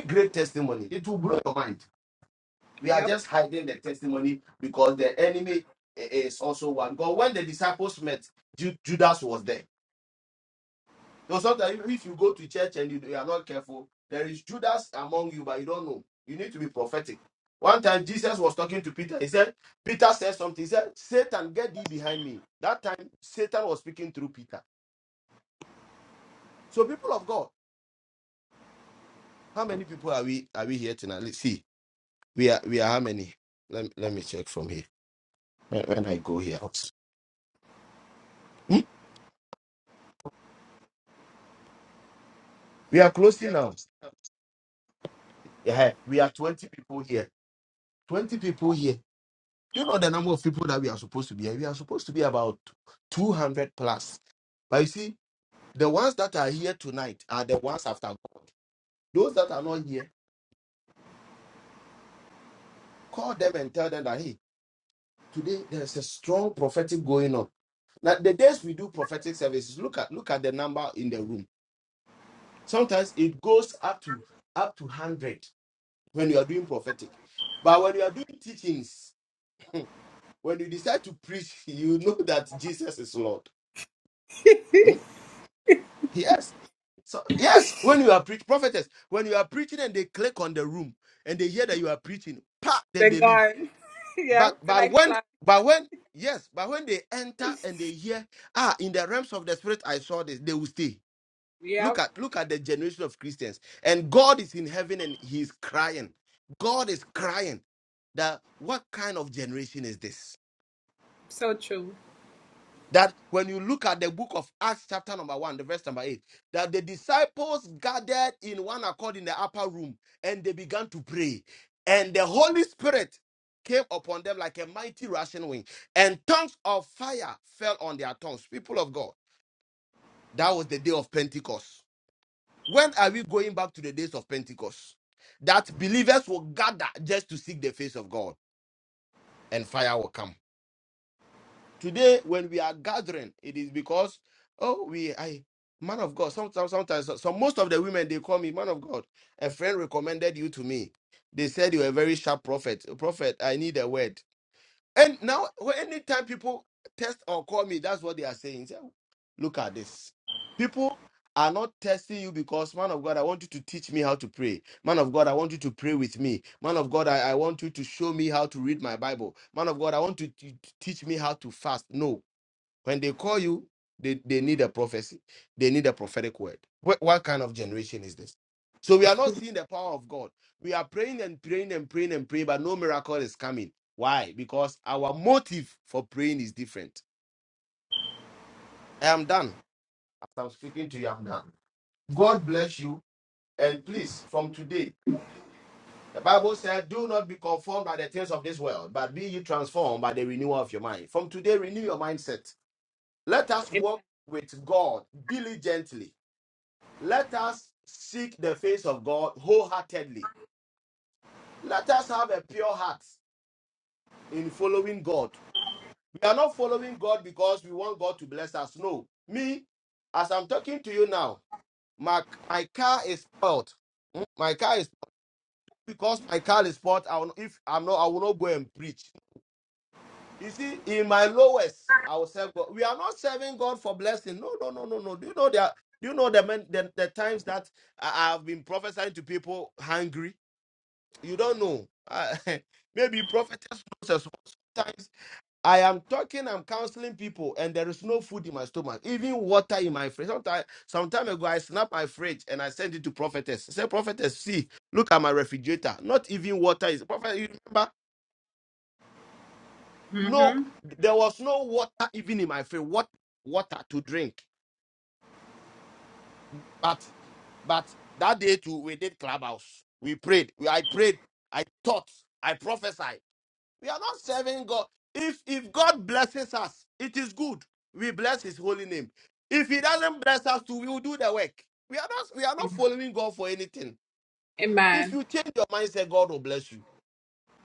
great testimony. It will blow your mind. We are
Yep.
just hiding the testimony because the enemy i- is also one. God, when the disciples met, Ju- Judas was there. So sometimes if if you go to church and you, you are not careful, there is Judas among you, but you don't know. You need to be prophetic. One time Jesus was talking to Peter. He said, Peter said something. He said, Satan, get thee behind me. That time Satan was speaking through Peter. So people of God, how many people are we are we here tonight? Let's see. We are we are how many? Let, let me check from here. when when I go here. Hmm? We are closing now. Yeah, we are 20 people here. 20 people here. Do you know the number of people that we are supposed to be here? We are supposed to be about 200 plus. But you see, the ones that are here tonight are the ones after God. Those that are not here, call them and tell them that, hey, today there's a strong prophetic going on. Now, the days we do prophetic services, look at look at the number in the room. Sometimes it goes up to up to 100 when you are doing prophetic. But when you are doing teachings, Hmm. When you decide to preach, you know that Jesus is Lord. Hmm? Yes. So yes, when you are preach prophetess, when you are preaching and they click on the room and they hear that you are preaching, pa, then
They're
they leave.
gone.
But
yep. The
but
like
when
flag.
but when yes, but when they enter and they hear, ah, in the realms of the spirit, I saw this, they will stay. Look
Yep.
at look at the generation of Christians. And God is in heaven and he's crying. God is crying that what kind of generation is this?
So true.
that when you look at the book of Acts, chapter number one, the verse number eight, that the disciples gathered in one accord in the upper room and they began to pray. And the Holy Spirit came upon them like a mighty rushing wind, and tongues of fire fell on their tongues. People of God, that was the day of Pentecost. When are we going back to the days of Pentecost? That believers will gather just to seek the face of God, and fire will come. Today, when we are gathering, it is because, oh, we, I, man of God. Sometimes, sometimes, so so most of the women they call me man of God. A friend recommended you to me. They said you were a very sharp prophet. Prophet, I need a word. And now, when- anytime people test or call me, that's what they are saying. Say, Look at this. People are not testing you because, man of God, I want you to teach me how to pray. Man of God, I want you to pray with me. Man of God, I, I want you to show me how to read my Bible. Man of God, I want you to to teach me how to fast. No. When they call you, they, they need a prophecy, they need a prophetic word. What, what kind of generation is this? So we are not seeing the power of God. We are praying and praying and praying and praying, but no miracle is coming. Why? Because our motive for praying is different. I am done. As I'm speaking to you, I'm done. God bless you. And please, from today, the Bible said, Do not be conformed by the things of this world, but be ye transformed by the renewal of your mind. From today, renew your mindset. Let us walk with God diligently Let us seek the face of God wholeheartedly. Let us have a pure heart in following God. We are not following God because we want God to bless us. No. Me, as I'm talking to you now, my, my car is spoiled. Mm, My car is because my car is spoiled. I will, if I'm not, I will not go and preach. You see, in my lowest, I will serve God. We are not serving God for blessing. No, no, no, no, no. Do you know that? Do you know the, men, the the times that I I have been prophesying to people hungry? You don't know. I- maybe prophetess knows as well. Sometimes I am talking, I'm counseling people, and there is no food in my stomach, even water in my fridge. Sometimes, some time ago, I snapped my fridge and I sent it to prophetess. I said, prophetess, see, look at my refrigerator. Not even water is. Prophet, you remember? No,
Mm-hmm.
there was no water even in my fridge. What water to drink? But, but that day too, we did clubhouse. We prayed. We- I prayed. I taught. I prophesied. We are not serving God. If if God blesses us, it is good. We bless his holy name. If he doesn't bless us too, we will do the work. We are not we are not following God for anything. If
Amen.
you change your mindset, God will bless you.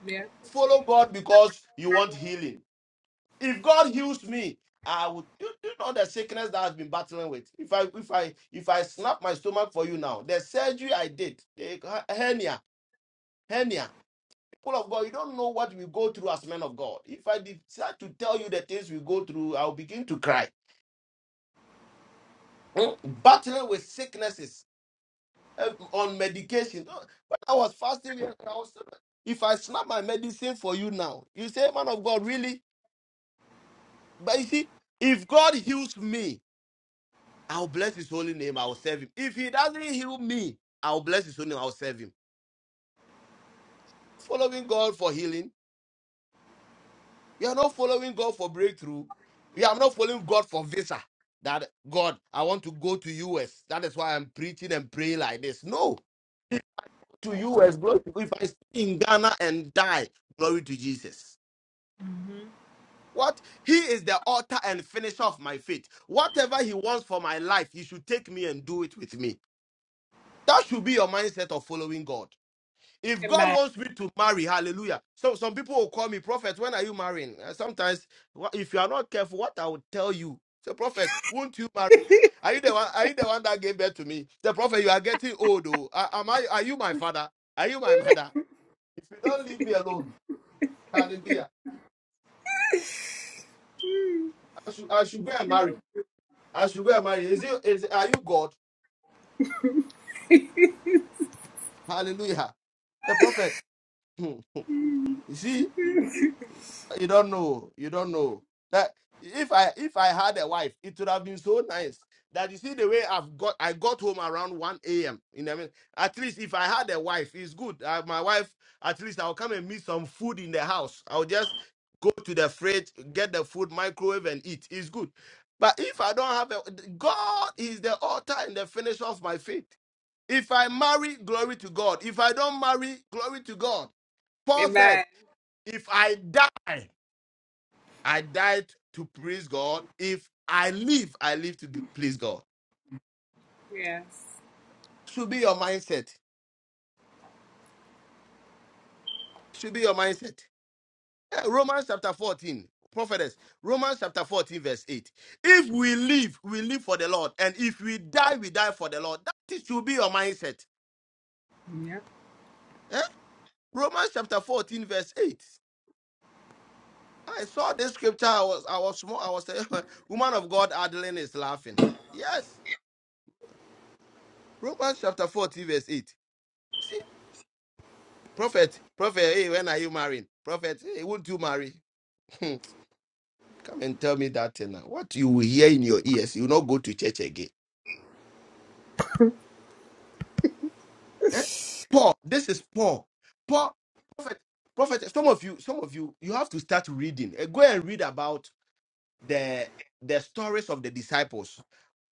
Yeah.
Follow God because you want healing. If God heals me, I would you, you know the sickness that I've been battling with. If I if I if I snap my stomach for you now, the surgery I did, the hernia, hernia. people of God, you don't know what we go through as men of God. If I decide to tell you the things we go through, I'll begin to cry. Hmm? Battling with sicknesses eh, on medication. Oh, When I was fasting, we- I was- if I snap my medicine for you now, you say, man of God, really? But you see, if God heals me, I'll bless his holy name, I'll serve him. If he doesn't heal me, I'll bless his holy name, I'll serve him. Following God for healing You are not following God for breakthrough. You are not following God for visa. That God, I want to go to US. That is why I'm preaching and praying like this. No, to US, glory to God. If I stay in Ghana and die, glory to Jesus. What? He is the author and finisher of my faith. Whatever he wants for my life, he should take me and do it with me. That should be your mindset of following God. If God
Amen.
wants me to marry, hallelujah. So some people will call me, prophet, when are you marrying? Uh, Sometimes, wha- if you are not careful, what I will tell you, say, prophet, won't you marry? Are you the one? Are you the one that gave birth to me? The prophet, you are getting old. Oh, A- am I? Are you my father? Are you my mother? If you don't leave me alone, hallelujah. I should, I should go and marry. I should go and marry. Is you? Is are you God? Hallelujah. The prophet. hmm, You see. You don't know. You don't know that if I if I had a wife, it would have been so nice that you see the way I've got. I got home around one a.m. In the morning. At least if I had a wife, it's good. Uh, my wife, at least I'll come and meet some food in the house. I'll just go to the fridge, get the food, microwave, and eat. It's good. But if I don't have a God is the author and the finisher of my faith. If I marry, glory to God. If I don't marry, glory to God. Paul said,
Amen.
if I die. I died to praise God. If I live, I live to please God.
Yes.
Should be your mindset. Should be your mindset. Eh, Romans chapter 14, prophetess. Romans chapter 14, verse 8. If we live, we live for the Lord. And if we die, we die for the Lord. That is- should be your mindset. Eh? Romans chapter 14, verse 8. I saw this scripture. I was I was small. I was saying, woman of God, Adeline is laughing. Yes. Romans chapter 14, verse 8. Prophet, prophet, hey, when are you marrying? Prophet, hey, won't you marry? Come and tell me that thing now. What you will hear in your ears, you will not go to church again. Eh? Paul, this is Paul. Paul, prophet, prophet. Some of you, some of you, you have to start reading. Eh, Go and read about the the stories of the disciples.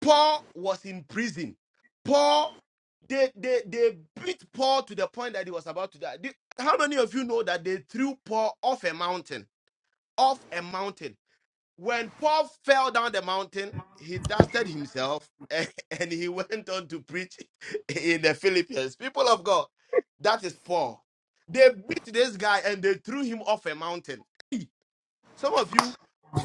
Paul was in prison. Paul, they they they beat Paul to the point that he was about to die. Do- How many of you know that they threw Paul off a mountain? Off a mountain When Paul fell down the mountain, he dusted himself and, he went on to preach in the Philippines. People of God, that is Paul. They beat this guy and they threw him off a mountain. Hey, Some of you,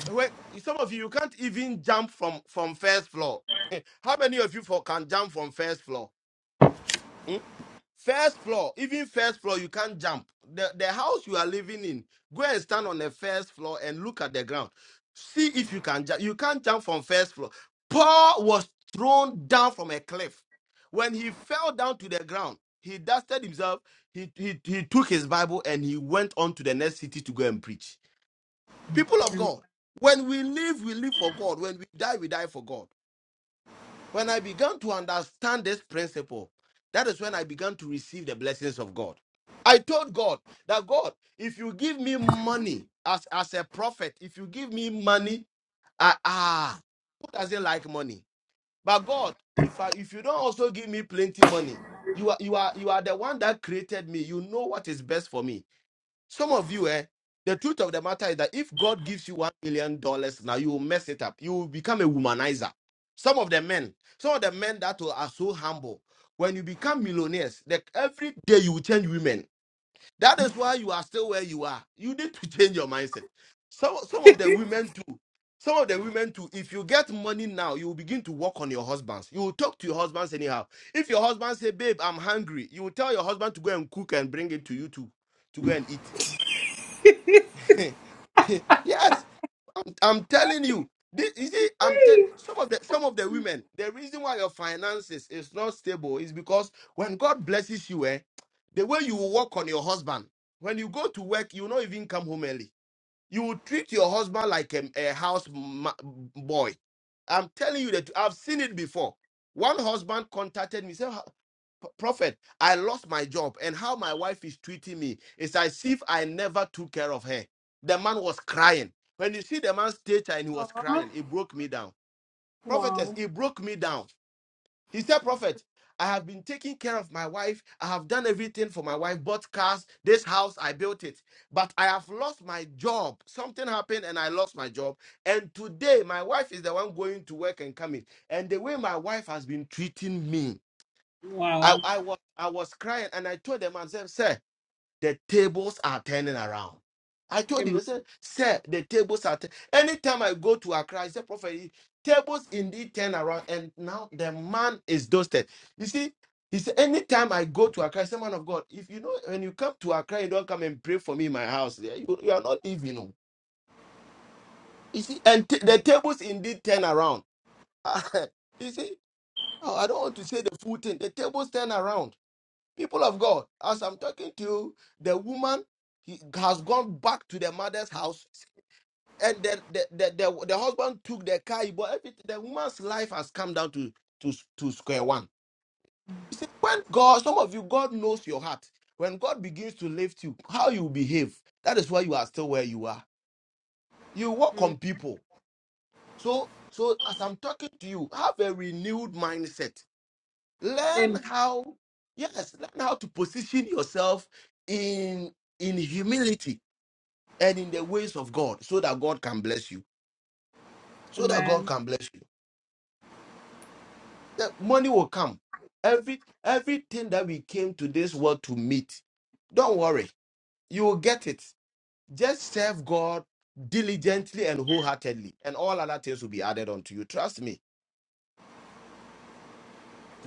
when- some of you, you can't even jump from from first floor. How many of you for can jump from first floor? Hmm? First floor, even first floor, you can't jump. The, the house you are living in, go and stand on the first floor and look at the ground. See if you can jump. You can't jump from first floor. Paul was thrown down from a cliff. When he fell down to the ground, he dusted himself, he, he, he took his Bible, and he went on to the next city to go and preach. People of God, when we live, we live for God. When we die, we die for God. When I began to understand this principle, that is when I began to receive the blessings of God. I told God that God, if you give me money as, as a prophet, if you give me money, I, ah, who doesn't like money? But God, if I if you don't also give me plenty money, you are you are you are the one that created me. You know what is best for me. Some of you, eh, the truth of the matter is that if God gives you one million dollars now, you will mess it up. You will become a womanizer. Some of the men, some of the men that will- are so humble, when you become millionaires, that every day you will change women. That is why you are still where you are. You need to change your mindset. Some some of the women too. Some of the women too. If you get money now, you will begin to work on your husbands. You will talk to your husbands anyhow. If your husband say, "Babe, I'm hungry," you will tell your husband to go and cook and bring it to you to to go and eat yes, I'm, I'm telling you. This, you see, I'm tell some of the some of the women. The reason why your finances is not stable is because when God blesses you, eh, the way you will walk on your husband. When you go to work, you will not even come home early. You will treat your husband like a, a house ma- boy. I'm telling you that I've seen it before. One husband contacted me, said, "P- Prophet, I lost my job, and how my wife is treating me is as if I never took care of her. The man was crying. When you see the man's stature and he was crying, it broke me down. Prophetess, it broke me down. He said, Prophet, I have been taking care of my wife. I have done everything for my wife, bought cars, this house, I built it. But I have lost my job. Something happened and I lost my job. And today, my wife is the one going to work and coming. And the way my wife has been treating me, I, I, was, I was crying and I told the man, I said, Sir, the tables are turning around. I told him, I said, Sir, the tables are turning. Anytime I go to Accra, I said, Prophet, tables indeed turn around. And now the man is dusted. You see, he said, Anytime I go to Accra, I said, Man of God, if you know, when you come to Accra, you don't come and pray for me in my house. Yeah, You, you are not leaving. oh. You see, and t- the tables indeed turn around. you see, oh, I don't want to say the full thing. The tables turn around. People of God, as I'm talking to you, the woman he has gone back to the mother's house, and then the the, the, the, husband took the car, but everything, the woman's life has come down to, to, to square one. You see, when God, some of you, God knows your heart. When God begins to lift you, how you behave, that is why you are still where you are. You work on people. So, so as I'm talking to you, have a renewed mindset
Amen.
learn how yes learn how to position yourself in in humility and in the ways of god so that god can bless you so that god
Amen.
can bless you the money will come every everything that we came to this world to meet don't worry you will get it just serve god diligently and wholeheartedly and all other things will be added unto you trust me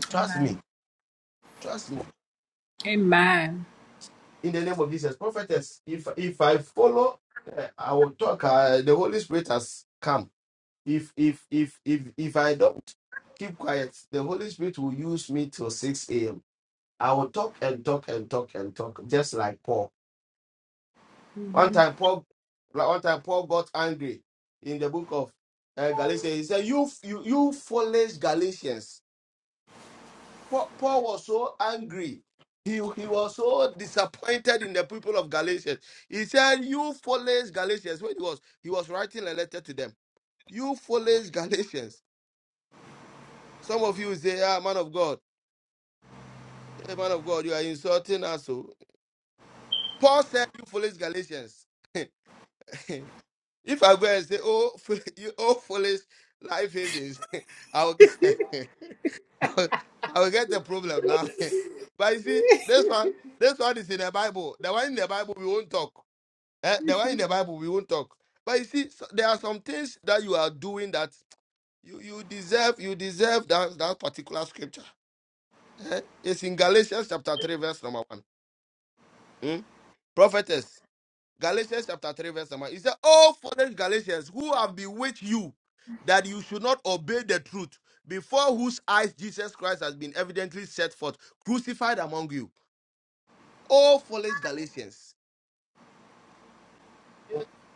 trust
Amen.
me Trust me.
Amen.
in the name of Jesus. Prophetess, if if I follow, uh, I will talk. Uh, the Holy Spirit has come. If if if if if I don't keep quiet, the Holy Spirit will use me till six a.m. I will talk and talk and talk and talk, just like Paul. One time, Paul, like one time, Paul got angry in the book of uh, Galatians. He said, "You you you foolish Galatians." Paul, Paul was so angry. He, he was so disappointed in the people of Galatians. He said, You foolish Galatians. When he was he was writing a letter to them. You foolish Galatians. Some of you say, Ah, man of God, hey, man of God, you are insulting us. So Paul said, You foolish Galatians. if I go and say, Oh, you, oh foolish life havens, I will I will get the problem now. but you see, this one, this one is in the Bible. The one in the Bible we won't talk. Eh, The one in the Bible we won't talk. But you see, so- there are some things that you are doing that you, you deserve. You deserve that that particular scripture. Eh, It's in Galatians chapter three, verse number one. Hmm? Prophetess. Galatians chapter 3, verse 1. He said, Oh, foolish Galatians, who have bewitched you that you should not obey the truth, before whose eyes Jesus Christ has been evidently set forth, crucified among you. Oh, foolish Galatians.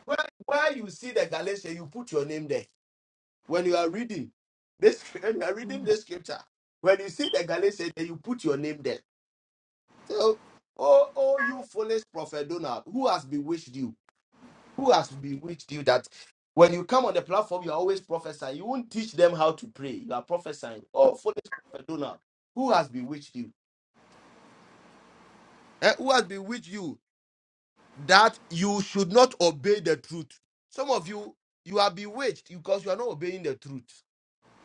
Where, where you see the Galatians, you put your name there. When you are reading this, when you are reading this scripture, when you see the Galatians, then you put your name there. So, oh, oh, you foolish prophet Donald, who has bewitched you? who has bewitched you that when you come on the platform, you are always prophesying. You won't teach them how to pray. You are prophesying. Oh, foolish prophet Donald, who has bewitched you? Eh, who has bewitched you that you should not obey the truth? Some of you, you are bewitched because you are not obeying the truth.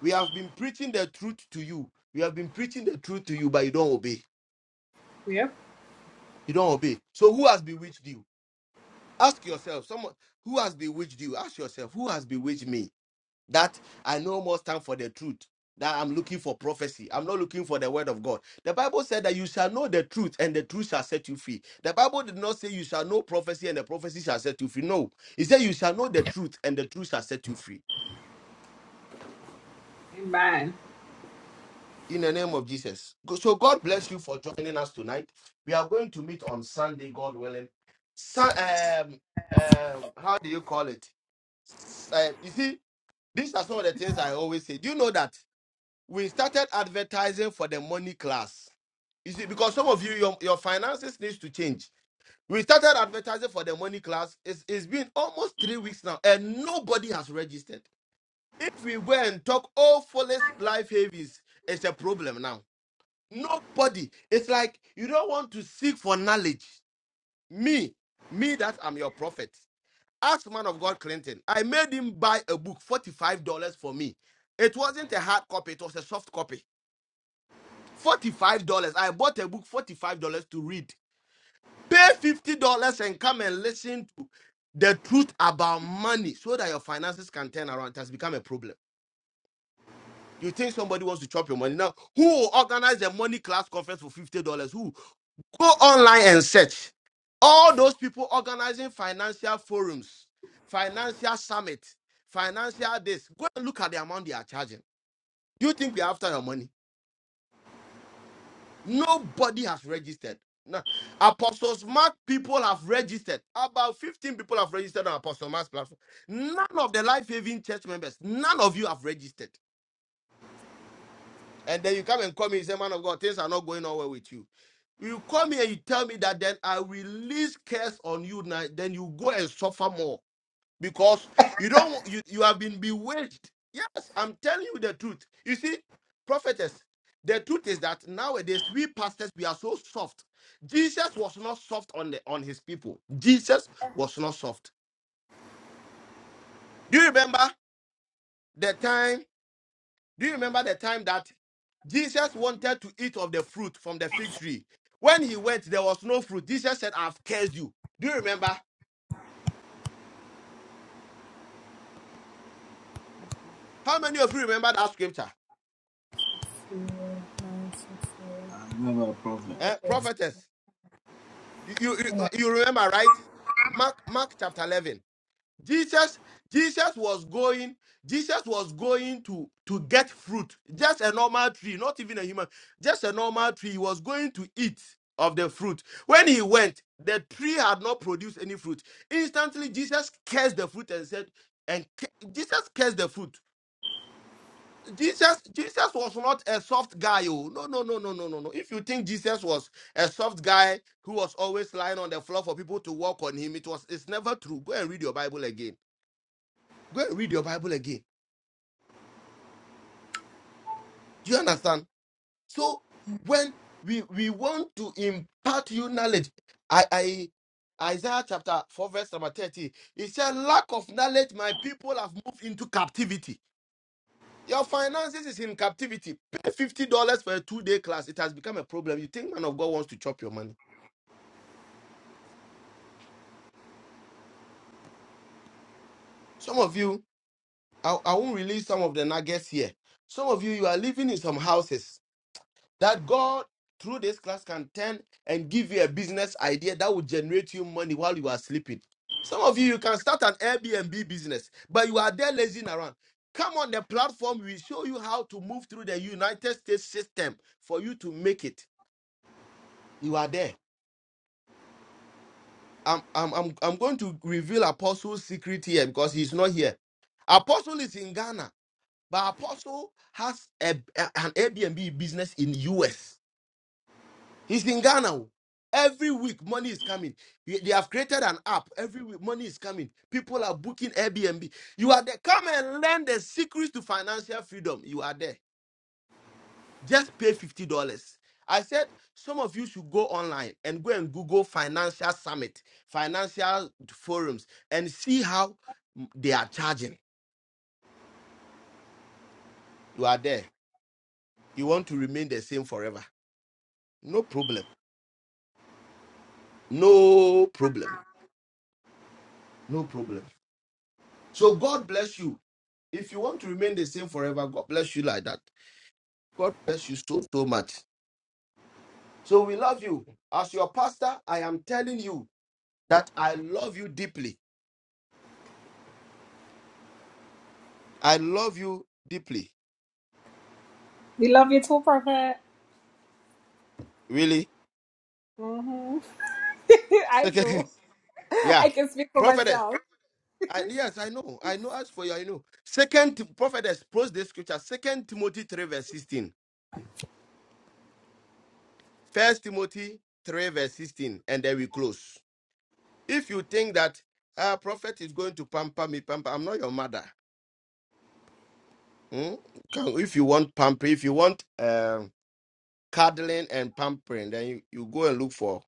We have been preaching the truth to you. We have been preaching the truth to you, but you don't obey.
Yep.
You don't obey. So who has bewitched you? Ask yourself. Someone who has bewitched you. Ask yourself. Who has bewitched me? that I no more stand for the truth, that I'm looking for prophecy. I'm not looking for the word of God. The Bible said that you shall know the truth and the truth shall set you free. The Bible did not say you shall know prophecy and the prophecy shall set you free. No, it said you shall know the truth and the truth shall set you free. In the name of Jesus. Go- So God bless you for joining us tonight. We are going to meet on Sunday, God willing. Sun, um, um, how do you call it? S- uh, you see, these are some of the things I always say. Do you know that? we started advertising for the money class. You see, because some of you, your, your finances needs to change. We started advertising for the money class. It's, it's been almost three weeks now, and nobody has registered. If we go and talk all foolish life havens, it's a problem now. Nobody. It's like you don't want to seek for knowledge. Me, me that I'm your prophet. Ask man of God Clinton. I made him buy a book, $45 for me. It wasn't a hard copy, it was a soft copy. Forty-five dollars. I bought a book, forty-five dollars to read. Pay fifty dollars and come and listen to the truth about money, so that your finances can turn around. It has become a problem. You think somebody wants to chop your money now? Who will organize a money class conference for fifty dollars? Who? Go online and search. All those people organizing financial forums, financial summit, financial this. Go and look at the amount they are charging. Do you think we are after your money? Nobody has registered. No. Apostles Mark people have registered. About 15 people have registered on Apostles Mark's platform. None of the Life Having Church members, none of you have registered. And then you come and call me and say, Man of God, things are not going on well with you. You call me and you tell me that then I release curse on you now, then you go and suffer more because you don't you, you have been bewitched yes i'm telling you the truth you see prophetess the truth is that nowadays we pastors we are so soft jesus was not soft on the on his people jesus was not soft do you remember the time do you remember the time that jesus wanted to eat of the fruit from the fig tree when he went there was no fruit jesus said i've cursed you do you remember how many of you remember that scripture
I remember, prophet,
eh? prophetess You, you, you remember, right? Mark, Mark chapter 11. Jesus, Jesus was going, Jesus was going to, to get fruit. Just a normal tree, not even a human, just a normal tree. He was going to eat of the fruit. When he went, the tree had not produced any fruit. Instantly, Jesus cursed the fruit and said, and cu- Jesus cursed the fruit. Jesus Jesus was not a soft guy. Oh no no no no no no no. If you think Jesus was a soft guy who was always lying on the floor for people to walk on him, it was it's never true. Go and read your Bible again. Go and read your Bible again. Do you understand? So when we we want to impart you knowledge, I I Isaiah chapter 4, verse number 30. It said, Lack of knowledge, my people have moved into captivity. Your finances is in captivity. Pay fifty dollars for a two-day class. It has become a problem. You think man of God wants to chop your money? Some of you, I, I won't release some of the nuggets here. Some of you, you are living in some houses that God through this class can turn and give you a business idea that will generate you money while you are sleeping. Some of you, you can start an Airbnb business, but you are there lazing around. Come on the platform, we show you how to move through the United States system for you to make it. You are there. I'm I'm I'm I'm going to reveal Apostle's secret here because he's not here. Apostle is in Ghana, but Apostle has a, a- an Airbnb business in US. He's in Ghana. oh. Every week, money is coming. They they have created an app. Every week, money is coming. People are booking Airbnb. You are there. Come and learn the secrets to financial freedom. You are there. Just pay fifty dollars. I said some of you should go online and go and Google financial summit, financial forums, and see how mm, they are charging. You are there. You want to remain the same forever. No problem. No problem. No problem. So God bless you. If you want to remain the same forever, God bless you like that. God bless you so, so much. So we love you. As your pastor, I am telling you that I love you deeply. I love you deeply.
We love you too, Prophet.
Really?
hmm I do.
Second, yeah.
I can speak for
Prophetess.
myself.
I, yes, I know. I know. As for you, I know. Second Tim- prophetess, post this scripture. Second Timothy 3, verse 16. First Timothy 3, verse 16. And then we close. If you think that uh prophet is going to pamper me, pamper, I'm not your mother. Hmm? Can- If you want pamper, if you want um cuddling and pampering, then you, you go and look for.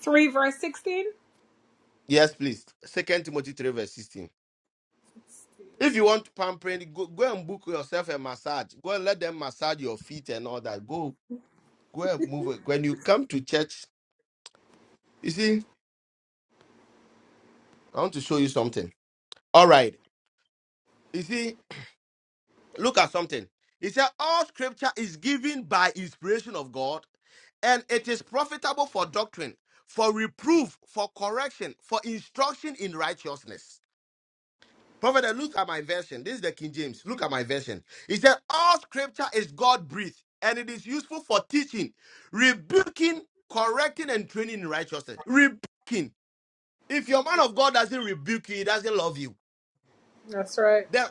3 verse 16.
Yes, please. Second Timothy 3, verse 16. If you want pampering, go, go and book yourself a massage. Go and let them massage your feet and all that. Go, go and move. it. When you come to church, you see, I want to show you something. All right. You see, look at something. He said, All scripture is given by inspiration of God, and it is profitable for doctrine, for reproof, for correction, for instruction in righteousness Prophet, look at my version. This is the King James. Look at my version. It said, All scripture is God breathed, and it is useful for teaching, rebuking, correcting, and training in righteousness. Rebuking. If your man of God doesn't rebuke you, he doesn't love you.
That's right.
Then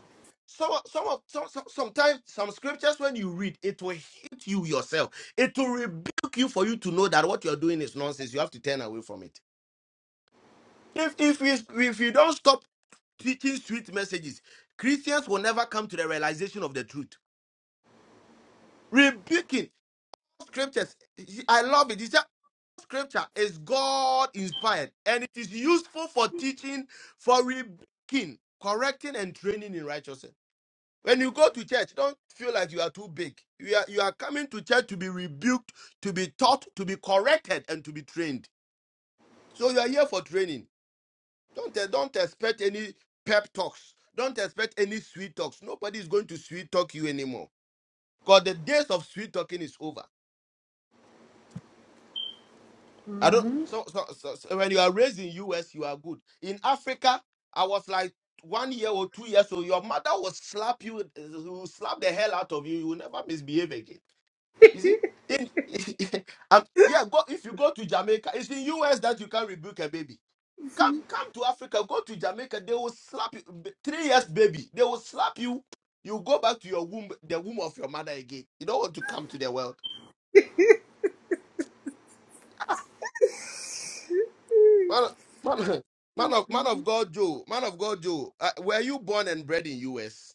some some of some, some sometimes some scriptures when you read, it will hit you yourself. It will rebuke you for you to know that what you're doing is nonsense. You have to turn away from it. If if we, if you don't stop teaching sweet messages, Christians will never come to the realization of the truth. Rebuking scriptures. I love it. He said, Scripture is God inspired and it is useful for teaching, for rebuking, correcting, and training in righteousness. When you go to church, don't feel like you are too big. You are, you are coming to church to be rebuked, to be taught, to be corrected, and to be trained. So you are here for training. Don't uh, don't expect any pep talks. Don't expect any sweet talks. Nobody is going to sweet talk you anymore. Because the days of sweet talking is over. I don't. So, so, so, so when you are raised in US, you are good. In Africa, I was like one year or two years old. Your mother will slap you, uh, will slap the hell out of you. You will never misbehave again. You see. In, um, yeah, go if you go to Jamaica, it's in US that you can rebuke a baby. Come, come to Africa, go to Jamaica. They will slap you. B- Three years baby, they will slap you. You go back to your womb, the womb of your mother again. You don't want to come to the world, man. Man, man of man of God, Joe. Man of God, Joe. Uh, were you born and bred in U.S.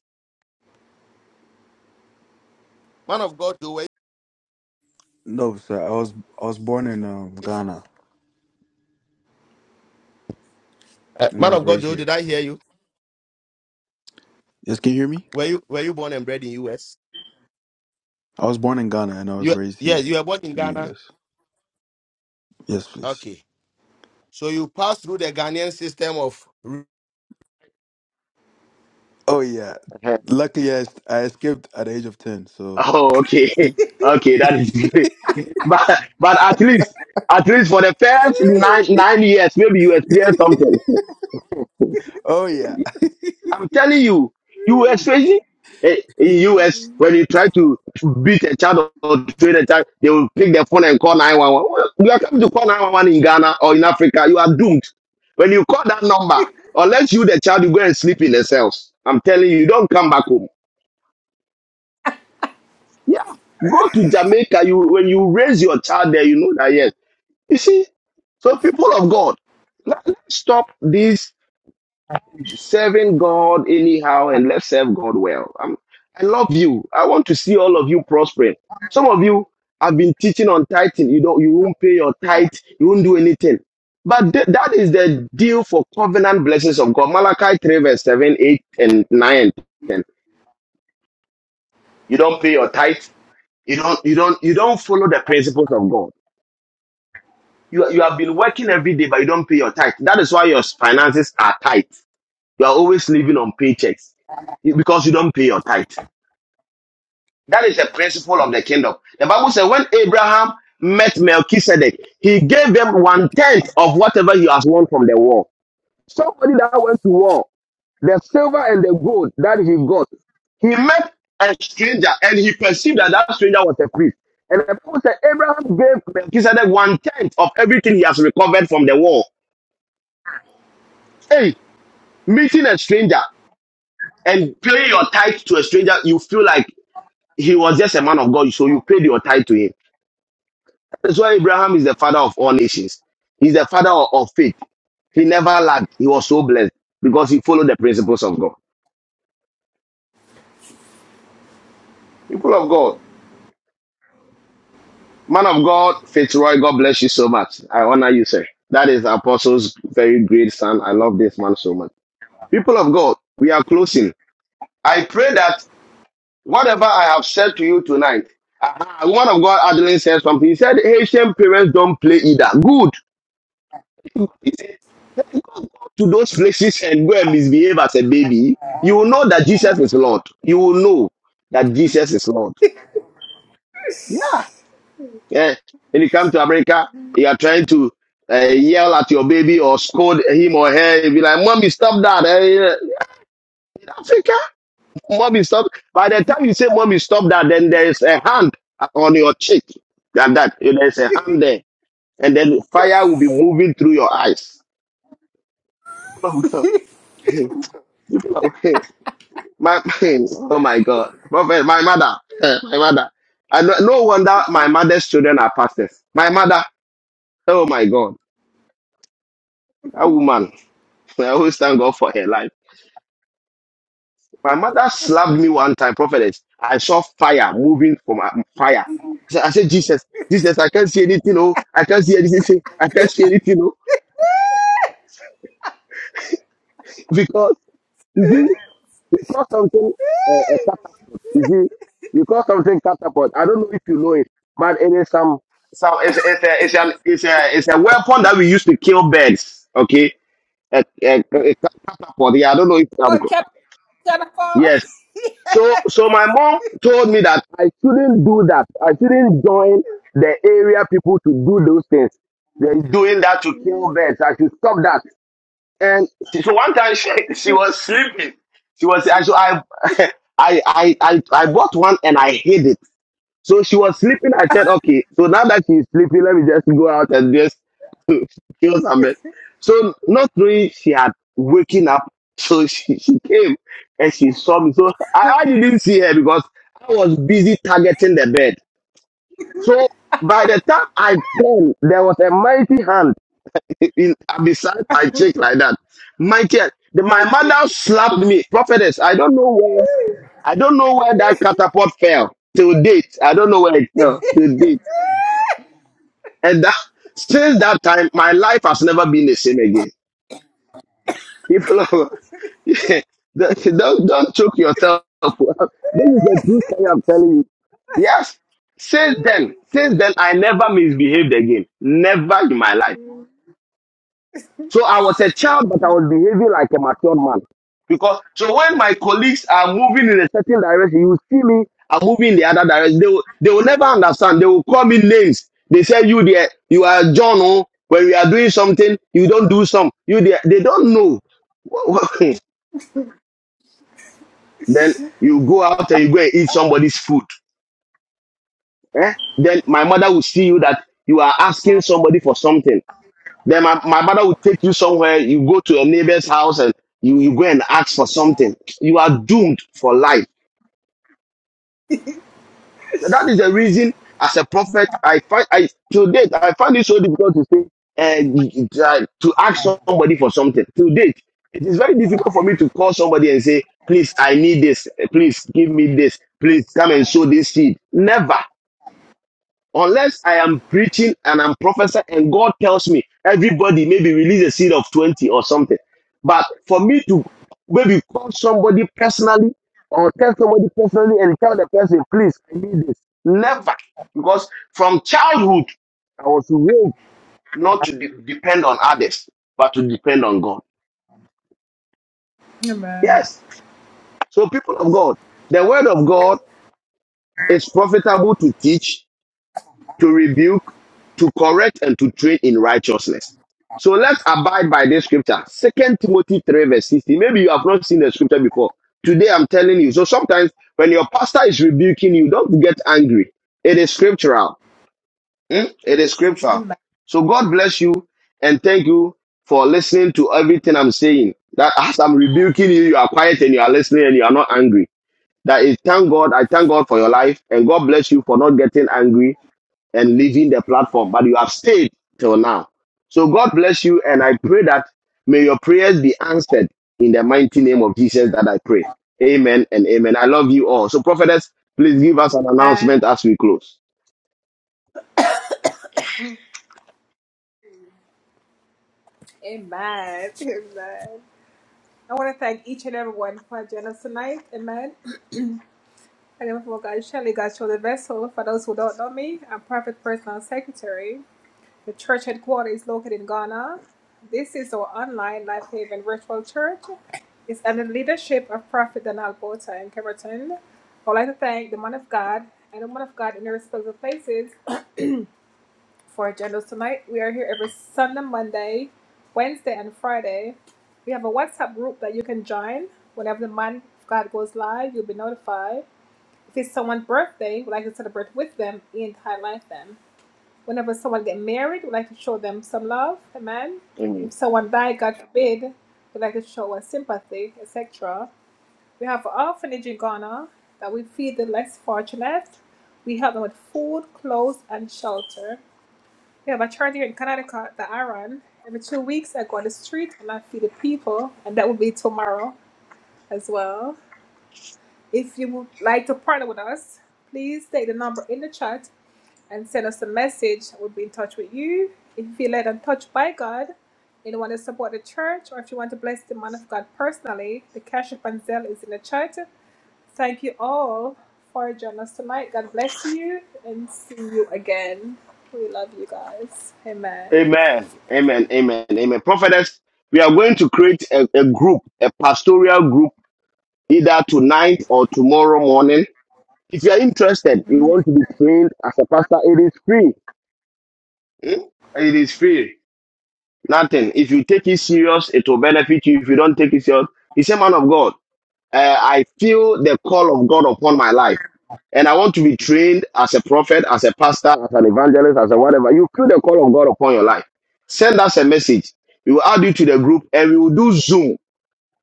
Man of God, Joe. Were you,
No, sir. I was I was born in um, Ghana
uh,
and I
man
was
of God,
raised
Joe. Did
here.
I hear you?
Yes, can you hear me?
Were you were you born and bred in U.S.
I was born in Ghana and I was
You
raised
yes,
here
you were born in
in the
Ghana.
U.S. Yes, please.
Okay, so you passed through the Ghanaian system of
Oh yeah.
uh
Luckily, I, I escaped at the age of ten. So.
Oh, okay. Okay, that is but but at least at least for the first nine nine years, maybe you experience something.
Oh yeah.
I'm telling you, you were experiencing eh, in US when you try to beat a child or train a child, they will pick their phone and call nine one one. You are coming to call nine one one in Ghana or in Africa, you are doomed. When you call that number, unless you the child, you go and sleep in the cells. I'm telling you, you don't come back home. Yeah. Go to Jamaica. You when you raise your child there, you know that yes. You see, so people of God, let, us stop this serving God anyhow and let's serve God well. i I love you. I want to see all of you prospering. Some of you have been teaching on tithing. You don't, you won't pay your tithe. You won't do anything. But th- that is the deal for covenant blessings of God. Malachi 3 verse 7, 8 and 9 and 10. You don't pay your tithe. You don't, you don't, you don't follow the principles of God. You, you have been working every day, but you don't pay your tithe. That is why your finances are tight. You are always living on paychecks because you don't pay your tithe. That is the principle of the kingdom. The Bible says when Abraham met Melchizedek, he gave them one tenth of whatever he has won from the war. Somebody that went to war, the silver and the gold that he got, he met a stranger and he perceived that that stranger was a priest. And the Bible said Abraham gave Melchizedek one tenth of everything he has recovered from the war. Hey, meeting a stranger and paying your tithe to a stranger, you feel like he was just a man of God, so you paid your tithe to him. That's why Abraham is the father of all nations. He's the father of, of faith. He never lacked. He was so blessed because he followed the principles of God. People of God, man of God, Fitzroy, God bless you so much. I honor you, sir. That is Apostle's very great son. I love this man so much. People of God, we are closing. I pray that Whatever I have said to you tonight, uh one of God Adeline said something. He said Haitian parents don't play either. Good. He said, "Go to those places and go and misbehave as a baby. You will know that Jesus is Lord. You will know that Jesus is Lord. Yeah. yeah. When you come to America, you are trying to uh, yell at your baby or scold him or her. You be like, "Mommy, stop that!" Eh, yeah. Africa, mommy, stop. By the time you say, "Mommy, stop that," then there is a hand on your cheek. Like that. There is a hand there. and then fire will be moving through your eyes. Oh, God. People are- my, my- oh my God. Prophet, my mother, eh, my mother. I no, no wonder my mother's children are pastors. My mother, oh my God, that woman, I always thank God for her life. My mother slapped me one time, prophetess. I saw fire moving from her- fire. I said, I said, Jesus, Jesus, I can't see anything, oh, I can't see anything, I can't see anything, oh, because, mhm, because something You see, we call something catapult. I don't know if you know it, but it is some some it's, it's a it's an it's a it's a weapon that we use to kill birds. Okay, a, a, a catapult. Yeah, I don't know if I'm
Oh,
co-
can, can
yes. So so my mom told me that I shouldn't do that. I shouldn't join the area people to do those things. They're doing that to kill birds. I should stop that. And she- so one time she, she was sleeping. She was I so I I I I I bought one and I hid it. So she was sleeping. I said, okay, so now that she's sleeping, let me just go out and just kill somebody. So not knowing she had waking up, so she, she came and she saw me. So I, I didn't see her because I was busy targeting the bed. So by the time I came, there was a mighty hand in, beside my cheek like that. Mighty, hand. the, my mother slapped me. Prophetess, I don't know where, I don't know where that catapult fell. Till date, I don't know where it fell. Till date. And that, since that time, my life has never been the same again. People, are- yeah, don't don't don't choke yourself. This is the truth thing I'm telling you. Yes. Since then, since then, I never misbehaved again. Never in my life. So I was a child, but I was behaving like a mature man. Because so when my colleagues are moving in a certain direction, you will see me I'm moving in the other direction. They will, they will never understand. They will call me names. They say you there, you are John. Oh, when we are doing something, you don't do some. You there, they don't know. then you go out and you go and eat somebody's food. eh? Then my mother will see you that you are asking somebody for something. Then my, my mother will take you somewhere, you go to a neighbor's house and you, you go and ask for something. You are doomed for life. And that is the reason as a prophet, I find, I, to date, I find it so difficult to say, uh, y- y- uh, to ask somebody for something. To date, it is very difficult for me to call somebody and say, please, I need this. Please give me this. Please come and sow this seed. Never. Unless I am preaching and I'm professor and God tells me everybody maybe release a seed of 20 or something. But for me to maybe call somebody personally or tell somebody personally and tell the person, please, I need this. Never. Because from childhood, I was raised not to de- depend on others, but to depend on God. Yes. So people of God, the word of God is profitable to teach, to rebuke, to correct, and to train in righteousness. So let's abide by this scripture. Second Timothy 3, verse 16. Maybe you have not seen the scripture before. Today I'm telling you. So sometimes when your pastor is rebuking you, don't get angry. It is scriptural. Hmm? It is scriptural. So God bless you and thank you for listening to everything I'm saying. That as I'm rebuking you, you are quiet and you are listening and you are not angry. That is thank God. I thank God for your life and God bless you for not getting angry and leaving the platform, but you have stayed till now. So God bless you, and I pray that may your prayers be answered in the mighty name of Jesus that I pray. Amen and amen. I love you all. So, prophetess, please give us an
Amen.
announcement as we close.
Amen. Amen. I want to thank each and everyone for joining us tonight. Amen. I am for God, Shelley, God show the vessel. For those who don't know me, I'm Prophet Personal Secretary. The church headquarters is located in Ghana. This is our online Life Haven virtual church. It's under the leadership of Prophet Donald Bota in Cameron. I'd like to thank the man of God and the woman of God in their respective places for agendas tonight. We are here every Sunday, Monday, Wednesday, and Friday. We have a WhatsApp group that you can join. Whenever the man of God goes live, you'll be notified. If it's someone's birthday, we'd like to celebrate with them and highlight them. Whenever someone get married, we like to show them some love, amen.
Amen.
If someone die, God forbid, we like to show us sympathy, etc. We have an orphanage in Ghana that we feed the less fortunate. We help them with food, clothes, and shelter. We have a charity here in Connecticut, the Iron. Every two weeks, I go on the street and I feed the people, and that will be tomorrow as well. If you would like to partner with us, please take the number in the chat and send us a message. We'll be in touch with you. If you feel led and touched by God and you want to support the church or if you want to bless the man of God personally, the cash app and Zelle is in the chat. Thank you all for joining us tonight. God bless you and see you again. We love you guys. Amen.
Amen. Amen. Amen. Amen. Prophetess, we are going to create a, a group, a pastoral group, either tonight or tomorrow morning. If you are interested, you want to be trained as a pastor, it is free. Hmm? It is free. Nothing. If you take it serious, it will benefit you. If you don't take it serious, he said, man of God, uh, I feel the call of God upon my life. And I want to be trained as a prophet, as a pastor, as an evangelist, as a whatever. You feel the call of God upon your life. Send us a message. We will add you to the group and we will do Zoom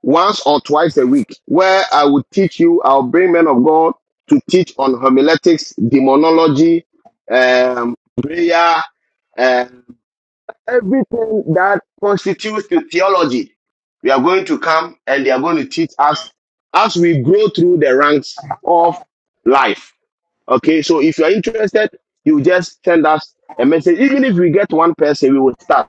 once or twice a week where I will teach you, I'll bring men of God to teach on homiletics, demonology, um, prayer, uh, Everything that constitutes the theology, we are going to come and they are going to teach us as we grow through the ranks of life. Okay, so if you are interested, you just send us a message. Even if we get one person, we will start.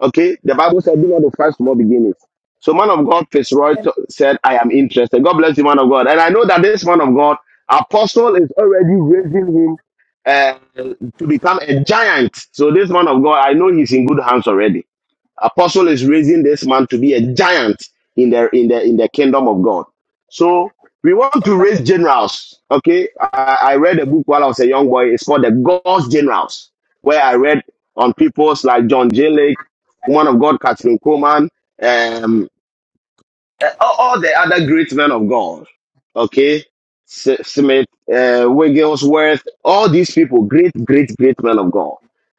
Okay, the Bible said, "Do not offend small beginnings." So, man of God Fitzroy t- said, "I am interested." God bless you, man of God. And I know that this man of God, Apostle, is already raising him uh, to become a giant. So, this man of God, I know he's in good hands already. Apostle is raising this man to be a giant in the in the in the kingdom of God. So we want to
Amen.
raise generals. Okay, I, I read a book while I was a young boy. It's called The God's Generals, where I read on peoples like John J. Lake, woman of God Catherine Coleman, um, uh, all, all the other great men of God, okay, S- Smith, uh, Wigglesworth, all these people, great, great, great men of God,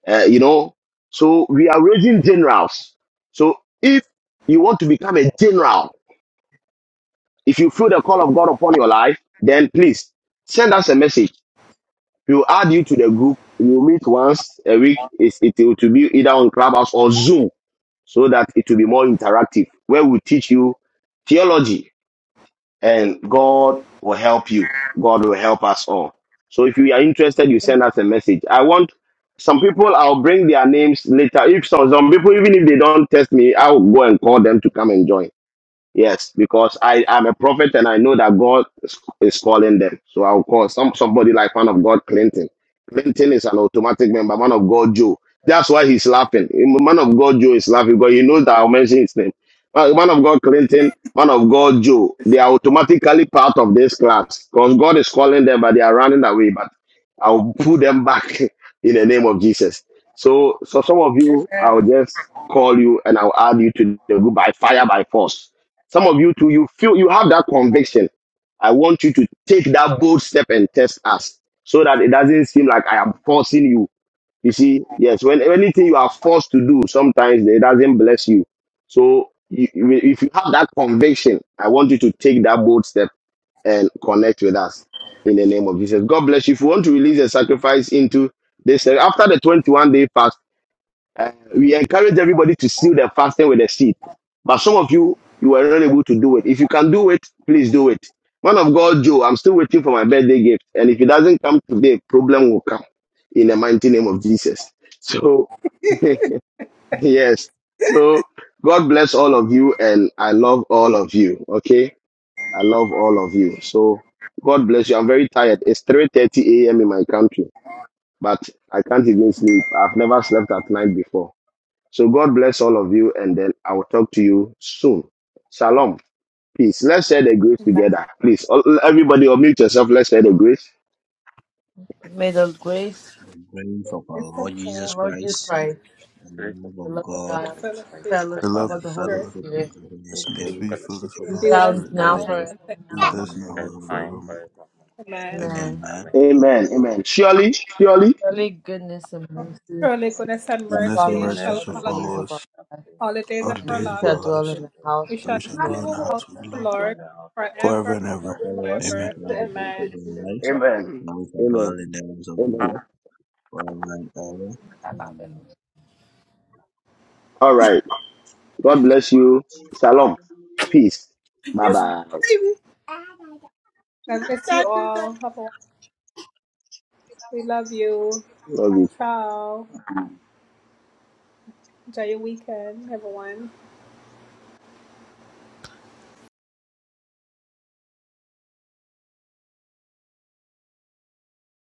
uh, you know. So we are raising generals. So if you want to become a general, if you feel the call of God upon your life, then please send us a message. We will add you to the group. We will meet once a week. It's, it will to be either on Clubhouse or Zoom so that it will be more interactive, where we teach you theology, and God will help you. God will help us all. So if you are interested, you send us a message. I want some people, I'll bring their names later. If some, some people, even if they don't test me, I'll go and call them to come and join Yes, because I am a prophet and I know that God is is calling them. So I'll call some somebody like man of God Clinton. Clinton is an automatic member, man of God Joe. That's why he's laughing. Man of God Joe is laughing because he knows that I'll mention his name. Man man of God Clinton, man of God Joe, they are automatically part of this class because God is calling them, but they are running away. But I'll pull them back in the name of Jesus. So, so some of you, I'll just call you and I'll add you to the group by fire by force some of you too, you feel you have that conviction. I want you to take that bold step and test us so that it doesn't seem like I am forcing you. You see, yes, when anything you are forced to do, sometimes it doesn't bless you. So you, you- if you have that conviction, I want you to take that bold step and connect with us in the name of Jesus. God bless you. If you want to release a sacrifice into this, uh, after the 21 day fast, uh, we encourage everybody to seal their fasting with a seed. But some of you, you are not able to do it. If you can do it, please do it. Man of God, Joe, I'm still waiting for my birthday gift. And if it doesn't come today, problem will come in the mighty name of Jesus. So, yes. So, God bless all of you. And I love all of you. Okay. I love all of you. So, God bless you. I'm very tired. It's 3.30 a.m. in my country, but I can't even sleep. I've never slept at night before. So God bless all of you, and then I will talk to you soon. Shalom. Peace. Let's share the grace together. Please, all- everybody, unmute yourself. Let's share the grace.
May the grace
the grace of our Lord Jesus
of our Lord Jesus
Christ,
Christ,
The
the
grace of
love
the
of
the
love
Lord
of
God,
The
God,
Jesus Christ,
fellowship
the
The
and
fellowship
love
love
the
of
of
the Holy
spirit
God
fellowship of
Spirit,
the Holy
and the
and the
sweet
Spirit
sweet
fellowship
fellowship of
of
be
the
the
be
with
Holy
with
Holy
us
us
Spirit
be
now
Spirit,
with
now
us.
forever.
and thank
be with
be
us
with
now
us
and
now and
forevermore.
forevermore.
you, man.
Amen.
Amen.
Amen.
Amen.
Amen. Amen. Surely, surely.
Surely goodness and mercy
Surely goodness and
shall
Goodness and
follow
mercy
us
mercy
Goodness
shall
all
shall
the
and
follow us
days
mercy
follow
of our
us
shall
life,
follow
all
us
the days
all
of
the
and
our
days
we
life.
of
shall
our
all
dwell
lives,
the
in the
days
house
We
and
shall
we
of
be
the
shall dwell in the
in the
Lord
house
house of the
of the
Lord
of
Lord
the house of the
forever
forever and
Shall
ever.
Lord forever
follow us
and
Amen.
Never.
ever.
all the days
Amen.
of our lives,
Amen.
Amen.
and we shall dwell
Amen.
in the house of the
Amen.
Lord forever and ever.
forever.
Amen.
All right. God bless you. Shalom. Peace. Bye bye.
God bless you all. Have a wonderful We Love you.
Love you.
Ciao. Enjoy your weekend, everyone.